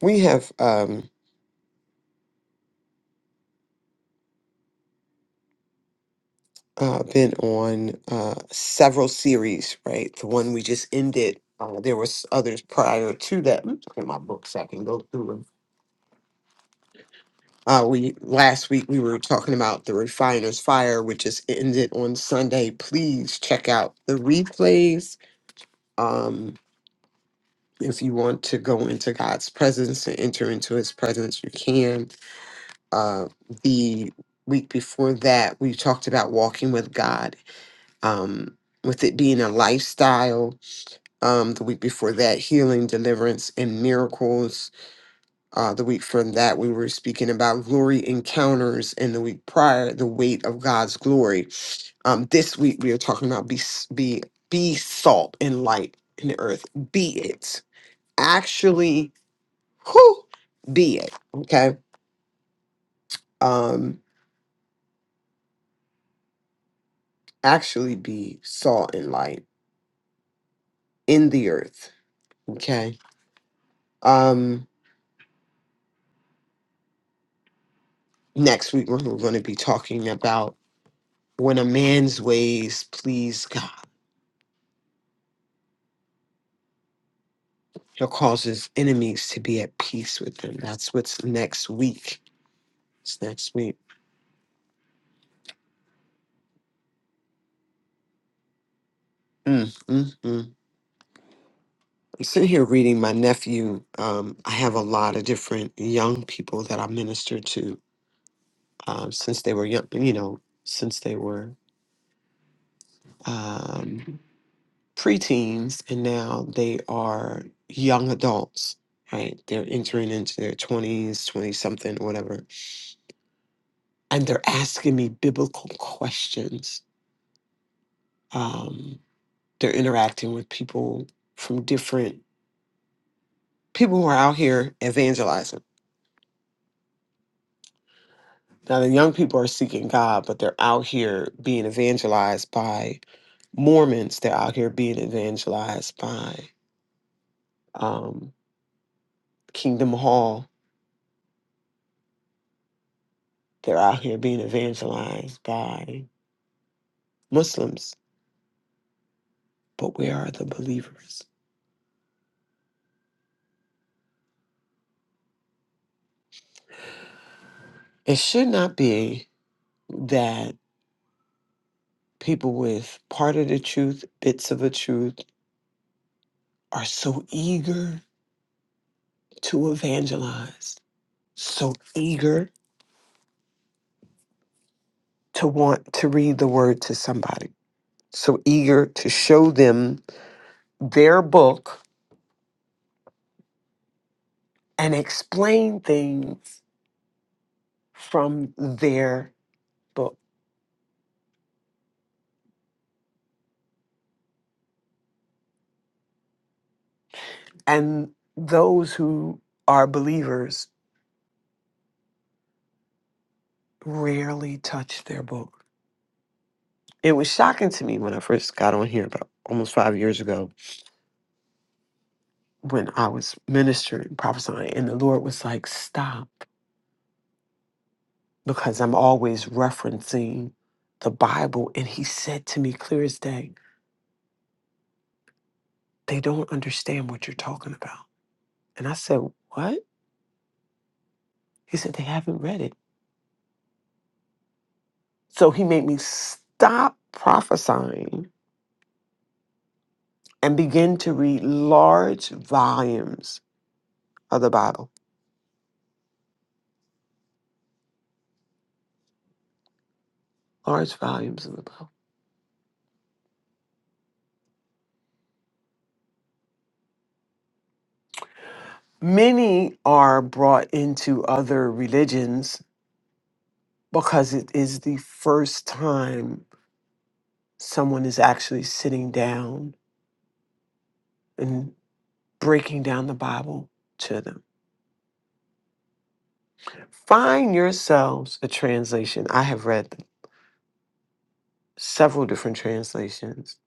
we have um uh been on uh several series, right? The one we just ended. Uh, there was others prior to that. Let me look in my books. so I can go through them Uh, we last week we were talking about the refiner's fire, which is ended on Sunday. Please check out the replays. Um, if you want to go into God's presence and enter into His presence, you can. Uh, the week before that, we talked about walking with God, um, with it being a lifestyle. Um, the week before that, healing, deliverance, and miracles Uh, the week from that, we were speaking about glory encounters, and the week prior, the weight of God's glory. Um, this week, we are talking about be s- be be salt and light in the earth. Be it actually, who be it? Okay, um, actually be salt and light in the earth. Okay. Um, next week, we're going to be talking about when a man's ways please God. He'll cause his enemies to be at peace with him. That's what's next week. It's next week. Mm, mm, mm. I'm sitting here reading my nephew. Um, I have a lot of different young people that I minister to um, since they were young, you know, since they were um, preteens, and now they are young adults, right? They're entering into their 20s, 20 something, whatever. And they're asking me biblical questions. Um, they're interacting with people from different people who are out here evangelizing. Now, the young people are seeking God, but they're out here being evangelized by Mormons. They're out here being evangelized by um, Kingdom Hall. They're out here being evangelized by Muslims. But where are the believers? It should not be that people with part of the truth, bits of a truth, are so eager to evangelize so eager to want to read the word to somebody, so eager to show them their book and explain things from their book. And those who are believers rarely touch their book. It was shocking to me when I first got on here about almost five years ago when I was ministering, prophesying, and the Lord was like, stop. because I'm always referencing the Bible. And he said to me clear as day, they don't understand what you're talking about. And I said, What? He said, They haven't read it. So he made me stop prophesying and begin to read large volumes of the Bible. Large volumes of the Bible. Many are brought into other religions because it is the first time someone is actually sitting down and. breaking down the Bible to them. Find yourselves a translation. I have read several different translations.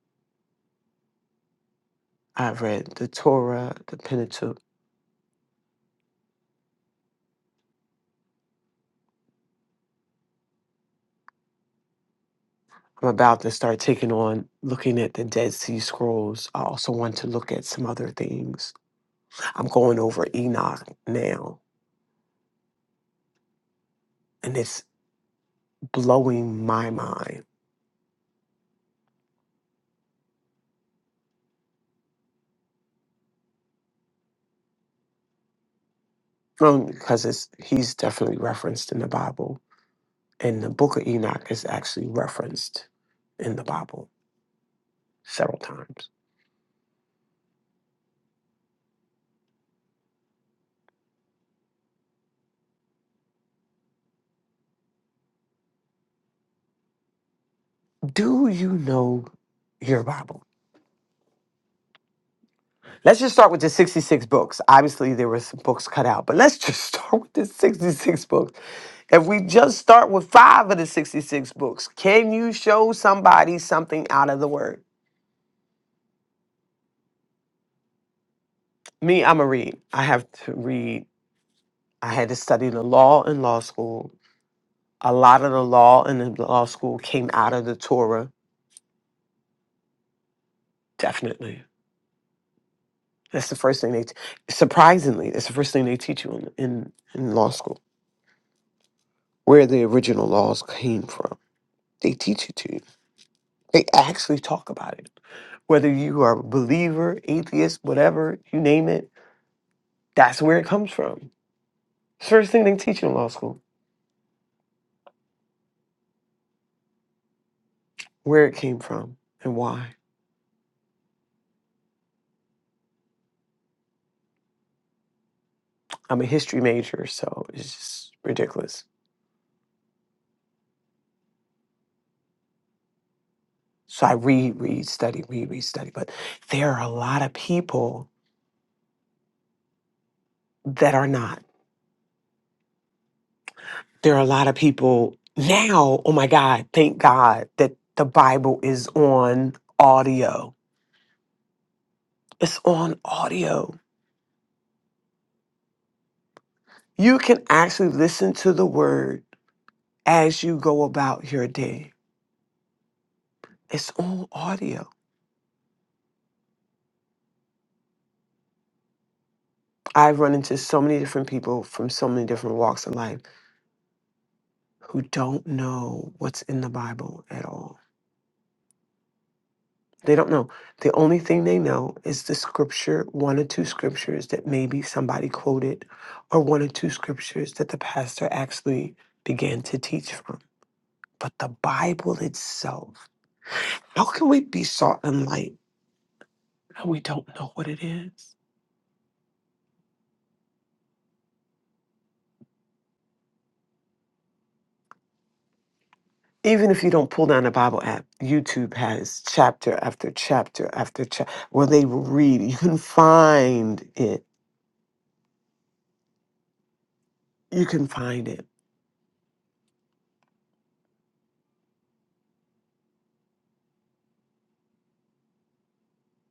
I've read the Torah, the Pentateuch. I'm about to start taking on looking at the Dead Sea Scrolls. I also want to look at some other things. I'm going over Enoch now, and it's blowing my mind um, because it's he's definitely referenced in the Bible, and the Book of Enoch is actually referenced in the Bible several times. Do you know your Bible? Let's just start with the 66 books. Obviously, there were some books cut out, but let's just [LAUGHS] start with the 66 books. If we just start with five of the 66 books, can you show somebody something out of the Word? Me, I'm a read. I have to read. I had to study the law in law school. A lot of the law in the law school came out of the Torah, definitely. That's the first thing they, t- surprisingly, that's the first thing they teach you in, in, in law school where the original laws came from. They teach it to you. They actually talk about it. Whether you are a believer, atheist, whatever, you name it, that's where it comes from. First thing they teach you in law school, where it came from and why. I'm a history major, so it's just ridiculous. So I read, read, study, read, read, study. But there are a lot of people that are not. There are a lot of people now, oh my God, thank God that the Bible is on audio It's on audio. You can actually listen to the word as you go about your day. It's on audio. I've run into so many different people from so many different walks of life who don't know what's in the Bible at all. They don't know. The only thing they know is the scripture, one or two scriptures that maybe somebody quoted, or one or two scriptures that the pastor actually began to teach from. But the Bible itself, how can we be salt and light? and we don't know what it is. Even if you don't pull down a Bible app, YouTube has chapter after chapter after chapter where they will read. You can find it. You can find it.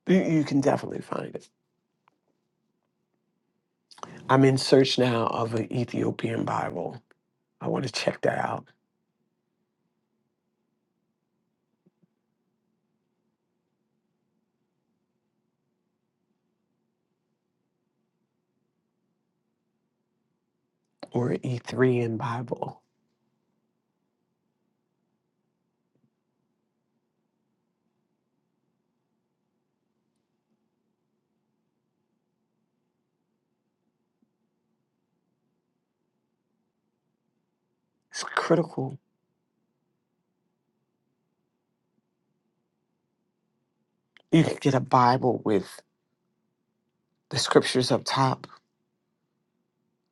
You, you can definitely find it. I'm in search now of an Ethiopian Bible. I want to check that out. Or an Ethiopian Bible. It's critical. you can get a Bible with the scriptures up top.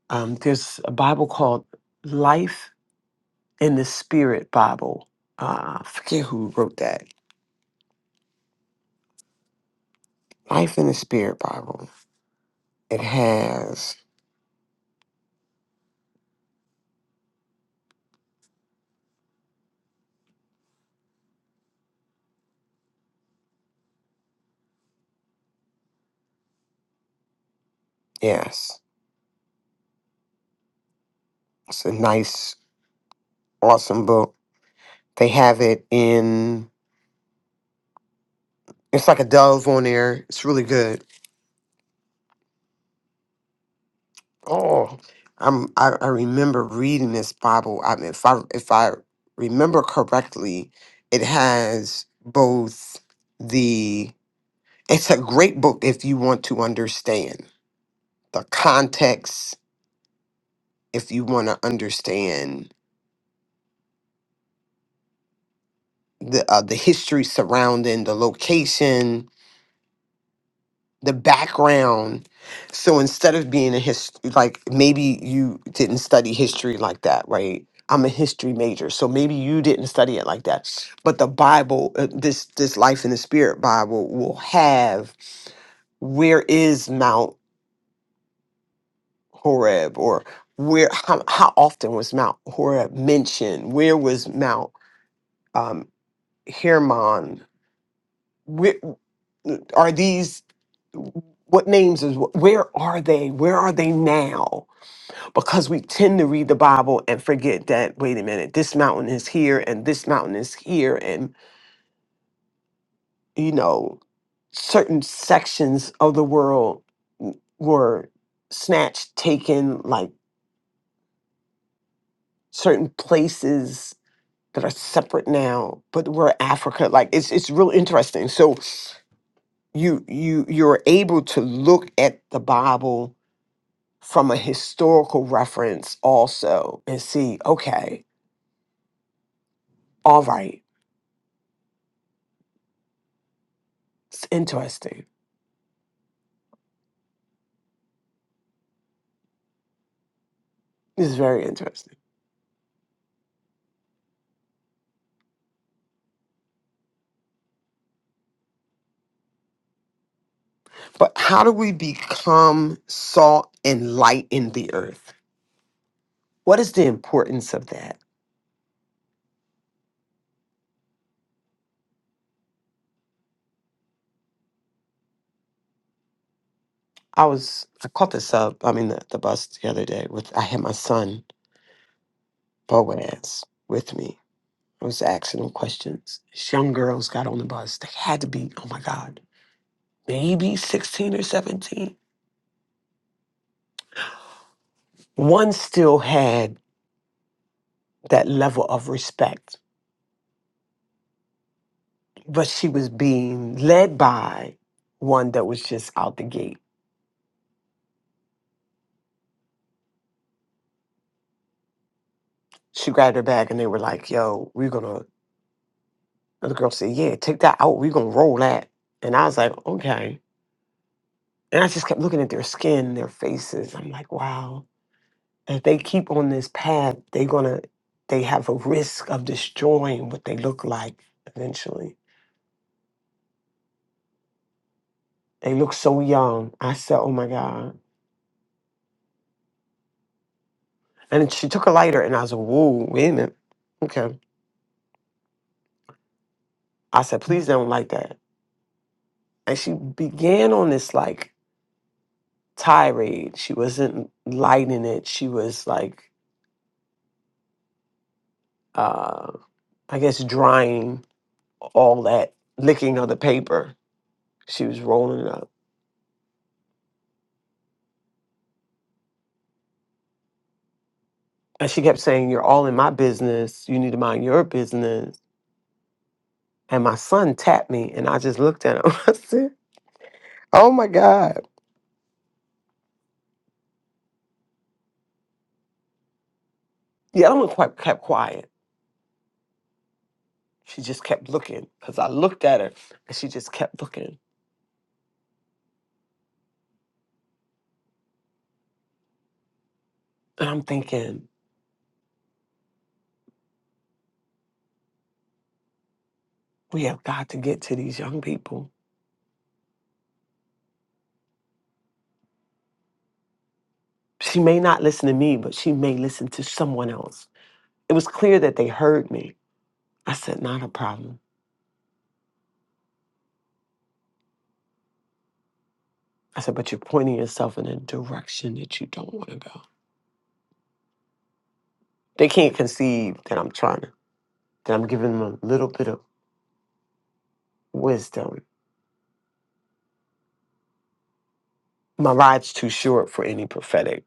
Um, there's a Bible called Life in the Spirit Bible. Uh, I forget who wrote that. Life in the Spirit Bible. It has, yes, it's a nice, awesome book. They have it in, it's like a dove on there. It's really good. Oh, I'm, I, I remember reading this Bible. I mean, if I, if I remember correctly, it has both the It's a great book if you want to understand the context, if you want to understand the uh, the history surrounding the location, the background. So instead of being a hist like maybe you didn't study history like that, right? I'm a history major, so maybe you didn't study it like that. But the Bible, uh, this this Life in the Spirit Bible, will have where is Mount. Horeb or where how, how often was Mount Horeb mentioned? Where was Mount um, Hermon? Where are these? What names is where are they? Where are they now? Because we tend to read the Bible and forget that. Wait a minute, this mountain is here and this mountain is here, and you know certain sections of the world w- were snatched, taken, like certain places that are separate now, but we're Africa. Like it's it's real interesting. So you you you're able to look at the Bible from a historical reference also and see, okay, all right, it's interesting. This is very interesting. But how do we become salt and light in the earth? What is the importance of that? I was I caught this up, I mean the, the bus the other day with I had my son Boaz with me I was asking them questions. These young girls got on the bus. They had to be, oh my God, maybe 16 or 17. One still had that level of respect, but she was being led by one that was just out the gate. She grabbed her bag and they were like, yo, we're gonna, and the girl said, yeah, take that out. We're gonna roll that. And I was like, okay. And I just kept looking at their skin, their faces. I'm like, wow if they keep on this path, they're gonna they have a risk of destroying what they look like eventually. They look so young. I said, Oh my God. And she took a lighter and I was like, Whoa, wait a minute. Okay. I said, please don't like that. And she began on this like tirade. She wasn't lighting it. She was like uh I guess drying all that licking of the paper. She was rolling it up. And she kept saying, You're all in my business. You need to mind your business. And my son tapped me, and I just looked at him. [LAUGHS] I said, Oh my God. The other one quite kept quiet. She just kept looking because I looked at her and she just kept looking. And I'm thinking, We have got to get to these young people. She may not listen to me, but she may listen to someone else. It was clear that they heard me. I said, Not a problem. I said, But you're pointing yourself in a direction that you don't want to go. They can't conceive that I'm trying to. that I'm giving them a little bit of wisdom. My life's too short for any prophetic.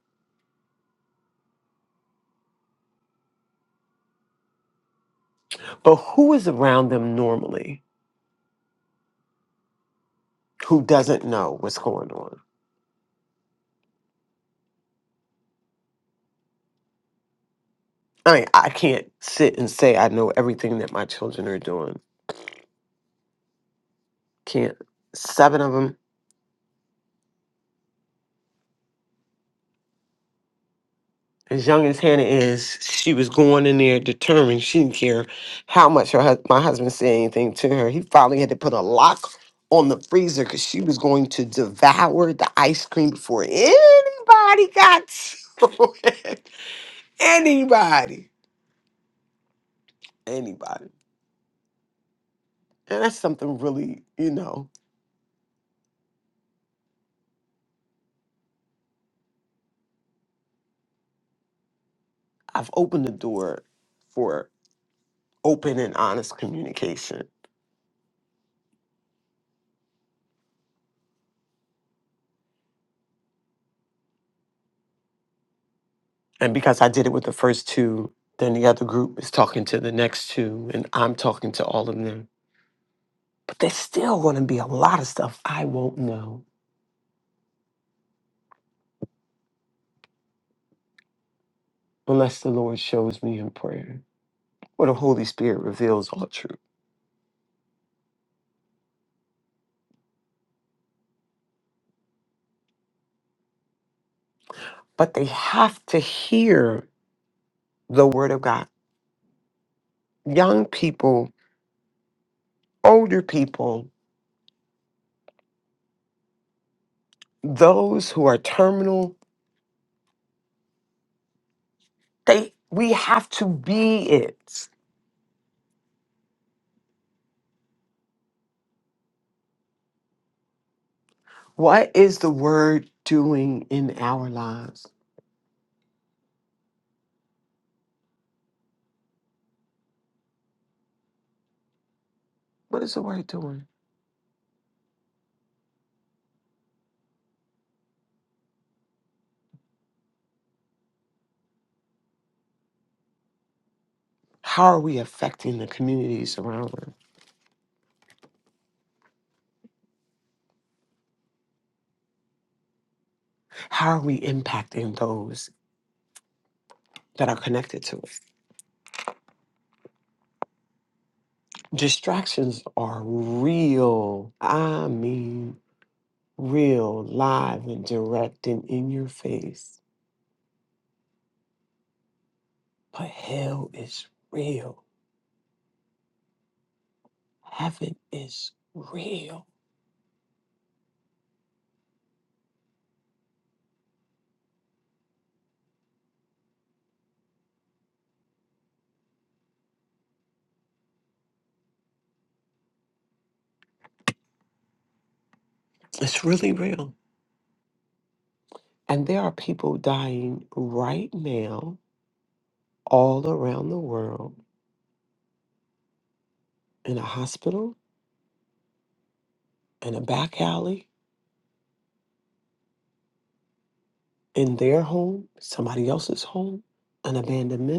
But who is around them normally who doesn't know what's going on? I mean, I can't sit and say I know everything that my children are doing. Can't. Seven of them. as young as Hannah is, she was going in there determined. She didn't care how much her hus- my husband said anything to her. He finally had to put a lock on the freezer because she was going to devour the ice cream before anybody got to it. [LAUGHS] anybody, anybody. And that's something really, you know, I've opened the door for open and honest communication. And because I did it with the first two, then the other group is talking to the next two, and I'm talking to all of them But there's still going to be a lot of stuff I won't know unless the Lord shows me in prayer or the Holy Spirit reveals all truth. But they have to hear the Word of God. Young people, older people, those who are terminal, they we have to be it. What is the Word doing in our lives? What is the Word doing? How are we affecting the communities around us? How are we impacting those that are connected to us? distractions are real. I mean, real, live, and direct and in your face. But hell is real. Heaven is real. It's really real. And there are people dying right now all around the world in a hospital, in a back alley, in their home, somebody else's home, an abandoned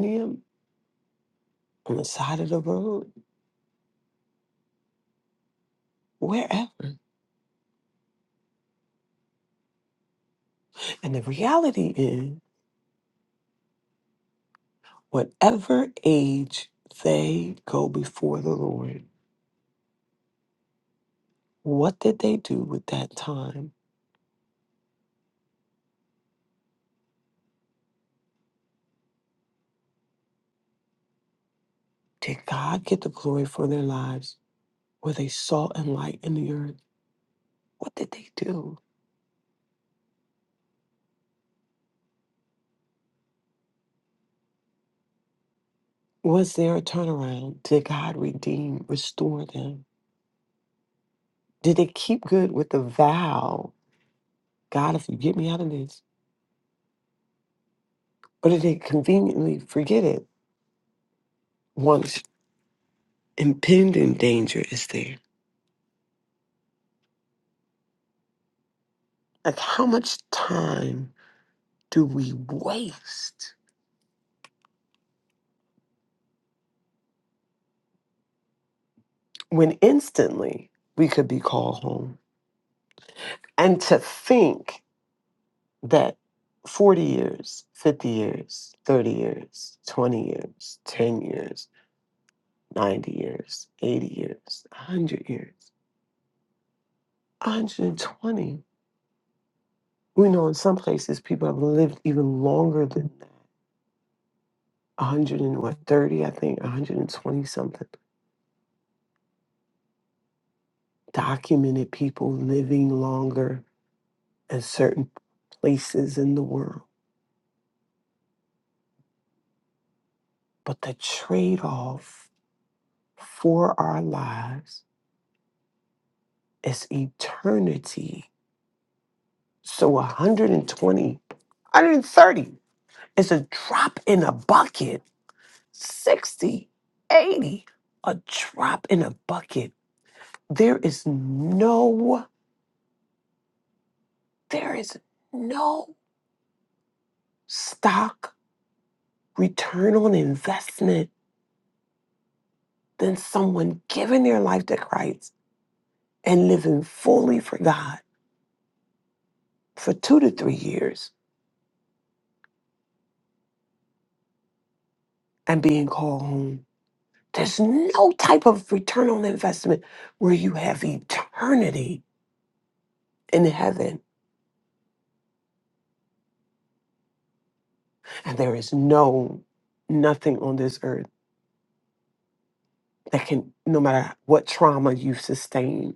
on the side of the road, wherever. And the reality is, whatever age they go before the Lord, what did they do with that time? Did God get the glory for their lives? Were they salt and light in the earth? What did they do? Was there a turnaround? Did God redeem, restore them? Did they keep good with the vow, God, if you get me out of this? Or did they conveniently forget it once impending danger is there? Like, how much time do we waste? when instantly we could be called home. And to think that 40 years, 50 years, 30 years, 20 years, 10 years, 90 years, 80 years, 100 years, 120. We know in some places people have lived even longer than that. 130, I think, 120 something. Documented people living longer in certain places in the world. But the trade off for our lives is eternity. So 120, 130 is a drop in a bucket. 60, 80, a drop in a bucket. There is no, there is no stock return on investment than someone giving their life to Christ and living fully for God for two to three years and being called home There's no type of return on investment where you have eternity in heaven. And there is no, nothing on this earth that can, no matter what trauma you've sustained,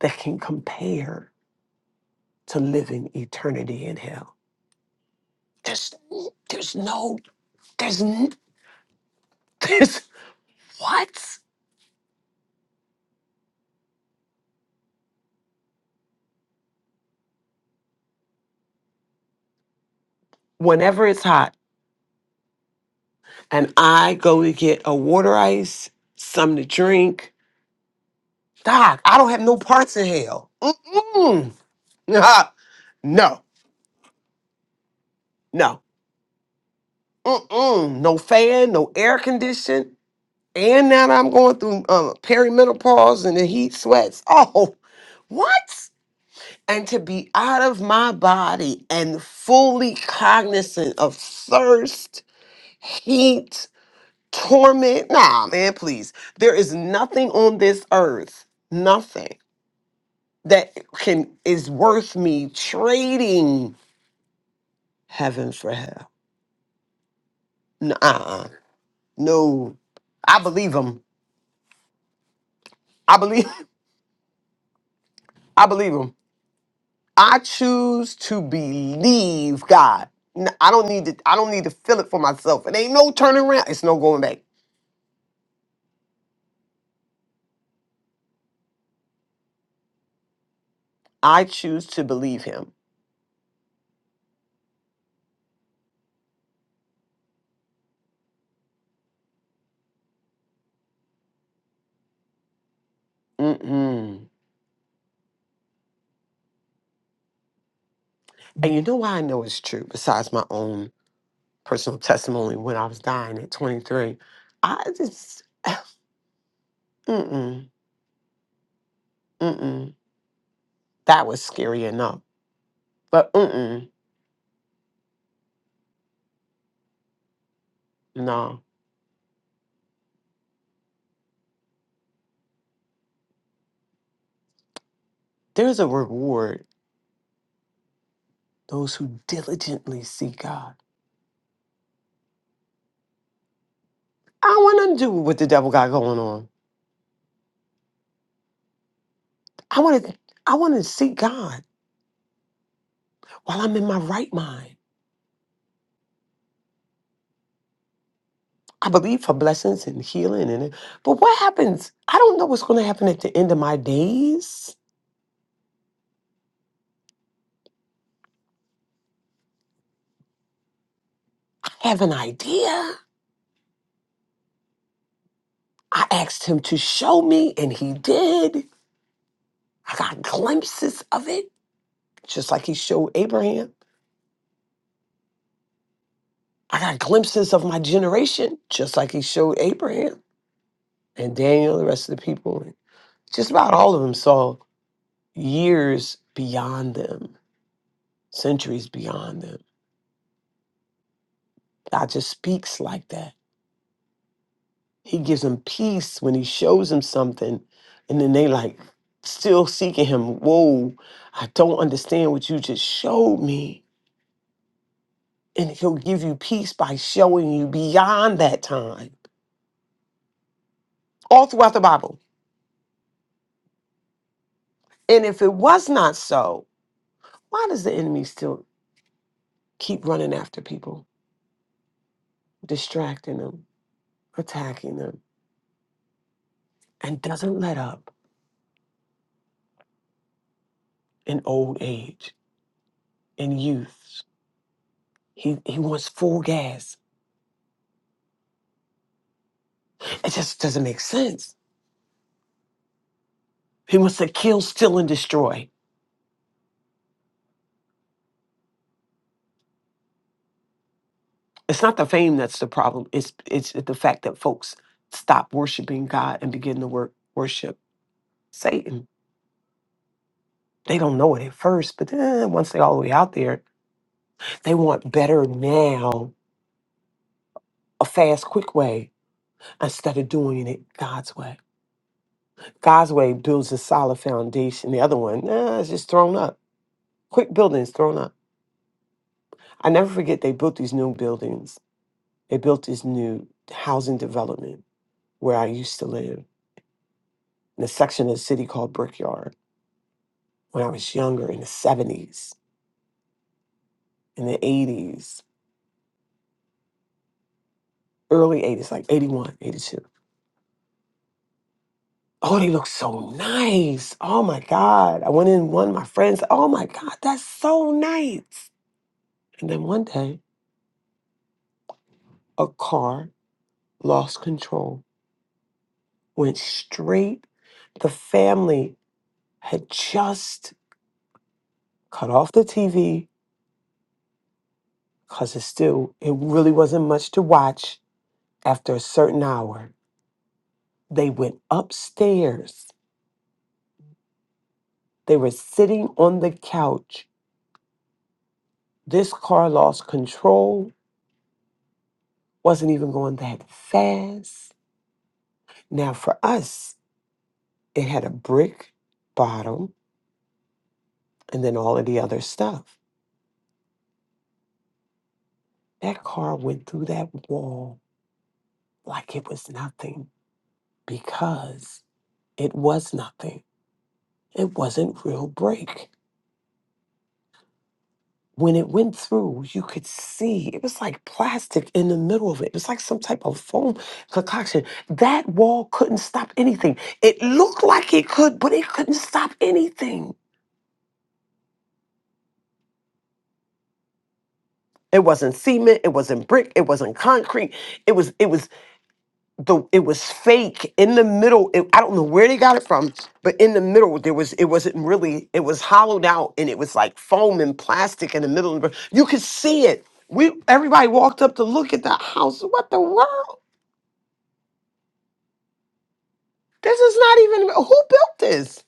that can compare to living eternity in hell. There's, there's no, there's, n- [LAUGHS] there's what? Whenever it's hot and I go to get a water ice, something to drink, Doc, I don't have no parts in hell. Mm-mm. [LAUGHS] no, no, Mm-mm. no fan, no air condition, and now that I'm going through um, perimenopause and the heat sweats. Oh, what? And to be out of my body and fully cognizant of thirst, heat, torment. Nah, man, please. There is nothing on this earth, nothing that can is worth me trading heaven for hell. nuh No, I believe him. I believe. [LAUGHS] I believe him. I choose to believe God. N- I don't need to. I don't need to feel it for myself. It ain't no turning around. It's no going back. I choose to believe Him. Mm-mm. And you know why I know it's true. Besides my own personal testimony, when I was dying at 23, I just mm-mm, mm-mm. That was scary enough. But mm-mm, no, there's a reward. Those who diligently seek God. I don't want nothing to do with what the devil got going on. I want to I want to seek God while I'm in my right mind. I believe for blessings and healing and but what happens? I don't know what's going to happen at the end of my days. I have an idea. I asked him to show me and he did. I got glimpses of it just like he showed Abraham. I got glimpses of my generation just like he showed Abraham and Daniel the rest of the people. Just about all of them saw years beyond them centuries beyond them. God just speaks like that. He gives them peace when he shows them something, and then they like still seeking him. Whoa, I don't understand what you just showed me. And he'll give you peace by showing you beyond that time, all throughout the Bible. And if it was not so, why does the enemy still keep running after people, distracting them, attacking them, and doesn't let up in old age, in youth? He he wants full gas. It just doesn't make sense. He wants to kill, steal, and destroy. It's not the fame that's the problem. It's it's the fact that folks stop worshiping God and begin to wor- worship Satan. They don't know it at first, but then once they're all the way out there, they want better now, a fast, quick way, instead of doing it God's way. God's way builds a solid foundation. The other one, eh, it's just thrown up. Quick buildings thrown up. I never forget they built these new buildings They built this new housing development where I used to live in a section of the city called Brickyard when I was younger in the 70s, in the 80s, early 80s, like 81, 82. Oh, they look so nice. Oh my God. I went in one of my friends. Oh my God, that's so nice. And then one day, a car lost control, went straight. The family had just cut off the TV because it still it really wasn't much to watch after a certain hour they went upstairs they were sitting on the couch this car lost control wasn't even going that fast now for us it had a brick bottom and then all of the other stuff that car went through that wall like it was nothing because it was nothing it wasn't real brake When it went through, you could see it was like plastic in the middle of it. It was like some type of foam concoction. That wall couldn't stop anything. It looked like it could, but it couldn't stop anything. It wasn't cement, it wasn't brick, it wasn't concrete. It was it was the it was fake in the middle. It, I don't know where they got it from, but in the middle there was it wasn't really it was hollowed out and it was like foam and plastic in the middle. You could see it. We everybody walked up to look at that house. What the world? This is not even who built this.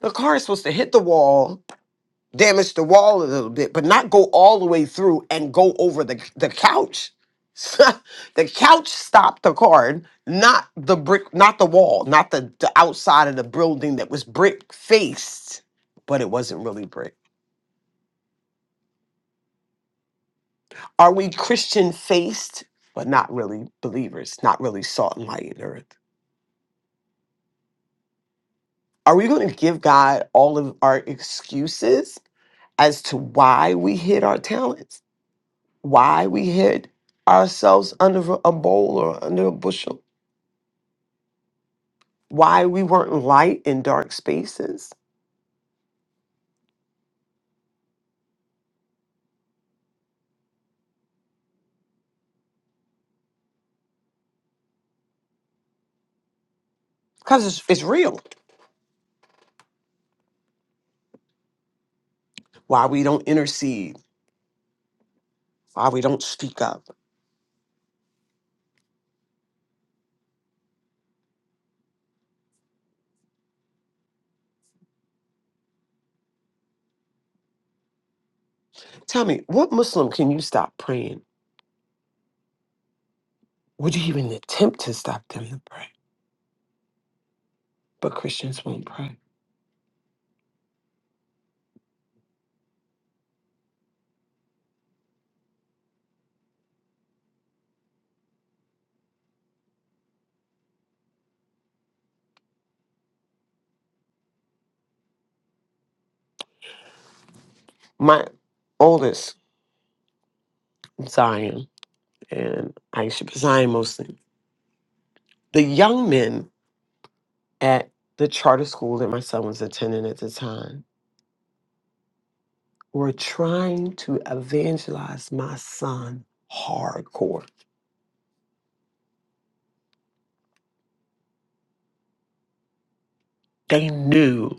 The car is supposed to hit the wall, damage the wall a little bit, but not go all the way through and go over the the couch. [LAUGHS] the couch stopped the car, not the brick, not the wall, not the, the outside of the building that was brick faced, but it wasn't really brick. Are we Christian faced, but not really believers, not really salt and light in earth? Are we going to give God all of our excuses as to why we hid our talents, why we hid ourselves under a bowl or under a bushel, why we weren't light in dark spaces, because it's, it's real, why we don't intercede, why we don't speak up. Tell me, what Muslim can you stop praying? Would you even attempt to stop them to pray? But Christians won't pray. My oldest, Zion, and Aisha, but Zion mostly, the young men at the charter school that my son was attending at the time were trying to evangelize my son hardcore. They knew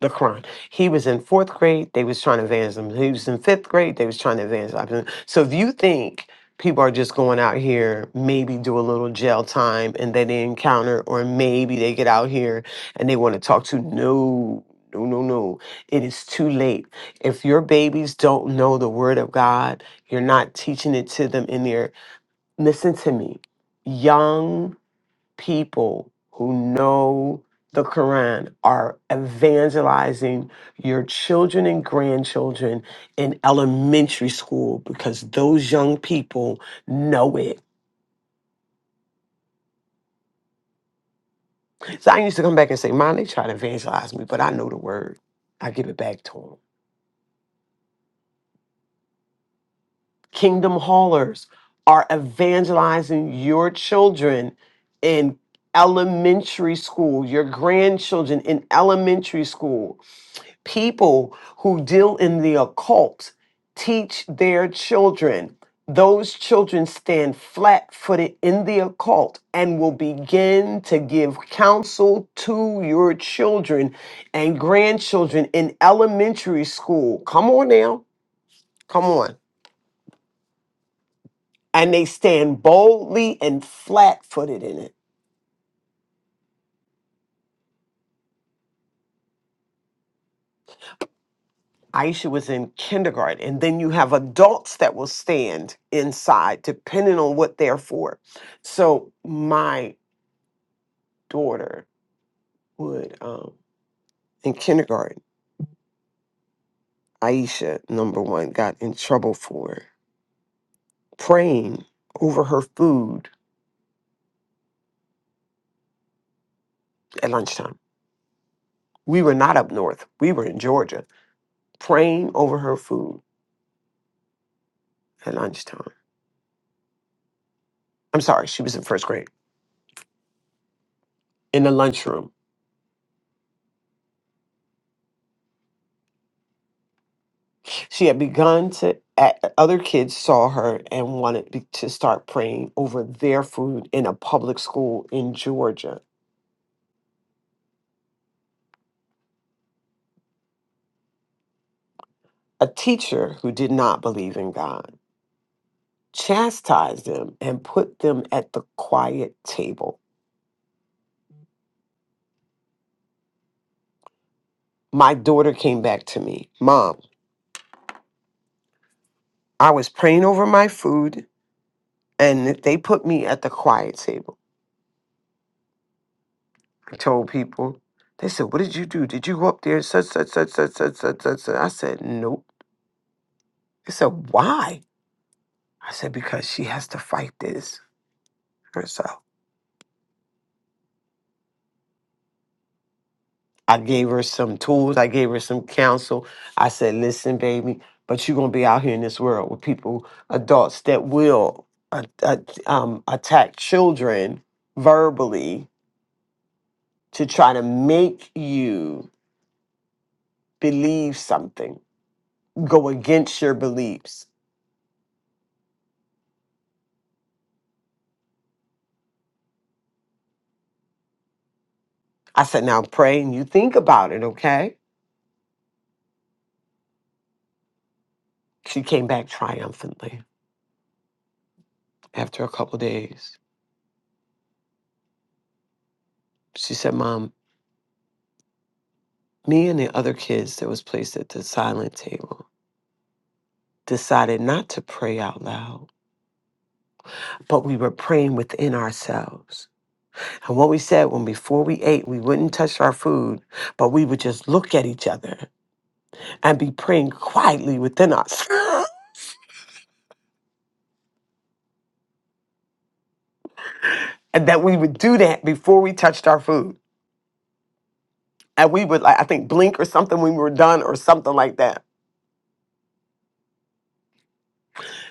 the crime. He was in fourth grade, they was trying to evangelize him. He was in fifth grade, they was trying to evangelize him. So if you think people are just going out here, maybe do a little jail time and then they encounter, or maybe they get out here and they want to talk to no no, no, no. It is too late. If your babies don't know the word of God, you're not teaching it to them in their. listen to me, young people who know the Quran are evangelizing your children and grandchildren in elementary school because those young people know it. So I used to come back and say, Mom, they try to evangelize me, but I know the word. I give it back to them. Kingdom haulers are evangelizing your children in elementary school, your grandchildren in elementary school people who deal in the occult teach their children. Those children stand flat footed in the occult and will begin to give counsel to your children and grandchildren in elementary school. Come on now. Come on. And they stand boldly and flat footed in it. Aisha was in kindergarten. And then you have adults that will stand inside depending on what they're for. So my daughter would, um, in kindergarten, Aisha, number one, got in trouble for praying over her food at lunchtime. We were not up north, we were in Georgia, praying over her food at lunchtime. I'm sorry, she was in first grade in the lunchroom She had begun to, at- other kids saw her and wanted be- to start praying over their food in a public school in Georgia. A teacher who did not believe in God chastised them and put them at the quiet table. My daughter came back to me, Mom, I was praying over my food and they put me at the quiet table. I told people, they said, What did you do? Did you go up there? Such, such, such, such, such, such, such. such?" I said, Nope. They said, Why? I said, because she has to fight this herself. I gave her some tools, I gave her some counsel. I said, listen, baby, but you're going to be out here in this world with people, adults that will uh, uh, um, attack children verbally to try to make you believe something, go against your beliefs. I said, now pray and you think about it, okay? She came back triumphantly after a couple days. She said, Mom, Me and the other kids that was placed at the silent table decided not to pray out loud, but we were praying within ourselves. And what we said when before we ate, we wouldn't touch our food, but we would just look at each other and be praying quietly within us. [LAUGHS] and that we would do that before we touched our food. And we would like I think blink or something when we were done or something like that.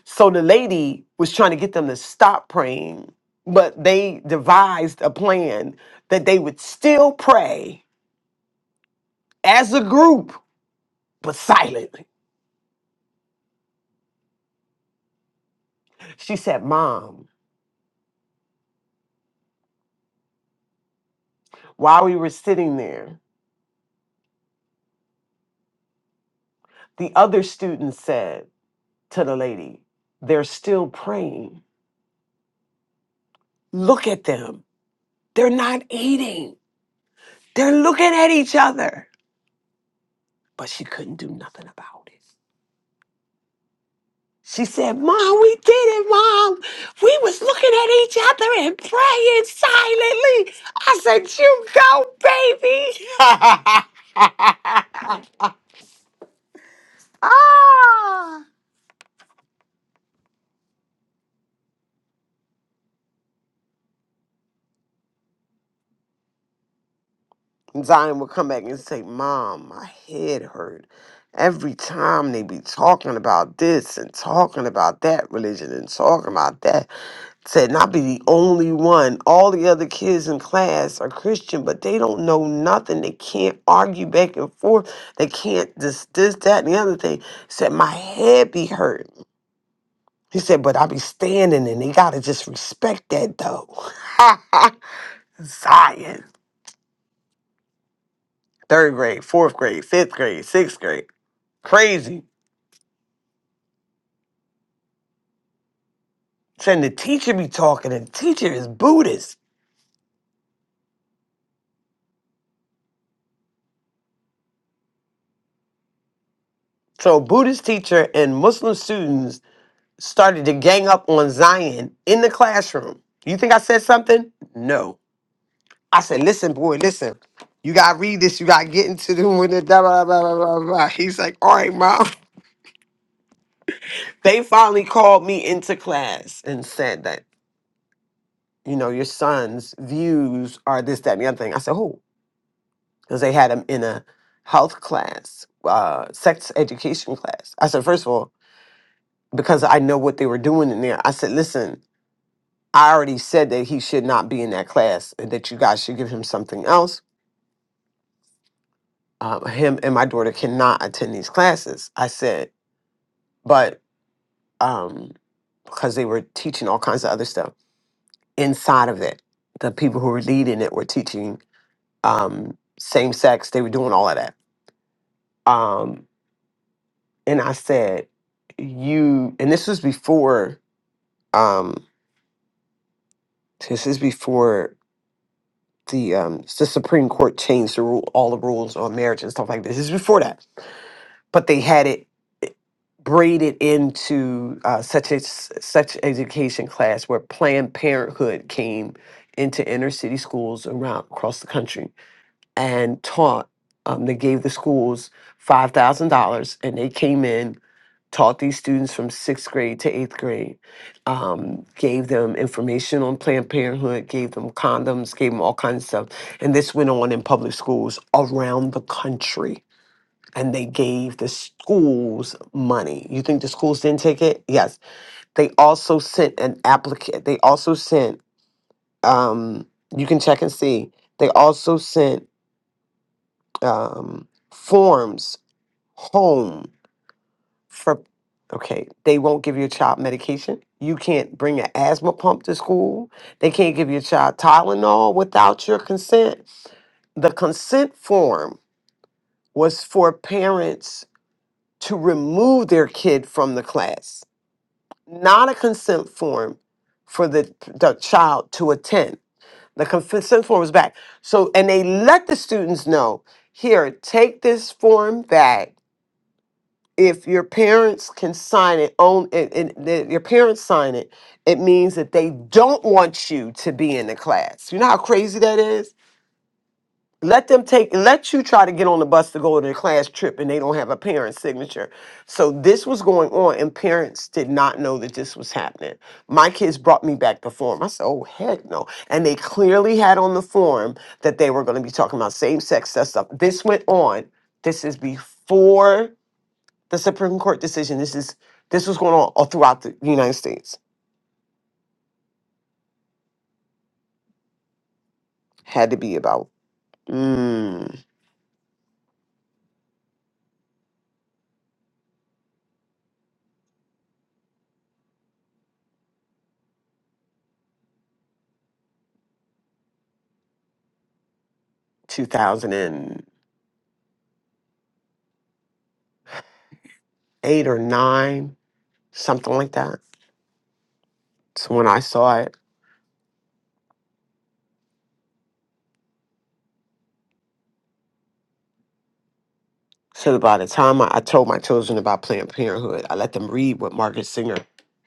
So the lady was trying to get them to stop praying, but they devised a plan that they would still pray as a group, but silently. She said, Mom, while we were sitting there, the other students said to the lady, They're still praying. Look at them. They're not eating. They're looking at each other. But she couldn't do nothing about it. She said, Mom, we did it, Mom. We was looking at each other and praying silently. I said, You go, baby. [LAUGHS] ah. Zion would come back and say, Mom, my head hurt. Every time they be talking about this and talking about that religion and talking about that. Said, and I be the only one. All the other kids in class are Christian, but they don't know nothing. They can't argue back and forth. They can't this, this, that, and the other thing. Said, my head be hurt. He said, but I be standing and they gotta just respect that though. [LAUGHS] Zion. Third grade, fourth grade, fifth grade, sixth grade. Crazy. Saying the teacher be talking, and the teacher is Buddhist. So Buddhist teacher and Muslim students started to gang up on Zion in the classroom. You think I said something? No. I said, listen, boy, listen. You gotta read this. You gotta get into the [LAUGHS] with the blah, blah, blah, blah, blah, blah. He's like, all right, mom. [LAUGHS] They finally called me into class and said that, you know, your son's views are this, that, and the other thing. I said, who? because they had him in a health class, uh, sex education class. I said, first of all, because I know what they were doing in there, I said, listen, I already said that he should not be in that class and that you guys should give him something else. Um, him and my daughter cannot attend these classes. I said, but um, because they were teaching all kinds of other stuff inside of it, the people who were leading it were teaching um, same sex, they were doing all of that. Um, and I said, "You." And this was before. Um, this is before the um the Supreme Court changed the rule, all the rules on marriage and stuff like this. This is before that, but they had it braided into uh, such a s- such education class where Planned Parenthood came into inner city schools around across the country and taught. Um, they gave the schools five thousand dollars, and they came in taught these students from sixth grade to eighth grade, um, gave them information on Planned Parenthood, gave them condoms, gave them all kinds of stuff. And this went on in public schools around the country. And they gave the schools money. You think the schools didn't take it? Yes. They also sent an applicant. They also sent, um, you can check and see, they also sent um, forms home for okay they won't give your child medication you can't bring an asthma pump to school they can't give your child tylenol without your consent the consent form was for parents to remove their kid from the class not a consent form for the, the child to attend the consent form was back so and they let the students know here take this form back if your parents can sign it on and, and the- your parents sign it it means that they don't want you to be in the class you know how crazy that is let them take let you try to get on the bus to go to the class trip and they don't have a parent's signature so this was going on and parents did not know that this was happening my kids brought me back the form i said oh heck no and they clearly had on the form that they were going to be talking about same-sex sex stuff this went on this is before the Supreme Court decision. This is this was going on all throughout the United States. Had to be about mm, 2008 or nine, something like that. So when I saw it, so by the time I, I told my children about Planned Parenthood, I let them read what Margaret Singer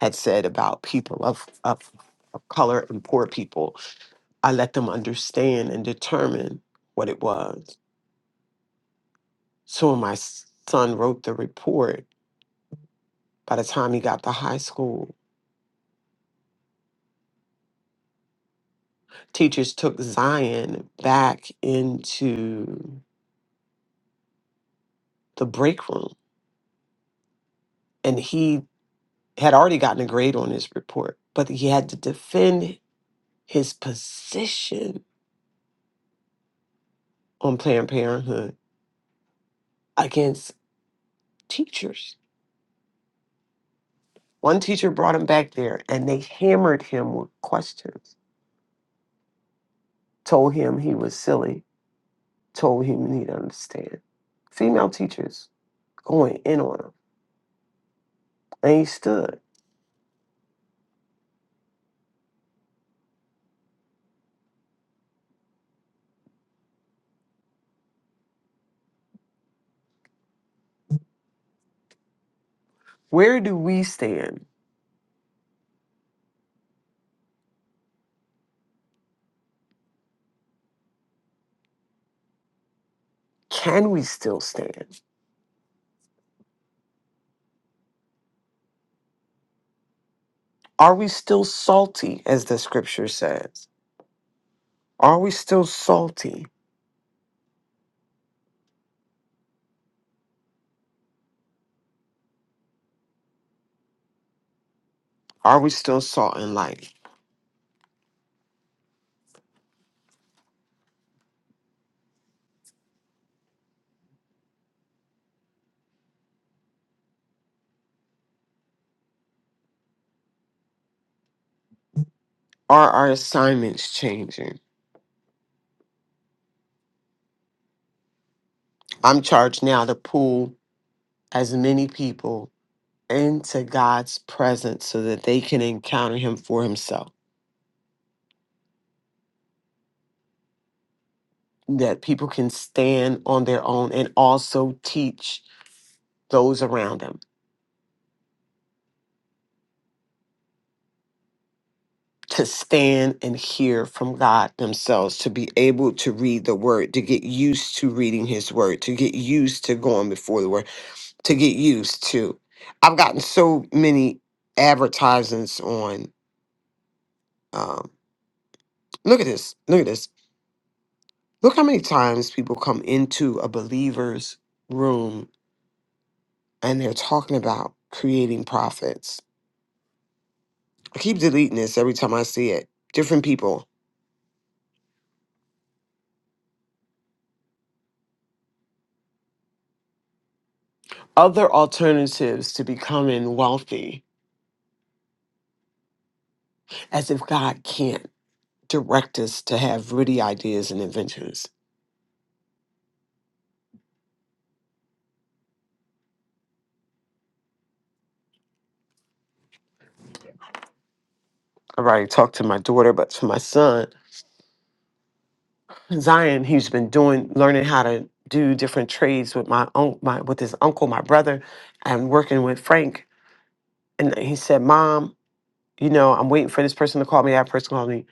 had said about people of of, of color and poor people. I let them understand and determine what it was. So when my s- son wrote the report, by the time he got to high school, teachers took Zion back into the break room. And he had already gotten a grade on his report, but he had to defend his position on Planned Parenthood against teachers. One teacher brought him back there and they hammered him with questions, told him he was silly, told him he didn't understand. Female teachers going in on him. And he stood. Where do we stand? Can we still stand? Are we still salty, as the scripture says? Are we still salty? Are we still salt and light? Are our assignments changing? I'm charged now to pull as many people into God's presence so that they can encounter Him for Himself, that people can stand on their own and also teach those around them. to stand and hear from God themselves, to be able to read the word, to get used to reading his word, to get used to going before the word, to get used to. I've gotten so many advertisements on um look at this, look at this. Look how many times people come into a believer's room and they're talking about creating profits. I keep deleting this every time I see it. Different people. Other alternatives to becoming wealthy as if God can't direct us to have witty ideas and inventions. I've already talked to my daughter, but to my son, Zion, he's been doing learning how to do different trades with my uncle, my with his uncle, my brother, and working with Frank. And he said, "Mom, you know, I'm waiting for this person to call me. That person called me."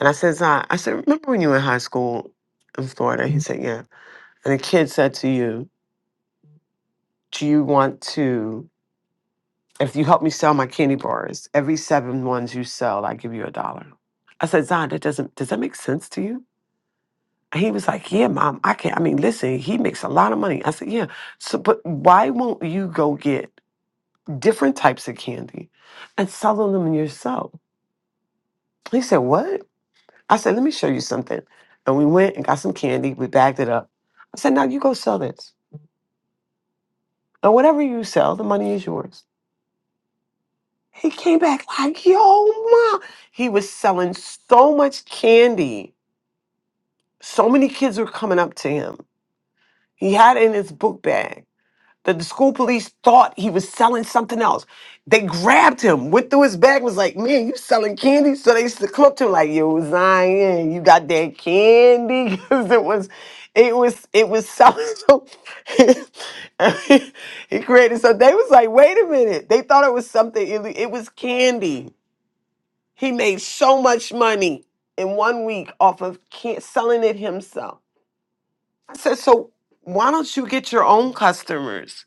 And I said, "Zion, I said, remember when you were in high school in Florida?" He said, "Yeah." And the kid said to you, "Do you want to?" If you help me sell my candy bars, every seven ones you sell, I give you a dollar. I said, Zion, that doesn't does that make sense to you? And he was like, Yeah, mom, I can't. I mean, listen, he makes a lot of money. I said, Yeah. So but why won't you go get different types of candy and sell them yourself? He said, What? I said, Let me show you something. And we went and got some candy. We bagged it up. I said, Now you go sell this. And whatever you sell, the money is yours. He came back like, yo, mom. He was selling so much candy. So many kids were coming up to him. He had it in his book bag that the school police thought he was selling something else. They grabbed him, went through his bag, was like, man, you selling candy? So they used to come up to him like, yo, Zion, you got that candy? [LAUGHS] Because it was, it was, it was selling. [LAUGHS] So [LAUGHS] he created, so they was like, wait a minute. They thought it was something, ille- it was candy he made so much money in one week off of can- selling it himself. I said, so why don't you get your own customers?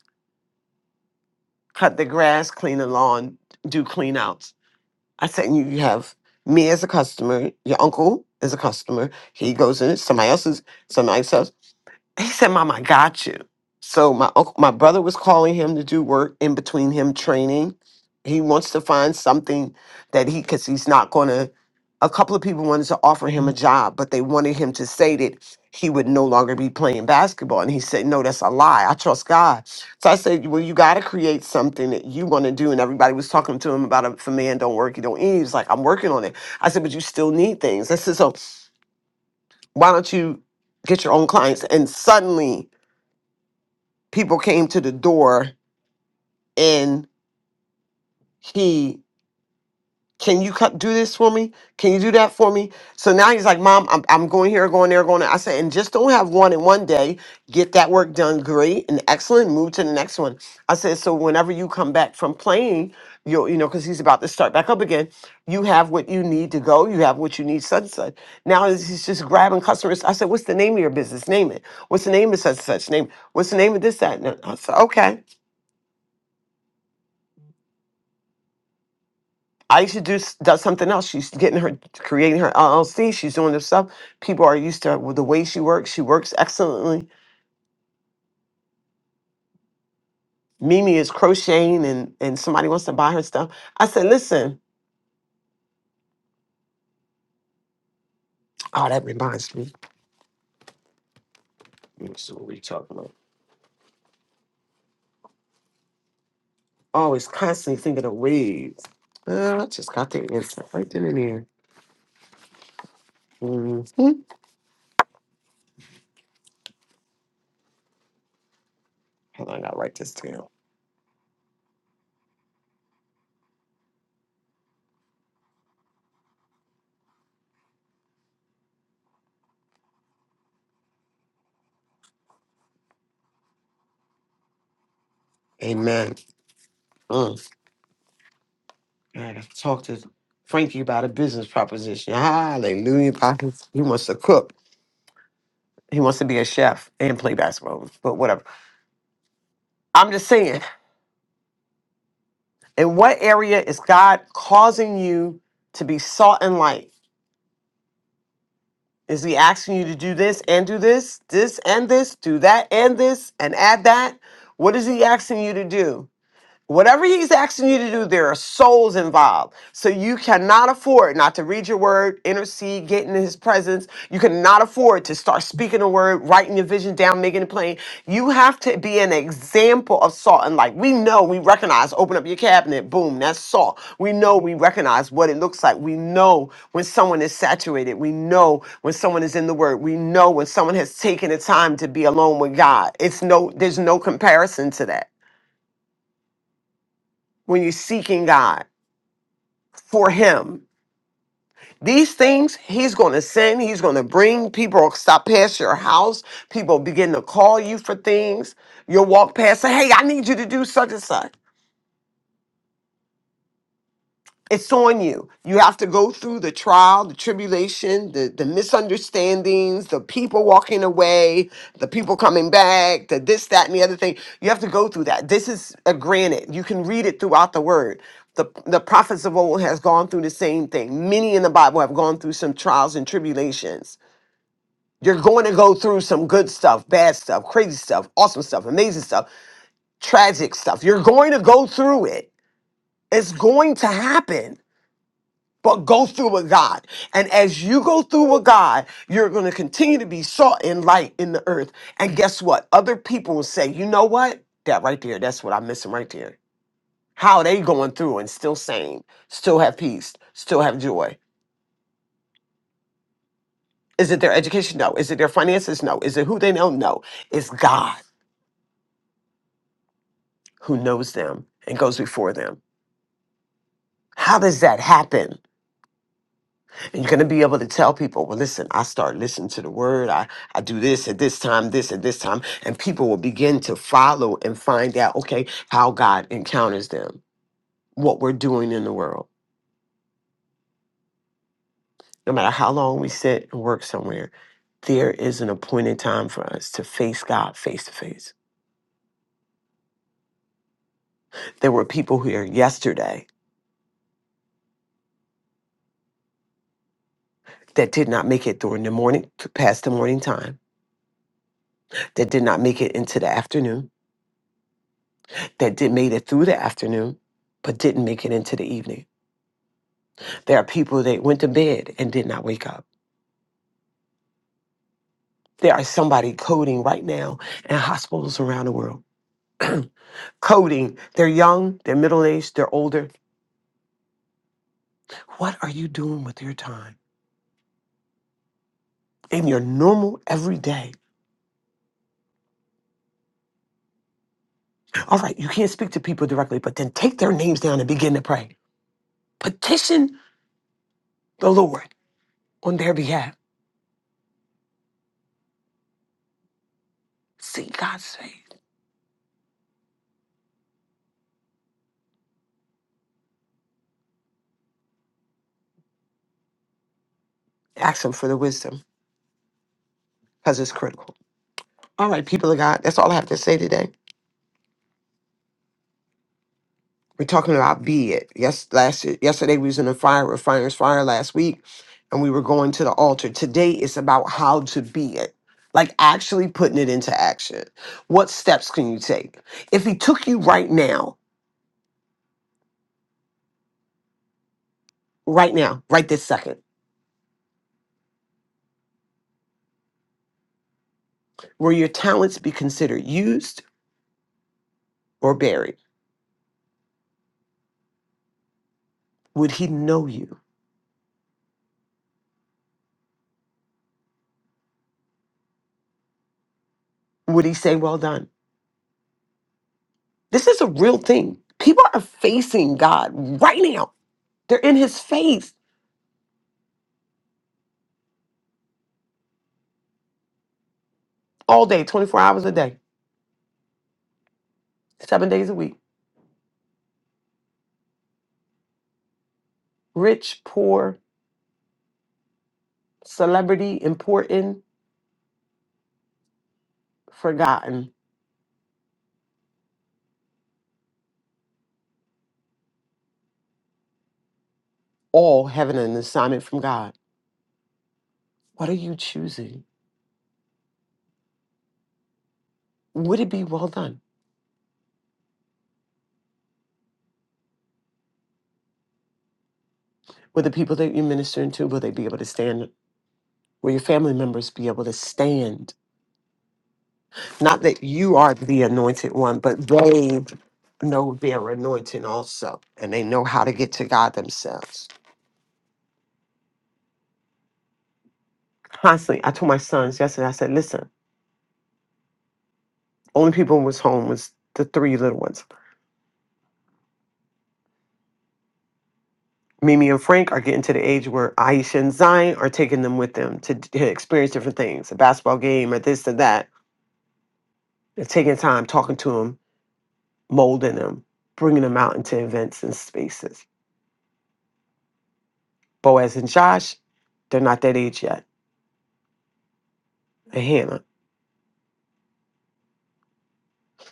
Cut the grass, clean the lawn, do clean outs. I said, you you have me as a customer, your uncle is a customer. He goes in, somebody else's, somebody else. He said, Mom, I got you. So my uncle, my brother was calling him to do work in between him training. He wants to find something that he, because he's not going to, a couple of people wanted to offer him a job, but they wanted him to say that he would no longer be playing basketball. And he said, No, that's a lie. I trust God. So I said, Well, you got to create something that you want to do. And everybody was talking to him about it. if a man don't work, he don't eat. He was like, I'm working on it. I said, But you still need things. I said, So why don't you get your own clients? And suddenly, people came to the door and he can you cut, do this for me can you do that for me so now he's like mom I'm, I'm going here going there going there. i said and just don't have one in one day get that work done great and excellent move to the next one i said so whenever you come back from playing you'll you know because he's about to start back up again you have what you need to go you have what you need such and such now he's he's just grabbing customers i said what's the name of your business name it what's the name of such and such name it. what's the name of this that and that?" i said okay Aisha do, s- does something else. She's getting her, creating her LLC. She's doing this stuff. People are used to with the way she works. She works excellently. Mimi is crocheting and, and somebody wants to buy her stuff. I said, listen, oh, that reminds me. Let me see what we talking about. Always constantly thinking of ways. Uh, I just got the answer right then and there. hmm Hold on, I gotta write this down. Amen. Mm. I gotta talk to Frankie about a business proposition. Hallelujah. Pockets. He wants to cook. He wants to be a chef and play basketball, but whatever. I'm just saying, in what area is God causing you to be salt and light? Is he asking you to do this and do this, this and this, do that and this, and add that? What is he asking you to do? Whatever he's asking you to do, there are souls involved. So you cannot afford not to read your word, intercede, get into his presence. You cannot afford to start speaking the word, writing your vision down, making it plain. You have to be an example of salt and light. We know, we recognize, open up your cabinet, boom, that's salt. We know, we recognize what it looks like. We know when someone is saturated. We know when someone is in the word. We know when someone has taken the time to be alone with God. It's no, there's no comparison to that when you're seeking God. for him. These things he's going to send, he's going to bring. People will stop past your house. People begin to call you for things. You'll walk past, say, Hey, I need you to do such and such. it's on you. You have to go through the trial, the tribulation, the, the misunderstandings, the people walking away, the people coming back, the this, that, and the other thing. You have to go through that. This is a granted. You can read it throughout the word. The, the prophets of old has gone through the same thing. Many in the Bible have gone through some trials and tribulations. You're going to go through some good stuff, bad stuff, crazy stuff, awesome stuff, amazing stuff, tragic stuff. You're going to go through it. It's going to happen but go through with God. And as you go through with God, you're going to continue to be salt and light in the earth. And guess what? Other people will say, you know what? That right there, that's what I'm missing right there. How are they going through and still sane, still have peace, still have joy. Is it their education? No. Is it their finances? No. Is it who they know? No. It's God who knows them and goes before them. How does that happen? And you're going to be able to tell people, well, listen, I start listening to the word. I, I do this at this time, this at this time. And people will begin to follow and find out, okay, how God encounters them, what we're doing in the world. No matter how long we sit and work somewhere, there is an appointed time for us to face God face to face. There were people here yesterday that did not make it during the morning, past the morning time, that did not make it into the afternoon, that did made it through the afternoon, but didn't make it into the evening There are people that went to bed and did not wake up. There are somebody coding right now in hospitals around the world. Coding. They're young, they're middle aged, they're older. What are you doing with your time? In your normal everyday. All right, you can't speak to people directly, but then take their names down and begin to pray. Petition the Lord on their behalf. Seek God's face. Ask Him for the wisdom because it's critical. All right, people of God, that's all I have to say today. We're talking about be it. Yes, last yesterday we was in a fire with fire's fire last week, and we were going to the altar. Today it's about how to be it. Like actually putting it into action. What steps can you take? If he took you right now, right now, right this second, will your talents be considered used or buried? Would he know you? Would he say, Well done? This is a real thing. People are facing God right now. They're in his face all day, 24 hours a day, seven days a week. rich, poor, celebrity, important, forgotten, all having an assignment from God. What are you choosing? Would it be well done? Will the people that you're ministering to, will they be able to stand? Will your family members be able to stand? Not that you are the anointed one, but they know their anointing also, and they know how to get to God themselves. Constantly, I told my sons yesterday, I said, listen, only people who was home was the three little ones. Mimi and Frank are getting to the age where Aisha and Zion are taking them with them to d- experience different things, a basketball game or this or that. They're taking time, talking to them, molding them, bringing them out into events and spaces. Boaz and Josh, they're not that age yet. And Hannah.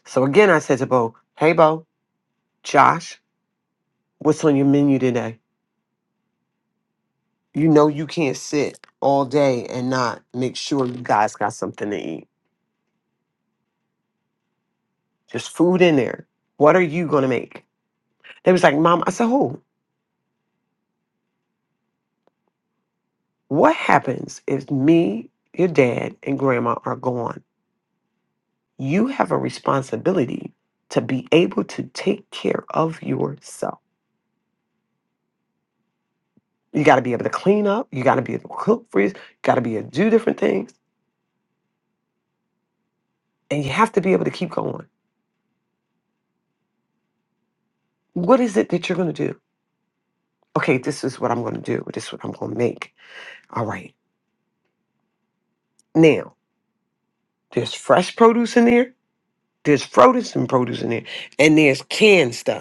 So again, I said to Bo, hey, Bo, Josh, what's on your menu today? You know you can't sit all day and not make sure you guys got something to eat. There's food in there. What are you going to make? They was like, Mom, I said, who? What happens if me, your dad, and grandma are gone? You have a responsibility to be able to take care of yourself. You got to be able to clean up. You got to be able to cook for you. You got to be able to do different things. And you have to be able to keep going. What is it that you're going to do? Okay, this is what I'm going to do. This is what I'm going to make. All right. Now, there's fresh produce in there. There's frozen produce in there. And there's canned stuff.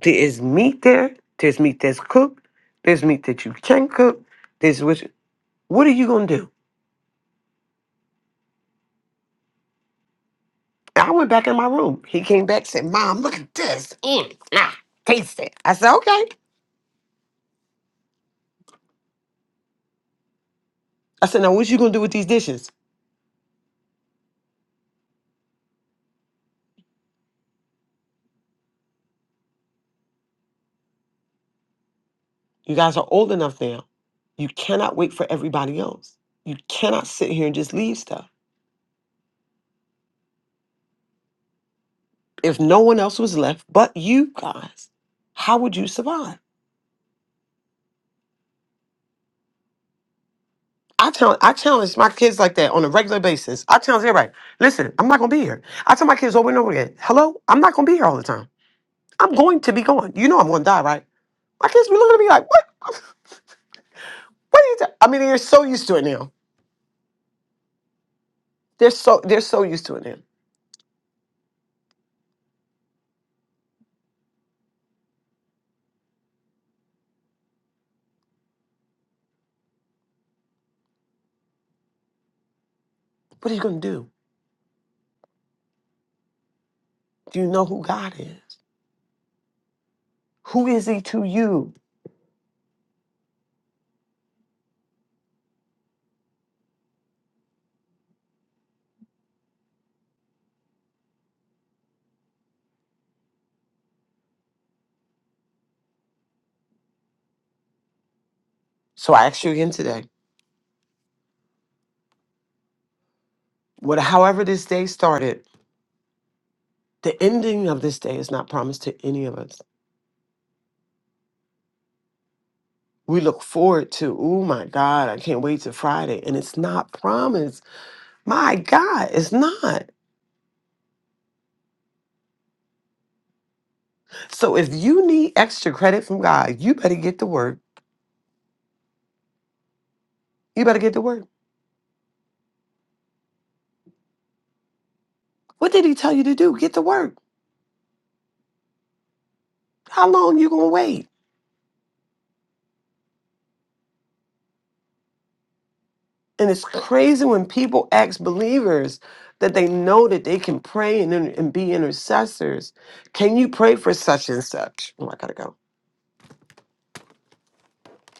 There is meat there. There's meat that's cooked. There's meat that you can cook. There's which. What are you gonna do? I went back in my room. He came back said, "Mom, look at this. Mm, nah, taste it." I said, "Okay." I said, "Now what you gonna do with these dishes? You guys are old enough now. You cannot wait for everybody else. You cannot sit here and just leave stuff. If no one else was left but you guys, how would you survive?" I challenge, I challenge my kids like that on a regular basis. I challenge everybody. Listen, I'm not gonna be here. I tell my kids over and over again, hello, I'm not gonna be here all the time. I'm going to be gone. You know I'm gonna die, right? My kids be looking at me like, what? What are you? Ta-? I mean, they're so used to it now. They're so they're so used to it now. What are you gonna do? Do you know who God is? Who is He to you? So I ask you again today. What, however this day started, The ending of this day is not promised to any of us. We look forward to, oh my God, I can't wait to Friday. And it's not promised. My God, it's not. So if you need extra credit from God, you better get to work. You better get to work. What did he tell you to do? Get to work. How long you gonna wait? And it's crazy when people ask believers that they know that they can pray and, inter- and be intercessors. Can you pray for such and such? Oh, I gotta go.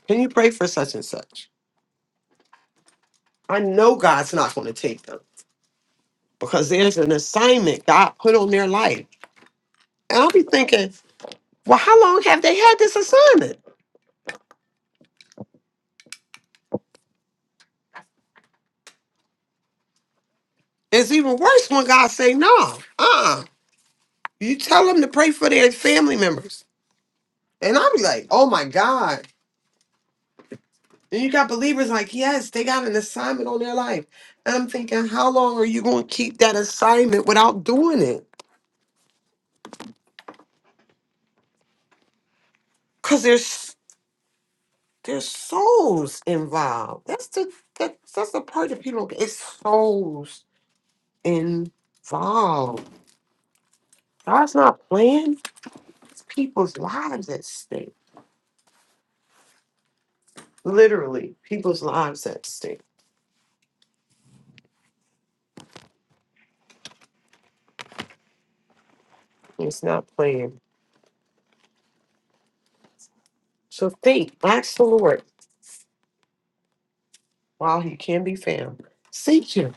Can you pray for such and such? I know God's not going to take them because there's an assignment God put on their life. And I'll be thinking, well, how long have they had this assignment? It's even worse when God say, no, uh-uh. You tell them to pray for their family members. And I'll be like, oh my God. And you got believers like, yes, they got an assignment on their life. And I'm thinking, how long are you going to keep that assignment without doing it? Because there's there's souls involved. That's the that, that's the part that people don't get. It's souls involved. God's not playing. It's people's lives at stake. Literally, people's lives at stake. He's not playing. So think, ask the Lord while he can be found. Seek him.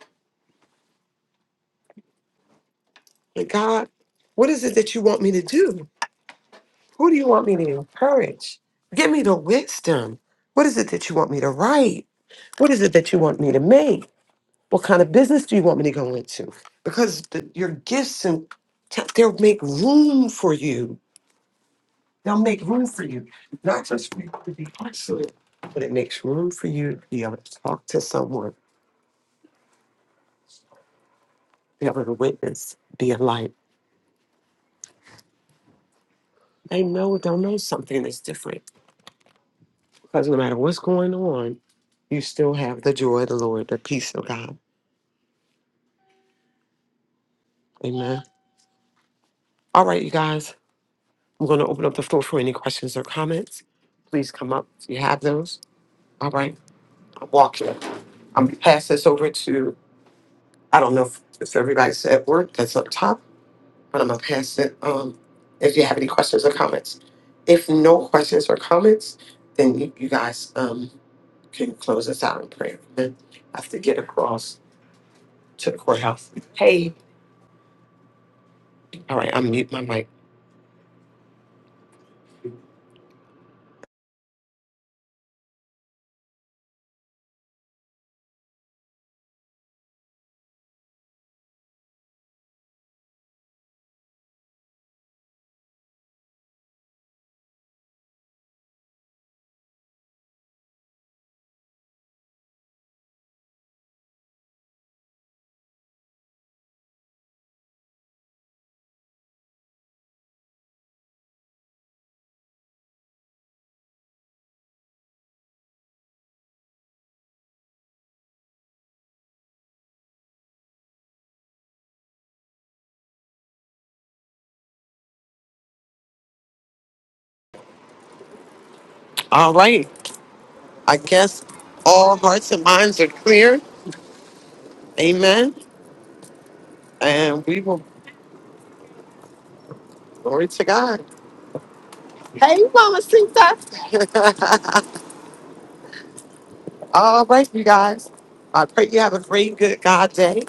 Hey, God, what is it that you want me to do? Who do you want me to encourage? Give me the wisdom. What is it that you want me to write? What is it that you want me to make? What kind of business do you want me to go into? Because the, your gifts and t- they'll make room for you They'll make room for you, not just for you to be isolated, but it makes room for you to be able to talk to someone, be able to witness, be a light. They know they'll know something that's different because no matter what's going on, you still have the joy of the Lord, the peace of God. Amen. All right, you guys, I'm going to open up the floor for any questions or comments. Please come up if you have those. All right, I'm walking. I'm gonna pass this over to I don't know if, if everybody's at work that's up top I'm gonna pass it. Um, if you have any questions or comments, if no questions or comments, then you, you guys um can close us out in prayer. Then I have to get across to the courthouse. Hey, all right, I'm mute my mic. All right, I guess all hearts and minds are clear. Amen. And we will glory to God. Hey, Mama Sita. [LAUGHS] all right, you guys. I pray you have a great, good God day.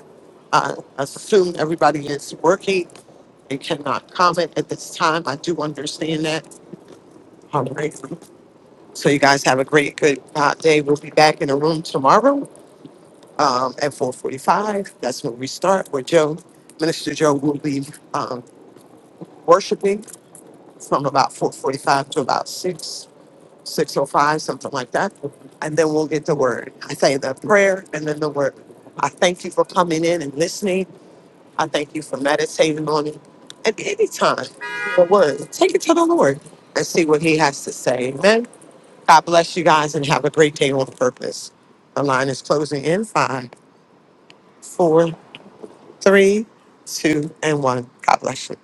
I assume everybody is working I cannot comment at this time. I do understand that. I'm grateful. So you guys have a great, good uh, day. We'll be back in the room tomorrow um, at 4:45. That's when we start. Where Joe, Minister Joe, will be um, worshiping from about 4:45 to about six six oh five, something like that. And then we'll get the word. I say the prayer and then the word. I thank you for coming in and listening. I thank you for meditating on it. And anytime the word, take it to the Lord and see what he has to say. Amen. God bless you guys and have a great day on purpose. The line is closing in five, four, three, two, and one. God bless you.